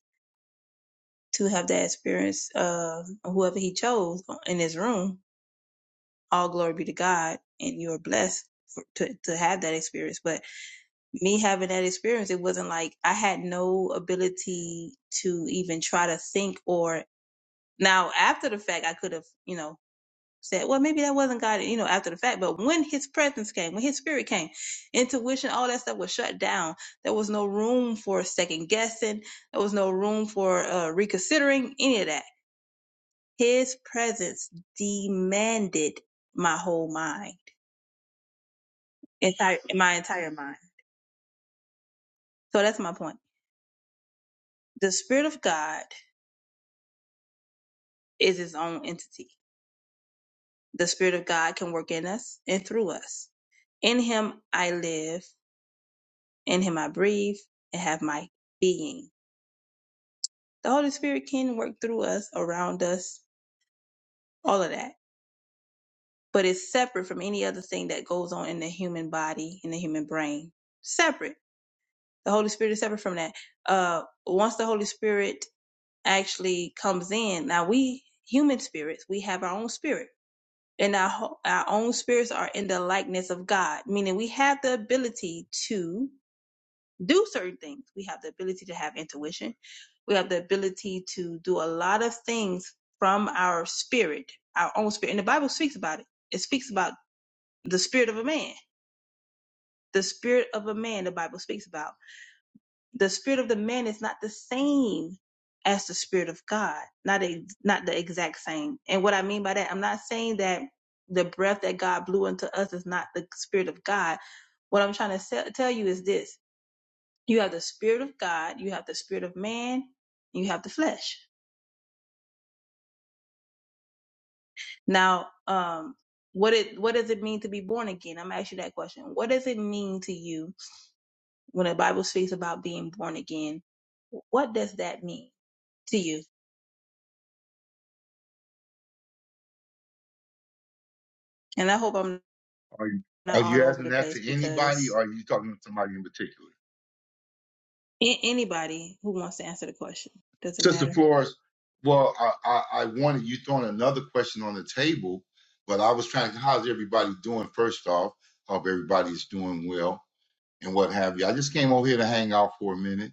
I: to have that experience, uh, whoever he chose in his room. All glory be to God, and you are blessed for, to to have that experience. But me having that experience, it wasn't like I had no ability to even try to think or now after the fact, I could have you know said, well, maybe that wasn't God, you know, after the fact. But when His presence came, when His Spirit came, intuition, all that stuff was shut down. There was no room for second guessing. There was no room for uh, reconsidering any of that His presence demanded my whole mind, entire my entire mind. So that's my point. The Spirit of God is His own entity. The Spirit of God can work in us and through us. In Him I live, in Him I breathe, and have my being. The Holy Spirit can work through us, around us, all of that, but it's separate from any other thing that goes on in the human body, in the human brain. Separate. The Holy Spirit is separate from that uh once the holy spirit actually comes in. Now we human spirits, we have our own spirit, and our ho- our own spirits are in the likeness of God, meaning we have the ability to do certain things. We have the ability to have intuition. We have the ability to do a lot of things from our spirit, our own spirit. And the Bible speaks about it. It speaks about the spirit of a man. The spirit of a man, the Bible speaks about. the spirit of the man is not the same as the spirit of God. Not a, not the exact same. And what I mean by that, I'm not saying that the breath that God blew into us is not the spirit of God. What I'm trying to se- tell you is this: you have the spirit of God, you have the spirit of man, you have the flesh. Now, um, what it what does it mean to be born again? I'm gonna ask you that question. What does it mean to you when the Bible speaks about being born again? What does that mean to you? And I hope I'm
N: Are you,
I: not
N: are you
I: all over
N: asking
I: the
N: that
I: place
N: to anybody
I: because
N: or are you talking to somebody in particular?
I: a- anybody who wants to answer the question doesn't
N: Sister
I: matter.
N: Flores, well, I, I, I wanted you throwing another question on the table, but I was trying to, how's everybody doing first off? Hope everybody's doing well and what have you. I just came over here to hang out for a minute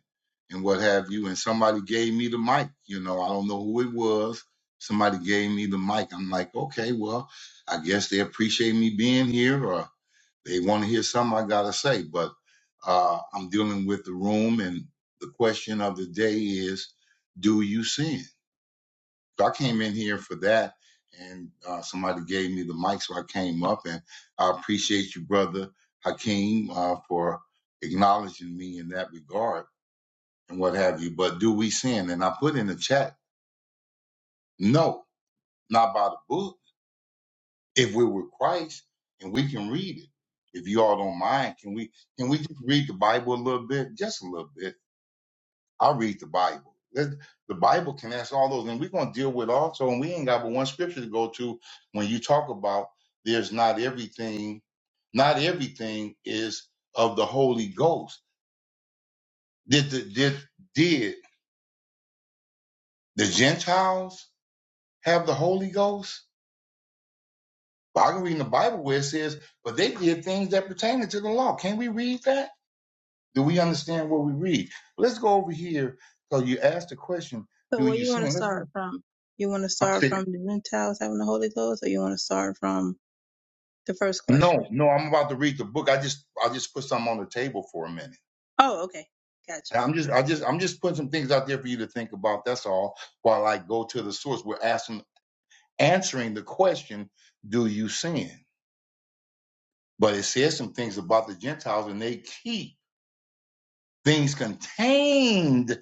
N: and what have you. And somebody gave me the mic. You know, I don't know who it was. Somebody gave me the mic. I'm like, okay, well, I guess they appreciate me being here or They want to hear something I gotta say, but uh, I'm dealing with the room, and the question of the day is, do you sin? So I came in here for that, and uh, somebody gave me the mic, so I came up, and I appreciate you, brother Hakeem, uh, for acknowledging me in that regard and what have you. But do we sin? And I put in the chat, no, not by the book If we're with Christ and we can read it, if you all don't mind, can we can we just read the Bible a little bit, just a little bit? I'll read the Bible. Let- The Bible can answer all those, and we're gonna deal with also. And we ain't got but one scripture to go to when you talk about there's not everything, not everything is of the Holy Ghost. Did the did did the Gentiles have the Holy Ghost? But I can read in the Bible where it says, but they did things that pertain to the law. Can we read that? Do we understand what we read? Let's go over here. So you asked the question,
I: So
N: do
I: where
N: you
I: you want to
N: sin? Let's do,
I: start from? You want to
N: I
I: start
N: said,
I: from the Gentiles having the Holy Ghost, or you want to start from the first question?
N: no, no, I'm about to read the book. I just I just put something on the table for a minute.
I: Oh, okay, gotcha.
N: And I'm just I just I'm just putting some things out there for you to think about. That's all. While I go to the source, we're asking answering the question, do you sin? But it says some things about the Gentiles and they keep things contained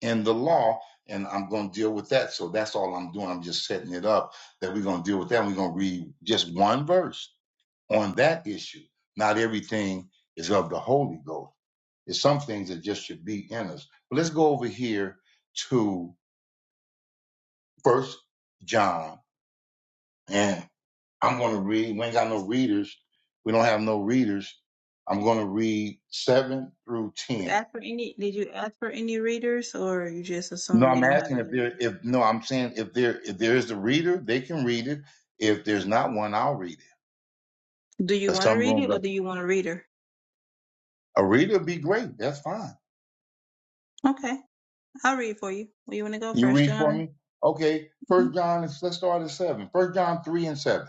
N: in the law, and I'm going to deal with that. So that's all I'm doing. I'm just setting it up that we're going to deal with that. And We're going to read just one verse on that issue. Not everything is of the Holy Ghost. It's some things that just should be in us. But let's go over here to First John, and I'm going to read. We ain't got no readers. We don't have no readers. I'm going to read seven through
I: So
N: ten
I: Ask for any. Did you ask for any readers, or you just
N: No,
I: assume we
N: I'm
I: don't have
N: asking if
I: any
N: there
I: readers?
N: if no, I'm saying if there if there is a reader, they can read it. If there's not one, I'll read it.
I: Do you
N: 'Cause
I: want to
N: some
I: read
N: rooms
I: it, or
N: are-
I: do you want a reader?
N: a reader would be great. That's fine.
I: Okay, I'll read for you. Where you want to go?
N: You
I: First
N: read for
I: John.
N: me? Okay.
I: Mhm.
N: First John is let's start at seven. First John three and seven.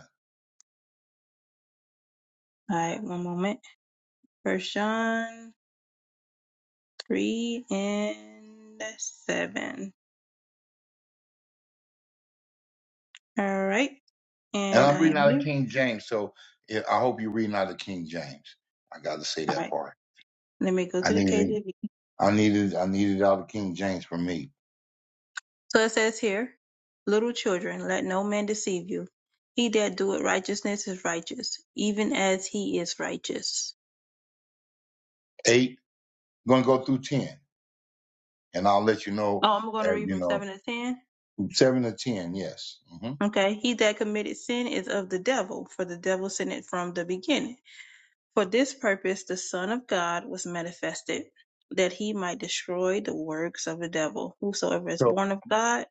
I: All right, one moment. First John three and seven. All right,
N: And
I: and
N: I'm
I: I
N: reading
I: am
N: out of
I: here.
N: King James, so yeah, I hope you're reading out of King James. I gotta say
I: All
N: that
I: right,
N: part.
I: let me go
N: I
I: to the
N: needed
I: KJV.
N: I needed I needed out of King James for me.
I: So it says here, little children, let no man deceive you. He that doeth righteousness is righteous, even as he is righteous.
N: Eight, gonna go through ten. And I'll let you know
I: Oh, I'm going to
N: as
I: read
N: you
I: from
N: know,
I: seven to ten.
N: from seven to ten, yes. hmm
I: Okay, he that committed sin is of the devil, for the devil sinned it from the beginning. For this purpose the Son of God was manifested, that he might destroy the works of the devil. Whosoever is born of God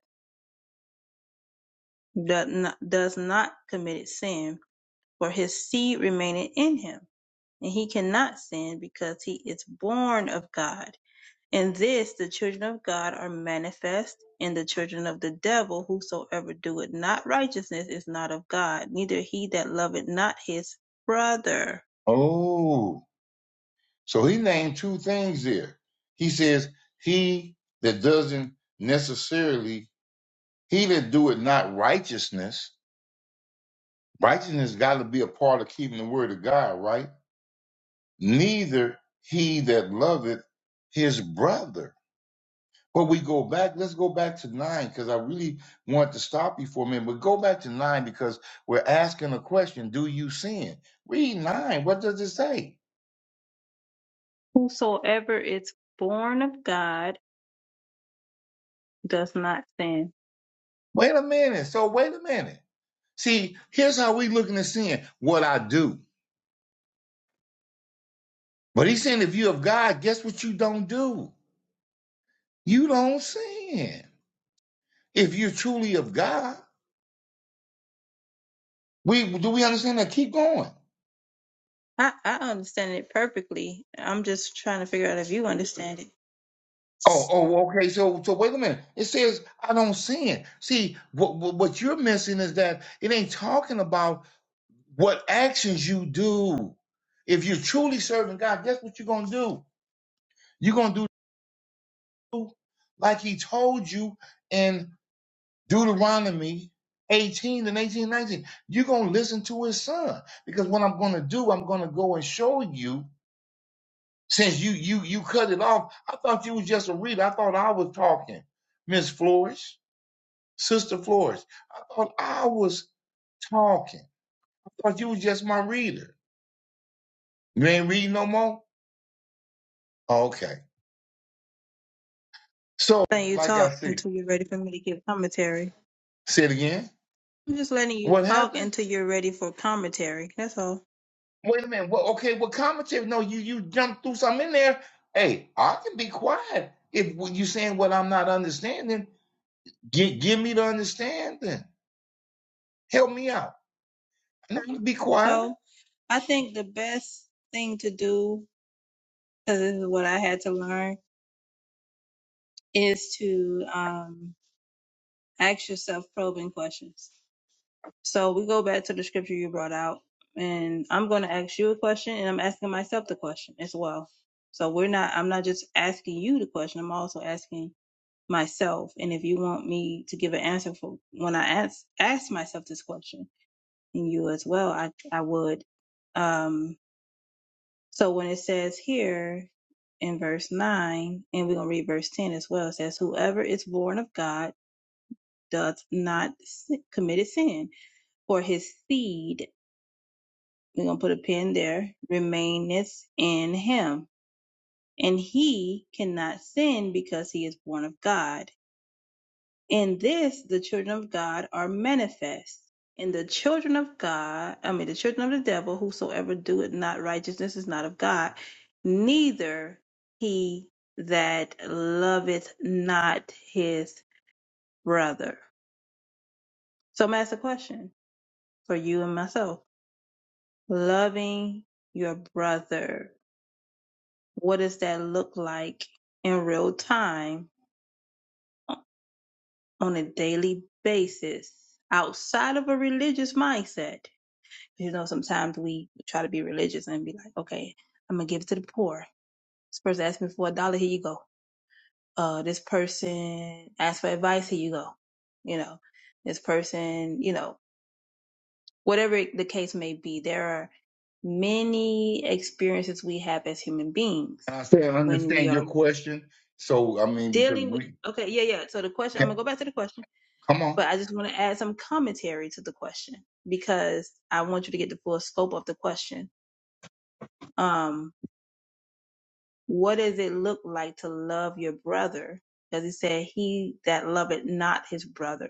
I: doth not, does not commit sin for his seed remaineth in him, and he cannot sin because he is born of God. In this the children of God are manifest, and the children of the devil, whosoever doeth not righteousness is not of God, neither he that loveth not his brother.
N: Oh, so he named two things there. He says, he that doesn't necessarily, he that doeth not righteousness, righteousness got to be a part of keeping the word of God, right? Neither he that loveth his brother. But we go back, let's go back to nine, because I really want to stop you for a minute. But go back to nine because we're asking a question Do you sin? Read nine. What does it say?
I: Whosoever is born of God does not sin.
N: Wait a minute. So, wait a minute. See, here's how we looking at sin. What I do. But he's saying if you're of God, guess what you don't do? You don't sin. If you're truly of God. We do we understand that? Keep going.
I: I, I understand it perfectly. I'm just trying to figure out if you understand it.
N: Oh, oh, okay. So so wait a minute. It says I don't sin. See, what what you're missing is that it ain't talking about what actions you do. If you're truly serving God, guess what you're gonna do? You're gonna do like he told you in Deuteronomy 18 and 18 19. You're going to listen to his son because what I'm going to do, I'm going to go and show you since you, you, you cut it off. I thought you was just a reader. I thought I was talking. Miss Flores, Sister Flores. I thought I was talking. I thought you was just my reader. You ain't reading no more? Okay. So,
I: Then you
N: like I
I: talk
N: said,
I: until you're ready for me to give commentary.
N: say it again.
I: I'm just letting you
N: What
I: talk
N: happened?
I: until you're ready for commentary. That's all.
N: Wait a minute. Well, okay. Well, commentary. No, you you jump through something in there. Hey, I can be quiet if what you saying what I'm not understanding. Give give me the understanding. Help me out. I'm not
I: Okay.
N: gonna be quiet.
I: So I think the best thing to do, because this is what I had to learn, is to um, ask yourself probing questions. So we go back to the scripture you brought out, and I'm going to ask you a question, and I'm asking myself the question as well. So we're not, I'm not just asking you the question, I'm also asking myself and if you want me to give an answer for when i ask ask myself this question and you as well i i would um so when it says here in verse 9 and we're going to read verse 10 as well it says whoever is born of god doth not si- commit a sin for his seed we're going to put a pin there remaineth in him and he cannot sin because he is born of god In this the children of God are manifest. And the children of God, I mean the children of the devil, whosoever doeth not righteousness is not of God, neither he that loveth not his brother. So I'm ask a question for you and myself. Loving your brother, what does that look like in real time on a daily basis outside of a religious mindset? You know, sometimes we try to be religious and be like, okay, I'm gonna give it to the poor. This person asked me for a dollar, here you go. Uh, this person asked for advice, here you go. You know, this person, you know, whatever the case may be, there are many experiences we have as human beings
N: And I said, I
I: when we
N: understand your
I: are
N: question. So I mean, because
I: dealing with.
N: we
I: Okay, yeah, yeah. So the question, I'm
N: can,
I: gonna go back to the question,
N: come on,
I: but I just want to add some commentary to the question because I want you to get the full scope of the question. Um, what does it look like to love your brother? Because he said, He that loveth not his brother.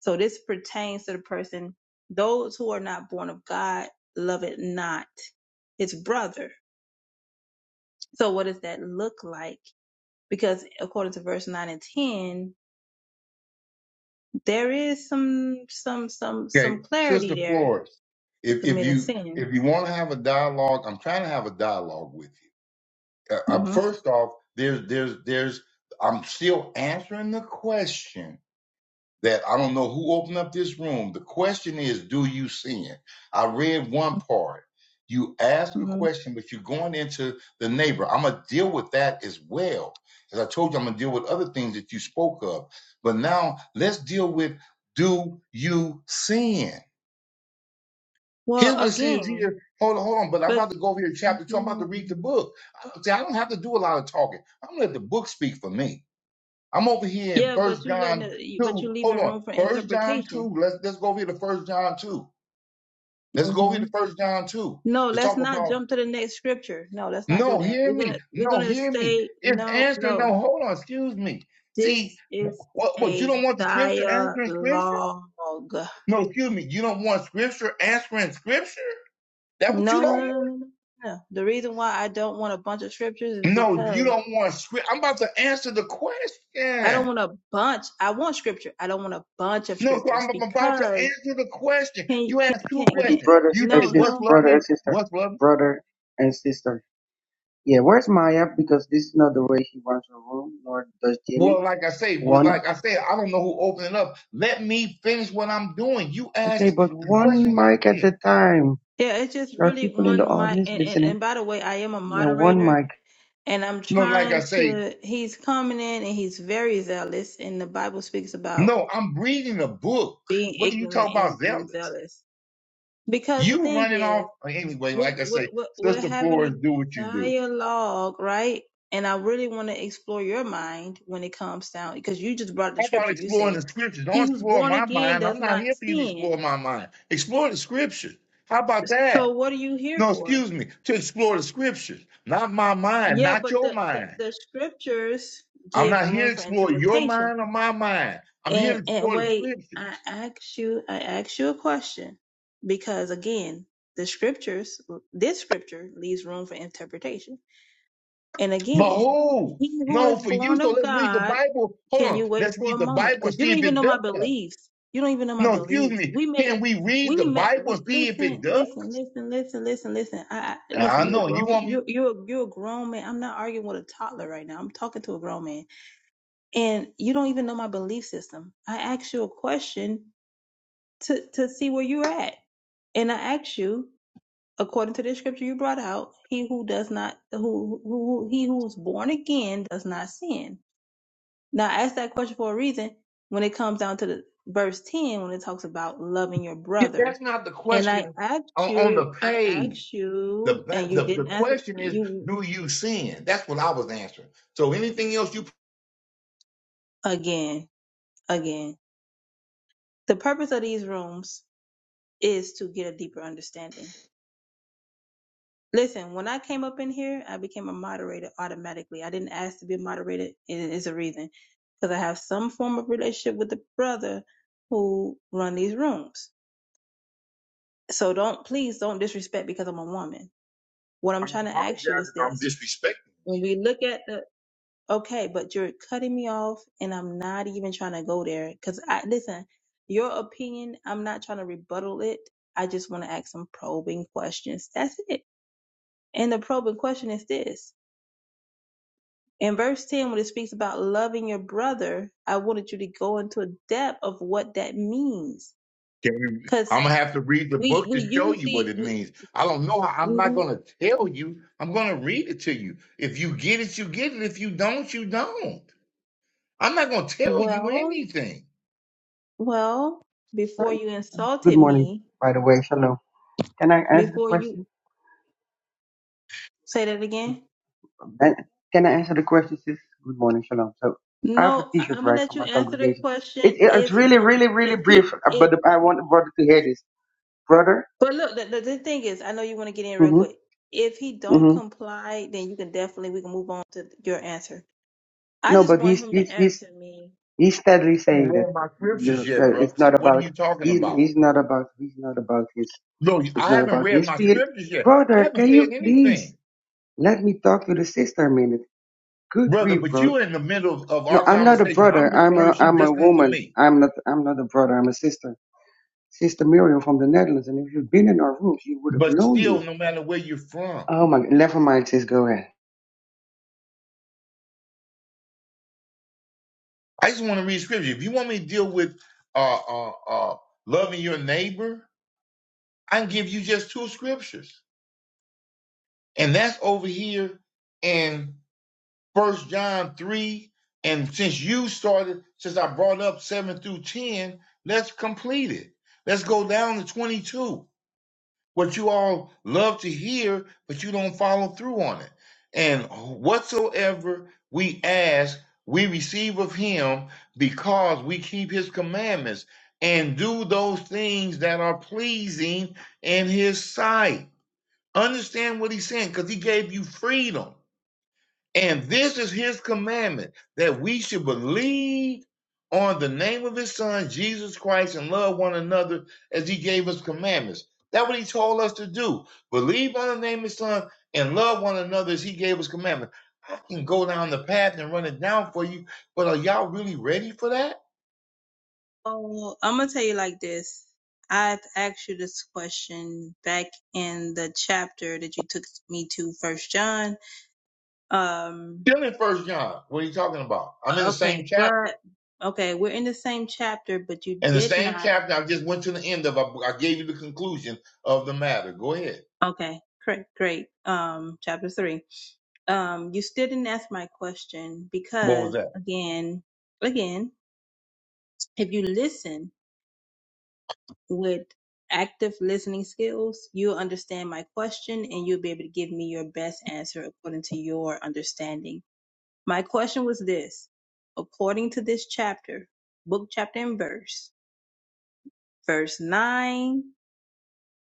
I: So this pertains to the person, those who are not born of God, love it not his brother. So what does that look like? Because according to verse 9 and 10, there is some, some, some, some
N: okay,
I: clarity
N: Sister
I: there
N: Flores.
I: with
N: If if
I: committing
N: you
I: sin.
N: if you want to have a dialogue, I'm trying to have a dialogue with you. Uh, um,
I: hmm
N: first off, there's there's there's I'm still answering the question that I don't know who opened up this room. The question is, do you sin? I read one part. You ask a
I: hmm
N: question, but you're going into the neighbor. I'm gonna deal with that as well. As I told you, I'm gonna deal with other things that you spoke of. But now let's deal with do you sin?
I: Well,
N: Here's what it says
I: again,
N: here. Hold on, hold on. But I'm
I: but
N: about to go over here to chapter two. I'm about to read the book. I, don't, see, I don't have to do a lot of talking. I'm gonna let the book speak for me. I'm over here in
I: yeah, but
N: First
I: you letting,
N: John
I: it, but you
N: two. Hold
I: leaving
N: on,
I: room for
N: First John
I: interpretation
N: two. Let's let's go over here to First John two. Let's go over
I: hmm
N: here to First John two
I: No,
N: to
I: let's
N: talk
I: not
N: about.
I: jump to the next scripture. No, let's not do
N: No,
I: that.
N: hear
I: We're gonna
N: me.
I: we're
N: No,
I: gonna
N: hear me.
I: say
N: It's
I: no,
N: answering.
I: no.
N: No, hold on. Excuse me.
I: This
N: See,
I: is
N: what? What? You
I: a
N: don't want the scripture
I: dialogue.
N: answering scripture?
I: No,
N: No, excuse me. You don't want scripture answering scripture? That what you
I: no, no,
N: don't want?
I: no, no, no. no. The reason why I don't want a bunch of scriptures is
N: No, you
I: because
N: don't want scripture. I'm about to answer the
I: I
N: question.
I: don't want a bunch. I want scripture. I don't want a bunch of
N: No, so
I: scriptures
N: I'm about to
I: because
N: answer the question.
I: can
N: You asked
I: can
N: two
I: can
O: really
I: can
N: questions.
O: brothers
N: You
O: and
N: said,
I: no
O: sis
N: "What's
I: no
O: brother and
N: loving?
O: sister
N: What's loving?"
O: brother and sister yeah where's maya because this is not the way she runs her room nor does jimmy
N: Well, like I say, well,
O: one
N: like I said, I don't know who opened it up. Let me finish what I'm doing. You
O: okay
N: asked
O: but
N: the
O: one
N: questions out
O: mic at
N: there.
O: a time
I: yeah. It's just
O: there are
I: really
O: people in
I: one
O: the
I: mic.
O: audience
I: And, and
O: listening
I: and by the way, I am a
O: yeah one
I: moderator.
O: mic
I: and I'm
N: No, like I
I: trying
N: say,
I: to. He's coming in, and he's very zealous. And the Bible speaks about
N: no, I'm reading a book.
I: being
N: What do you
I: ignorant
N: talk
I: and,
N: about
I: and
N: zealous?
I: zealous. Because the
N: You
I: thing
N: running off
I: is,
N: anyway.
I: we're,
N: Like I
I: we're
N: say,
I: we're we're
N: Sister
I: having a
N: Flores, do what you do.
I: dialogue, right? And I really want to explore your mind when it comes down, because you just brought the
N: How about
I: scripture. You
N: exploring
I: said,
N: the scriptures? Don't
I: "He who's
N: explore
I: born
N: my
I: again
N: mind. I'm
I: does
N: not
I: not
N: here for you to explore
I: sin."
N: my mind. Explore the scriptures. How about that?
I: So what are you here
N: No,
I: for?
N: excuse me, to explore the scriptures, not my mind,
I: Yeah,
N: not
I: but
N: your
I: the the,
N: mind.
I: the scriptures
N: I'm
I: give
N: not here
I: room
N: to
I: for
N: explore your
I: interpretation
N: mind or my mind. I'm here to
I: And and
N: explore the
I: wait, I
N: scriptures.
I: asked you, I asked you a question because again, the scriptures, this scripture leaves room for interpretation. And
N: But
I: again,
N: who?
I: he who
N: No,
I: is
N: for you.
I: born
N: So
I: of
N: let's read the
I: God,
N: Bible. Hold
I: can
N: on.
I: you wait
N: Let's
I: for a
N: read the
I: moment?
N: Bible and
I: Because you
N: see
I: don't
N: if
I: even
N: it
I: know my
N: does.
I: beliefs. You don't even know my
N: No, excuse
I: beliefs.
N: me.
I: We make,
N: Can we read
I: we
N: the
I: make,
N: Bible
I: we
N: and see if it
I: listen,
N: does?
I: listen, listen, listen, listen, listen. I, I listen.
N: I
I: You're a
N: know you
I: grown,
N: want me.
I: you, you're, you're a you're a grown man. I'm not arguing with a toddler right now. I'm talking to a grown man and you don't even know my belief system. I asked you a question to to see where you're at, and I asked you according to the scripture you brought out, he who does not who who who- he who is born again does not sin. Now I asked that question for a reason. When it comes down to the verse ten, when it talks about loving your brother,
N: That's not the
I: and I
N: question
I: asked
N: on, on the
I: you, I
N: page.
I: asked
N: The,
I: you,
N: ba-
I: and you
N: the the
I: didn't answer
N: question is,
I: you
N: do you sin? That's what I was answering. So anything else you
I: again, again. The purpose of these rooms is to get a deeper understanding Listen, when I came up in here, I became a moderator automatically. I didn't ask to be a moderator, and it's a reason because I have some form of relationship with the brother who run these rooms. So don't please don't disrespect because I'm a woman. What I'm
N: I
I: trying to ask you
N: apologize
I: is
N: if I'm
I: this:
N: disrespecting.
I: when we look at the okay, but you're cutting me off, and I'm not even trying to go there because I listen. Your opinion, I'm not trying to rebuttal it. I just want to ask some probing questions. That's it. And the probing question is this In verse 10, when it speaks about loving your brother, I wanted you to go into a depth of what that means.
N: Can you-
I: Because
N: I'm gonna have to read the
I: we,
N: book
I: we
N: to show you what
I: usually,
N: it
I: we,
N: means. I don't know. how- I'm not
I: mm,
N: gonna tell you. I'm gonna read it to you. If you get it, you get it. If you don't, you don't. I'm not gonna tell you
I: well,
N: anything.
I: well, before you
O: good
I: insulted
O: morning
I: me,
O: by the way shalom can i answer the
I: before you
O: question
I: say that again.
O: can i answer the question sis good morning shalom so i have a
I: No, I,
O: t-shirt
I: I'm gonna
O: right
I: let
O: from
I: you
O: my
I: answer the
O: congregation
I: question
O: it, it- it's
I: if he
O: really
I: com
O: really really
I: if he
O: brief uh,
I: if.
O: but i want the brother to hear this brother
I: But look, the, the, the thing is, I know you want to get in real
O: mm-hmm,
I: quick. If he don't
O: Mm-hmm.
I: comply, then you can definitely we can move on to your answer. I
O: No,
I: just
O: but
I: want
O: he's
I: him
O: he's
I: to
O: he's
I: answer me
O: he's steadily
N: I haven't
O: saying that
N: read my scriptures
O: you,
N: yet,
O: uh, it's
N: bro. So
O: not
N: what are
O: about
N: you talking
O: he's
N: about?
O: he's not about he's not about his
N: No,
O: it's
N: I
O: not
N: haven't
O: about
N: read
O: his
N: my
O: feeling.
N: scriptures yet. I
O: Brother,
N: haven't
O: can
N: said
O: you please
N: anything,
O: let me talk to the sister a minute? Good
N: brother.
O: grief,
N: But
O: bro.
N: you're in the middle of, of
O: No,
N: our
O: I'm not a
N: conversation. I'm
O: brother. I'm
N: listening to her.
O: a
N: She's
O: I'm a
N: listening to
O: woman.
N: me.
O: I'm not I'm not a brother. I'm a sister. Sister Miriam from the Netherlands. And if you've been in our rooms, you would have
N: But
O: known me.
N: still, no matter where you're from.
O: Oh my, never mind. Sis, go ahead.
N: I just want to read scripture. If you want me to deal with uh, uh, uh, loving your neighbor, I can give you just two scriptures, and that's over here in First John three. And since you started, since I brought up seven through ten, let's complete it. Let's go down to twenty-two. what you all love to hear, but you don't follow through on it. And whatsoever we ask, we receive of him because we keep his commandments and do those things that are pleasing in his sight. Understand what he's saying because he gave you freedom. And this is his commandment that we should believe on the name of his son, Jesus Christ, and love one another as he gave us commandments. That's what he told us to do. Believe on the name of his son and love one another as he gave us commandments. I can go down the path and run it down for you, but are y'all really ready for that?
I: Well, I'm gonna tell you like this. I've asked you this question back in the chapter that you took me to, First John. Um,
N: Still in First John, what are you talking about? I'm in the same
I: okay,
N: chapter.
I: but okay, we're in the same chapter, but you
N: In the
I: did
N: same
I: not.
N: chapter, I just went to the end of. I I gave you the conclusion of the matter. Go ahead.
I: Okay, great, great. Um, chapter three. Um, you still didn't ask my question
N: What was
I: because,
N: that?
I: again, again, if you listen. with active listening skills, you'll understand my question and you'll be able to give me your best answer according to your understanding. My question was this according to this chapter, book, chapter, and verse, verse 9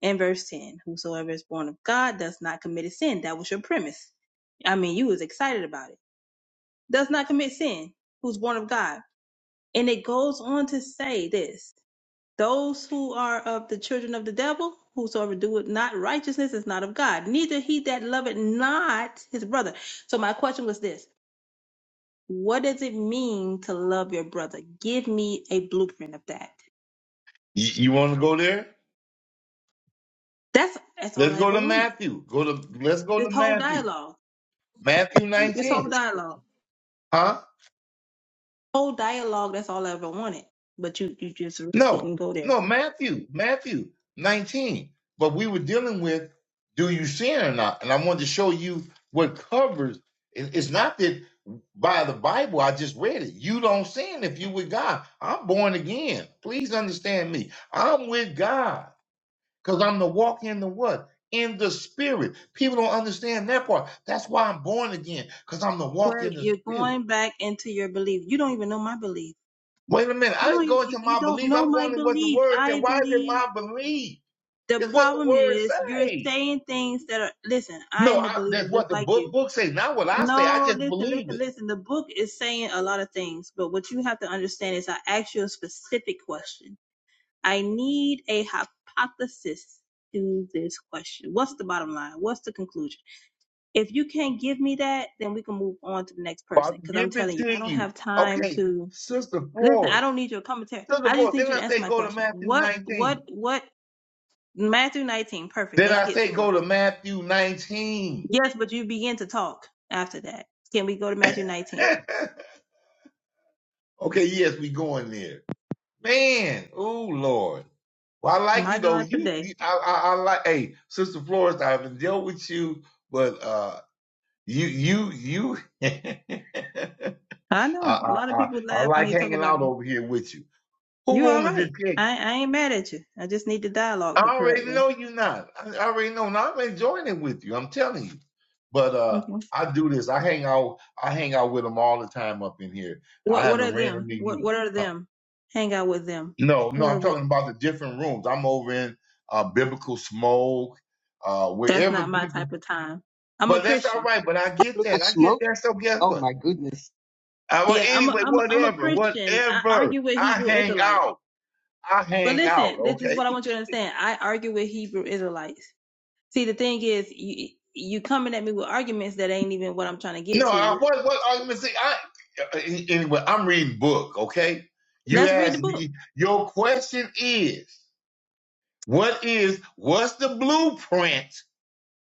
I: and verse 10, whosoever is born of God does not commit a sin. That was your premise. I mean, you was excited about it. Does not commit sin, who's born of God. And it goes on to say this Those who are of the children of the devil, whosoever doeth not righteousness is not of God, neither he that loveth not his brother. So my question was this what does it mean to love your brother? Give me a blueprint of that.
N: You, you want to go there?
I: That's that's all
N: Let's
I: I
N: go
I: ever
N: to
I: wanted.
N: Matthew. Go to let's go to
I: This whole
N: Matthew.
I: dialogue.
N: Matthew
I: This whole
N: 19.
O: Another script.
I: dialogue.
N: Huh?
I: Whole dialogue, that's all I ever wanted. But you you just really
N: No.
I: didn't go there.
N: No, Matthew. Matthew 19. But we were dealing with do you sin or not? And I wanted to show you what covers it- it's not that by the Bible, I just read it. You don't sin if you with God. I'm born again. Please understand me. I'm with God because I'm the walk in the what? In the spirit. People don't understand that part. That's why I'm born again, because I'm the walk
I: Where
N: in the
I: you're
N: spirit.
I: going back into your belief. You don't even know my belief.
N: Wait a minute.
I: You
N: I
I: don't
N: ain't
I: even,
N: going
I: you,
N: to
I: you
N: my
I: don't
N: belief.
I: know
N: I'm
I: my
N: going to what the
I: belief.
N: word said.
I: I
N: Why is it
I: believe
N: my belief?
I: the
N: It's what the
I: problem
N: word
I: is you're
N: say.
I: saying things that are listen i
N: No,
I: am a
N: I,
I: believer
N: that's what
I: just
N: the
I: like
N: book
I: you
N: book say. Not what I say. I
I: no
N: just
I: listen
N: believe
I: listen
N: it.
I: listen the book is saying a lot of things but what you have to understand is i ask you a specific question i need a hypothesis to this question what's the bottom line what's the conclusion if you can't give me that then we can move on to the next person
N: Father,
I: because i'm
N: give it
I: telling you i
N: to
I: don't
N: you.
I: have time
N: Okay,
I: to
N: Sister
I: listen i
N: Flores.
I: don't need your commentary
N: Sister
I: i just
N: Flores,
I: need
N: didn't
I: you to
N: I
I: answer
N: say
I: my
N: go to
I: question
N: Matthew
I: what what
N: 19?
I: what Matthew 19. Perfect.
N: Did
I: Let's
N: I
I: get
N: say go
I: somewhere.
N: to Matthew 19?
I: Yes, but you begin to talk after that. Can we go to Matthew 19?
N: okay, yes, we going there. Man, oh Lord. Well, I like
I: My
N: you though.
I: God,
N: You,
I: today.
N: you I, I, I like. Hey, Sister Flores, I've dealt with you but uh, You, you, you. I,
I: I know a
N: I,
I: lot of
N: I,
I: people
N: I
I: laugh when
N: like
I: they talk
N: hanging
I: about
N: out
I: it.
N: over here with you. Who
I: You're all
N: room is this
I: right.
N: in?
I: I, I ain't mad at you. I just need the dialogue
N: I
I: the correct
N: already
I: way.
N: know you not. I, I already know. Now I'm enjoying it with you. I'm telling you. But uh,
I: Okay.
N: I do this. I hang out. I hang out with them all the time up in here. I
I: What What are
N: haven't ran
I: them?
N: into
I: What
N: you.
I: What are
N: Uh,
I: them? Hang out with them.
N: No, no.
I: Who are
N: I'm
I: they?
N: talking about the different rooms. I'm over in uh, biblical smoke, uh,
I: That's
N: wherever
I: not my
N: people.
I: type of time. I'm a
N: But that's all
I: Christian.
N: right. But I get
O: Look of
N: that. I get
O: smoke.
N: that. So guess
O: Oh
N: what?
O: my goodness.
N: Uh, well,
I: Yeah, I'm a
N: anyway,
I: I'm a, I'm a
N: whatever,
I: Christian. I
N: whatever.
I: argue with
N: I
I: Hebrew
N: hang
I: Israelites.
N: out. I
I: But
N: hang out.
I: listen, this is
N: Okay.
I: what I want you to understand. I argue with Hebrew Israelites. See, the thing is, you, you coming at me with arguments that ain't even what I'm trying to get
N: No, I,
I: to.
N: what what argument? See, I uh, anyway. I'm reading book. Okay. You
I: Let's read the
N: asked
I: book.
N: me. Your question is, what is what's the blueprint?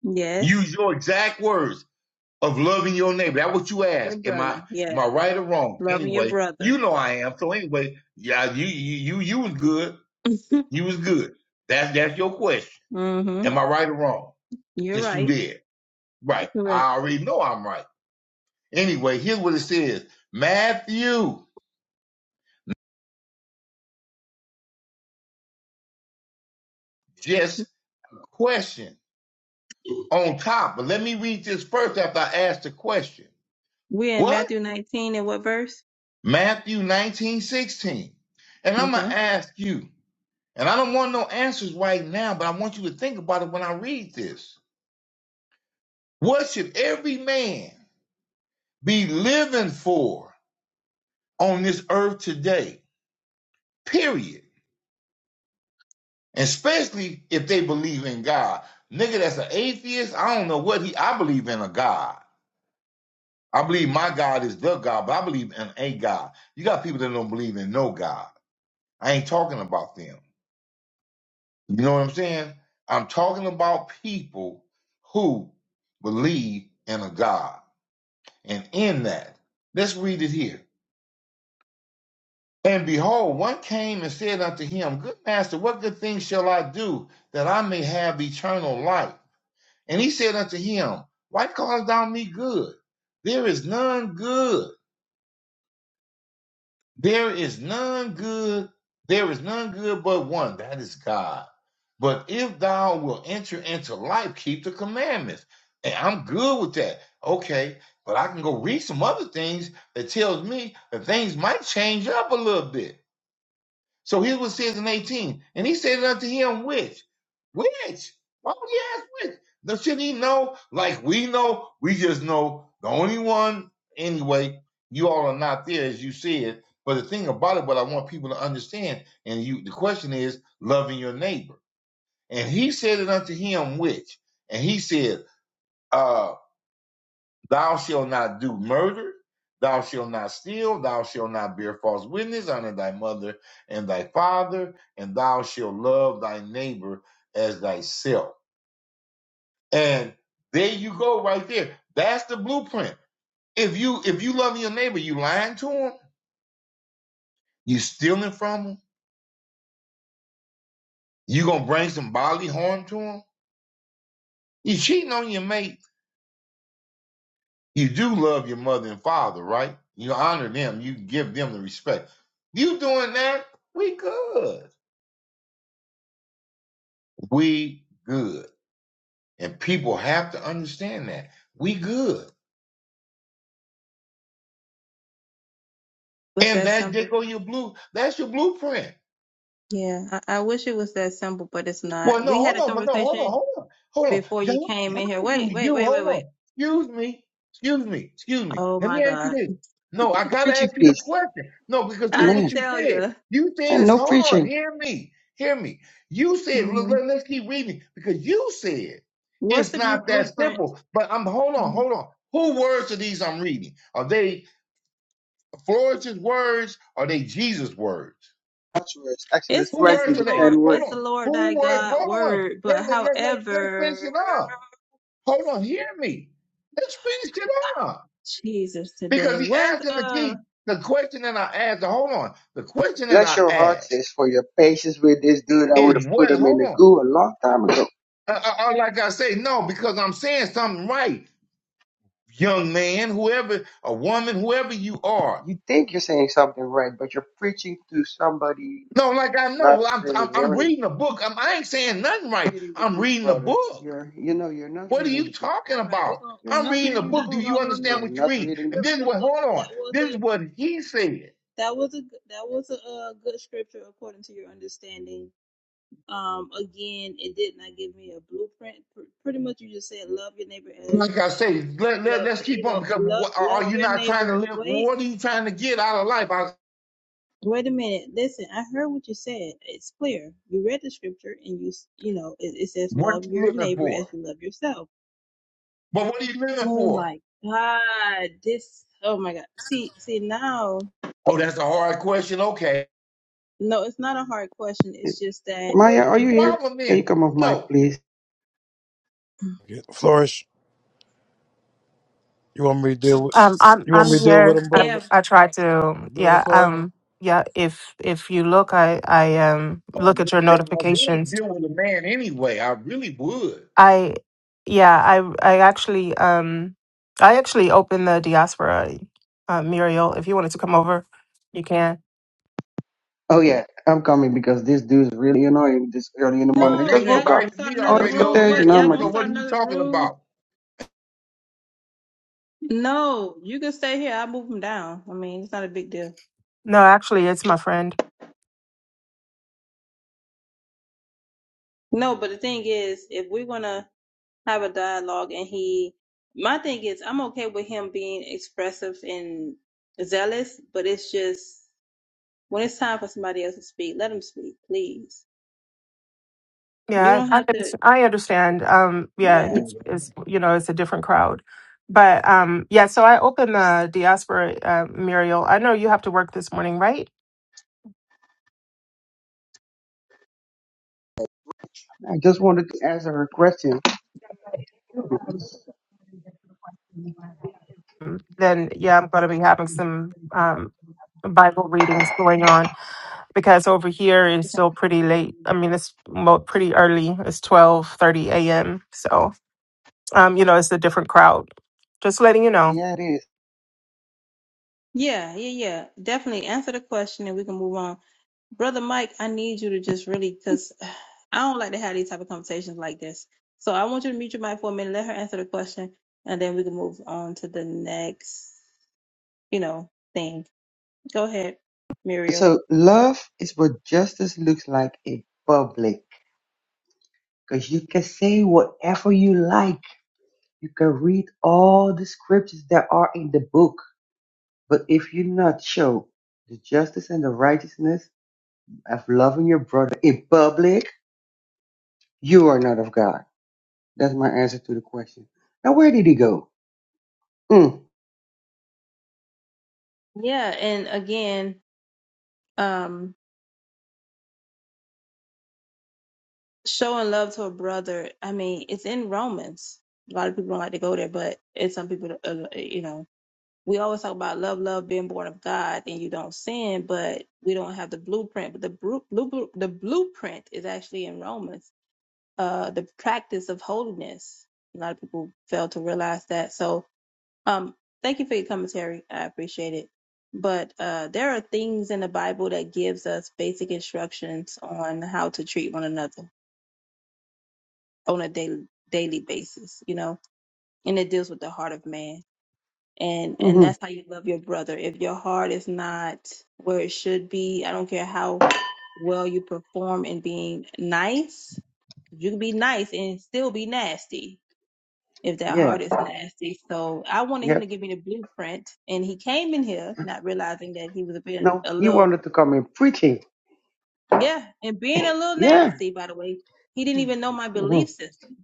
I: Yes.
N: Use your exact words of loving your neighbor. That's what you
I: Your
N: asked. Am I
I: brother.
N: am
I: Yes.
N: I right or wrong?
I: Loving your
N: Anyway,
I: brother.
N: you know I am. So anyway, yeah, you you you you was good. You was good. That's that's your question.
I: mm-hmm.
N: Am I right or wrong?
I: You're
N: since you
I: right.
N: there.
I: You're
N: Right.
I: correct.
N: I already know I'm right. Anyway, here's what it says. Matthew, just a question on top. But let me read this first after I ask the question.
I: We're in
N: What?
I: Matthew 19 and what verse?
N: Matthew 19 16? And I'm going
I: Okay.
N: to ask you, and I don't want no answers right now, but I want you to think about it when I read this. What should every man be living for on this earth today? Period. especially if they believe in God. Nigga, that's an atheist. I don't know what he. I believe in a God. I believe my God is the God, but I believe in a God. You got people that don't believe in no God. I ain't talking about them. You know what I'm saying? I'm talking about people who believe in a God. And in that, let's read it here. And behold, one came and said unto him, Good master, what good thing shall I do that I may have eternal life? And he said unto him, Why callest thou me good? There is none good. There is none good. There is none good but one, that is God. But if thou wilt enter into life, keep the commandments. And I'm good with that. Okay, but I can go read some other things that tells me that things might change up a little bit. So here's what it says in 18. And he said unto him, Which? Which? Why would he ask which? No, should he know? Like we know, we just know the only one, anyway, you all are not there as you said. But the thing about it, what I want people to understand, and you the question is loving your neighbor. And he said it unto him, which? And he said, uh, Thou shalt not do murder. Thou shalt not steal. Thou shalt not bear false witness. Honor thy mother and thy father. And thou shalt love thy neighbor as thyself. And there you go, right there. That's the blueprint. If you if you love your neighbor, you lying to him. You stealing from him. You gonna bring some bodily harm to him. You cheating on your mate. You do love your mother and father, right? You honor them. You give them the respect. You doing that? We good. We good. And people have to understand that. We good.
I: Was
N: And
I: that
N: that there
I: simple?
N: go your blue. That's your blueprint.
I: Yeah. I, I wish it was that simple, but it's
N: Well,
I: not.
N: no,
I: We had
N: hold
I: a
N: on, but no, hold
I: conversation
N: on, hold on, hold on.
I: before you
N: How,
I: came in here.
N: how
I: Wait,
N: do
I: wait,
N: you
I: wait, wait,
N: hold
I: wait.
N: on? Excuse me. Excuse me. Excuse me.
I: Oh
N: Let
I: my
N: me ask you
I: God.
N: this. No, I gotta
O: Preaching,
N: ask you this
O: please,
N: question. No, because here's
I: I
N: what
O: man.
N: you
I: tell
N: said.
I: you.
N: You said
O: And
N: is
O: no
N: hold on,
O: preaching.
N: hear me. Hear me. You said, look,
I: hmm
N: let, let's keep reading because you said
I: What's
N: it's
I: the bu-
N: not that
I: blueprint?
N: simple. But I'm hold on, hold on. Who words are these I'm reading? Are they Florence's words are they Jesus' words?
O: Lazarus, Exodus
I: It's
N: Who
I: it's
O: 20,
N: words
I: the
O: the
N: are they?
I: Lord,
O: 10
N: Hold
I: it's the
O: words.
N: on.
I: Lord thy
N: Who words?
I: God
N: Hold on.
I: word,
N: Let,
I: but
N: let, let, let, let's finish
I: however,
N: it up. Hold on. Hear me. Let's finish it up.
I: Jesus
N: Because
I: today.
N: he
I: Where's
N: asked him the
I: uh?
N: key. The question that I asked, hold on. The question that
O: Bless
N: I
O: your heart,
N: asked
O: sis, for your patience with this dude. I
N: is
O: would have put
N: what?
O: him in
N: Hold
O: the
N: on.
O: goo a long time ago.
N: Uh, uh, uh, like I say, no, because I'm saying something right, young man, whoever, a woman, whoever you are.
O: You think you're saying something right, but you're preaching to somebody
N: No, like I
O: not
N: know, I'm, I'm,
O: really
N: I'm
O: hearing. you.
N: reading a book. I'm, I ain't saying nothing right.
O: Reading the
N: I'm
O: book,
N: reading a
O: brother.
N: book.
O: You're, you know, you're not
N: What are
O: reading
N: you
O: the book.
N: talking
I: All right, we're
N: about?
I: gonna
O: You're
N: I'm
O: not
N: reading a
I: okay.
O: reading the
I: Uh,
N: book. Do
O: book.
I: no,
N: you
I: no, no.
N: understand
O: You're
N: what you
I: th-
O: not
N: read?
O: reading the
N: And
I: Look,
N: this is
I: look,
N: what,
I: look.
N: hold
I: That
N: on.
I: was
N: This
I: a
N: is what he said.
I: that was a good- that was a uh, good scripture according to your understanding. Um, again, it did not give me a blueprint. Pr- pretty much, you just said love your neighbor as
N: Like I
I: uh,
N: say,
I: you
N: let, let,
I: love
N: let's keep
I: you
N: on
I: know
N: because
I: love
N: what, are
I: love
N: you
I: your
N: not trying to
I: neighbor.
N: live?
I: Wait.
N: What are you trying to get out of life? I,
I: Wait a minute. Listen, I heard what you said. It's clear. You read the scripture and you, s- you know, it, it says
N: what are
I: love
N: you
I: your
N: living
I: neighbor as
N: for?
I: you love yourself.
N: But what are you living
I: Oh
N: for?
I: my God. This, oh my God. See, see now,
N: Oh, that's a hard question. Okay.
I: no, it's not a hard question.
O: book.
I: It's just that,
N: Well,
O: Maya,
N: what's
O: are you
N: the
O: here?
N: problem
O: Can you
N: then?
O: come off mic,
N: No.
O: please?
P: Yeah, Flourish, you want me to deal with
A: Um, I'm
P: you
A: I'm
P: want me to deal with
A: here.
P: him,
A: I
I: yeah,
P: brother?
A: I try to
P: You with him,
A: yeah
P: Flourish?
A: um yeah if if you look I I um look
N: Oh,
A: at your
N: yeah, I really
A: notifications.
N: deal with a man anyway. I really would.
A: I yeah I I actually um I actually opened the diaspora uh, Muriel. If you wanted to come over, you can.
O: Oh yeah, I'm coming because this dude's really annoying this early in the morning.
N: Oh,
O: I
I: no,
N: they've
O: just
I: y'all
O: woke up.
I: gonna
N: invited
I: start
N: me
O: Oh,
I: another
O: this
N: already
I: room.
N: over there
I: Wait,
O: contagion. Oh
I: y'all
N: too.
O: my
I: gonna
N: So
O: god.
N: what
I: start
N: are you
I: another
N: talking
I: room?
N: about?
I: No, you can stay here. I'll move them down. I mean, it's not a big deal.
A: No, actually, it's my friend.
I: No, but the thing is, if we're gonna have a dialogue and he my thing is i'm okay with him being expressive and zealous but it's just when it's time for somebody else to speak let him speak please you
A: Yeah,
I: don't
A: I
I: have to
A: understand. I understand. Um, yeah,
I: yeah
A: it's, it's you know it's a different crowd, but um, yeah. So I opened the diaspora, uh, Muriel. I know you have to work this morning, right?
O: I just wanted to answer her question.
A: Mm, Then yeah, I'm going to be having some um Bible readings going on because over here it's still pretty late. I mean, it's mo- pretty early. It's twelve thirty a.m. So, um, you know, it's a different crowd. Just letting you know.
O: Yeah, it is.
I: yeah yeah yeah definitely answer the question and we can move on brother mike i need you to just really because i don't like to have these type of conversations like this so i want you to mute your mic for a minute let her answer the question and then we can move on to the next you know thing go ahead muriel
O: So love is what justice looks like in public. Because you can say whatever you like. You can read all the scriptures that are in the book. But if you not show the justice and the righteousness of loving your brother in public, you are not of God. That's my answer to the question. Now, where did he go? Mm,
I: Yeah, and again, um, showing love to a brother. I mean, it's in Romans. A lot of people don't like to go there, but it's some people, uh, you know, we always talk about love, love, being born of God, and you don't sin, but we don't have the blueprint. But the blue blu- the blueprint is actually in Romans. Uh, the practice of holiness. A lot of people fail to realize that. So Um, thank you for your commentary. I appreciate it. But uh, there are things in the Bible that gives us basic instructions on how to treat one another on a daily daily basis, you know, and it deals with the heart of man. And and
O: hmm
I: that's how you love your brother. If your heart is not where it should be, I don't care how well you perform in being nice, you can be nice and still be nasty if that
O: yeah,
I: heart is nasty. So I wanted him to
O: yep.
I: give me the blueprint, and he came in here not realizing that he was being
O: No,
I: a
O: he
I: little,
O: wanted to come in preaching.
I: yeah, and being a little
O: Yeah,
I: nasty. By the way, he didn't even know my
O: hmm
I: belief system,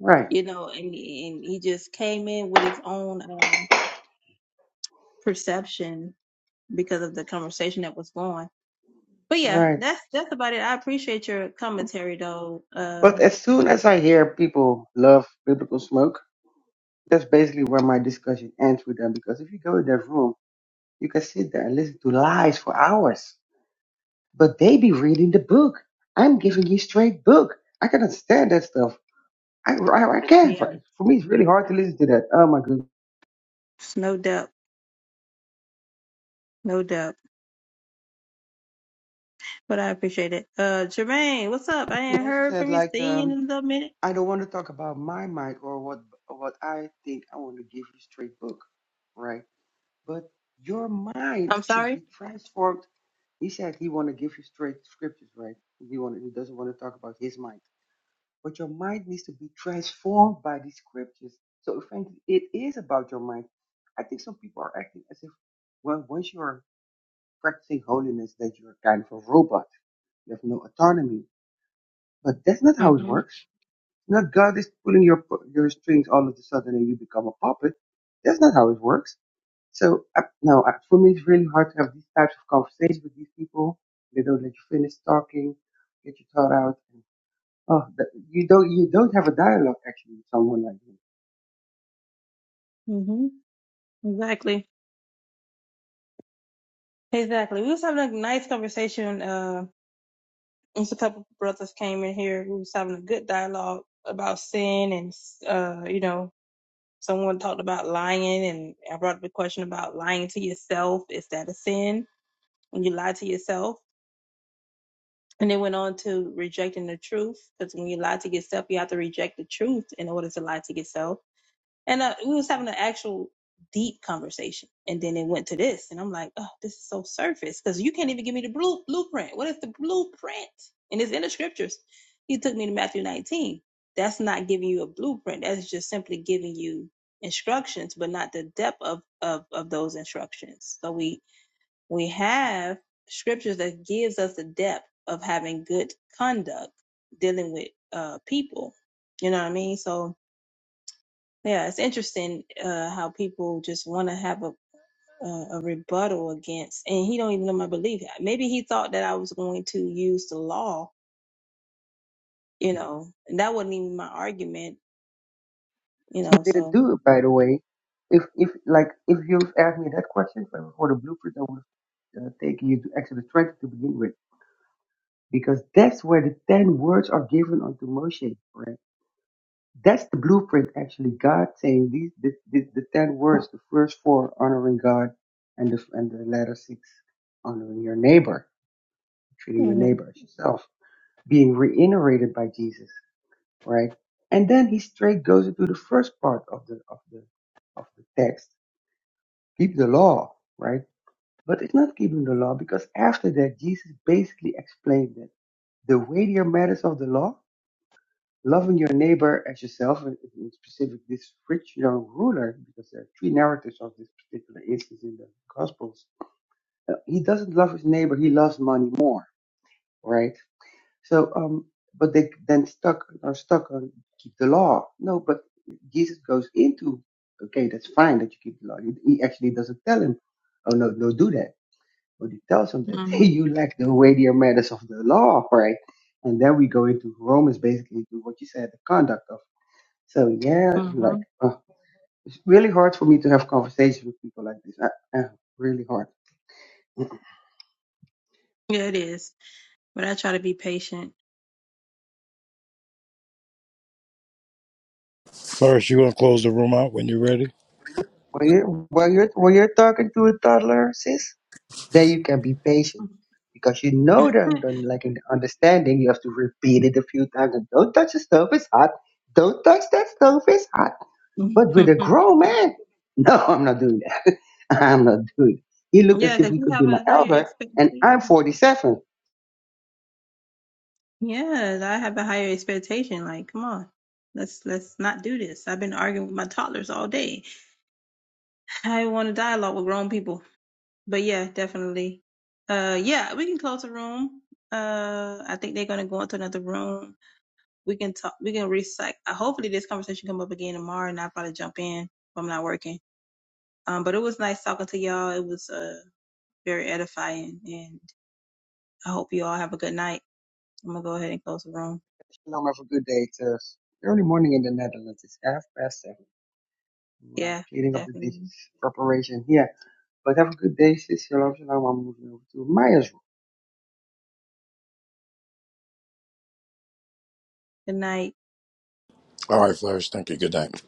O: right,
I: you know, and and he just came in with his own um, perception because of the conversation that was going. But yeah,
O: right.
I: that's that's about it. I appreciate your commentary though.
O: But
I: Uh,
O: as soon as I hear people love biblical smoke, that's basically where my discussion ends with them. Because if you go in their room, you can sit there and listen to lies for hours. But they be reading the book. I'm giving you straight book. I cannot stand that stuff. I, I, I can't.
I: yeah,
O: right? For me, it's really hard to listen to that. Oh my goodness.
I: no doubt, no doubt. But I appreciate it. Uh, Jermaine, what's up? I
O: He
I: ain't
O: also
I: heard
O: said
I: from you.
O: like,
I: Seen you in
O: um,
I: a little minute.
O: I don't want to talk about my mic or what what I think. I want to give you straight book, right? But your mind
I: I'm
O: should
I: sorry.
O: be transformed He said he want to give you straight scriptures, right? He want he doesn't want to talk about his mind, but your mind needs to be transformed by these scriptures. So frankly, it is about your mind. I think some people are acting as if well, once you are practicing holiness, that you're kind of a robot. You have no autonomy, but that's not how it
I: hmm
O: works. Not God is pulling your your strings all of a sudden and you become a puppet. That's not how it works. So uh, no, uh, for me it's really hard to have these types of conversations with these people. They don't let you finish talking, get your thought out. And, oh, that, you don't you don't have a dialogue actually with someone like me.
I: hmm Exactly. Exactly. We was having a nice conversation. Uh, just a couple of brothers came in here. We was having a good dialogue about sin, and uh, you know, someone talked about lying, and I brought up the question about lying to yourself. Is that a sin when you lie to yourself? And it went on to rejecting the truth, because when you lie to yourself, you have to reject the truth in order to lie to yourself. And uh, we was having an actual deep conversation, and then it went to this, and I'm like, oh, this is so surface because you can't even give me the blue blueprint. What is the blueprint? And it's in the scriptures. He took me to Matthew 19. That's not giving you a blueprint. That's just simply giving you instructions, but not the depth of of of those instructions. So we we have scriptures that gives us the depth of having good conduct dealing with uh people. You know what I mean? So yeah, it's interesting uh, how people just want to have a a a rebuttal against, and he don't even know my belief. Maybe he thought that I was going to use the law, you know, and that wasn't even my argument, you know.
O: She didn't
I: So,
O: do it by the way. If if like if you asked me that question for for the blueprint, I would have uh, taken you to Exodus 20 to begin with, because that's where the ten words are given unto Moshe. right? That's the blueprint, actually. God saying these, the, the, the ten words, the first four honoring God, and the and the latter six honoring your neighbor, treating your
I: hmm
O: neighbor as yourself, being reiterated by Jesus, right? And then he straight goes into the first part of the of the of the text, keep the law, right? But it's not keeping the law because after that, Jesus basically explained that the weightier matters of the law loving your neighbor as yourself, and in specific this rich young ruler, because there are three narratives of this particular instance in the Gospels. Uh, He doesn't love his neighbor; he loves money more, right? So, um, but they then stuck are stuck on keep the law. No, but Jesus goes into okay, that's fine that you keep the law. He, he actually doesn't tell him, oh no, no, do that. But he tells him that
I: hmm
O: you lack the weightier matters of the law, right? And then we go into Romans, basically, to what you said, the conduct of so yeah, like
I: hmm
O: uh, it's really hard for me to have conversations with people like this. Uh, uh, really hard. When
I: yeah, it is. But I try to be patient.
P: Flourish, you want to close the room out when you're ready?
O: you're, when you're, when you're talking to a toddler, sis, Then you can be patient because you know that that, like in understanding, you have to repeat it a few times. And don't touch the stove; it's hot. Don't touch that stove; it's hot.
I: yeah,
O: But with a grown man, no, I'm not doing that. I'm not doing. It. He looked as if
I: because
O: he
I: you
O: could be
I: have
O: my
I: a higher
O: elder, and
I: expectation.
O: I'm 47.
I: Yeah, I have a higher expectation. Like, come on, let's let's not do this. I've been arguing with my toddlers all day. I want a dialogue with grown people. But yeah, definitely. Uh, yeah, we can close the room. Uh, I think they're gonna go into another room. We can talk. We can recycle. Uh, hopefully, this conversation come up again tomorrow, and I'll probably jump in if I'm not working. Um, but it was nice talking to y'all. It was uh very edifying, and I hope you all have a good night. I'm gonna go ahead and close the room.
O: Shalom, have a good day. It's early morning in the Netherlands. It's half past seven. I'm uh,
I: Yeah,
O: cleaning up the dishes,
I: definitely.
O: preparation here. But have a good day, sis. Shalom, shalom. I'm moving over to Maya's room.
I: Good night.
P: All right, Flourish. Thank you. Good night.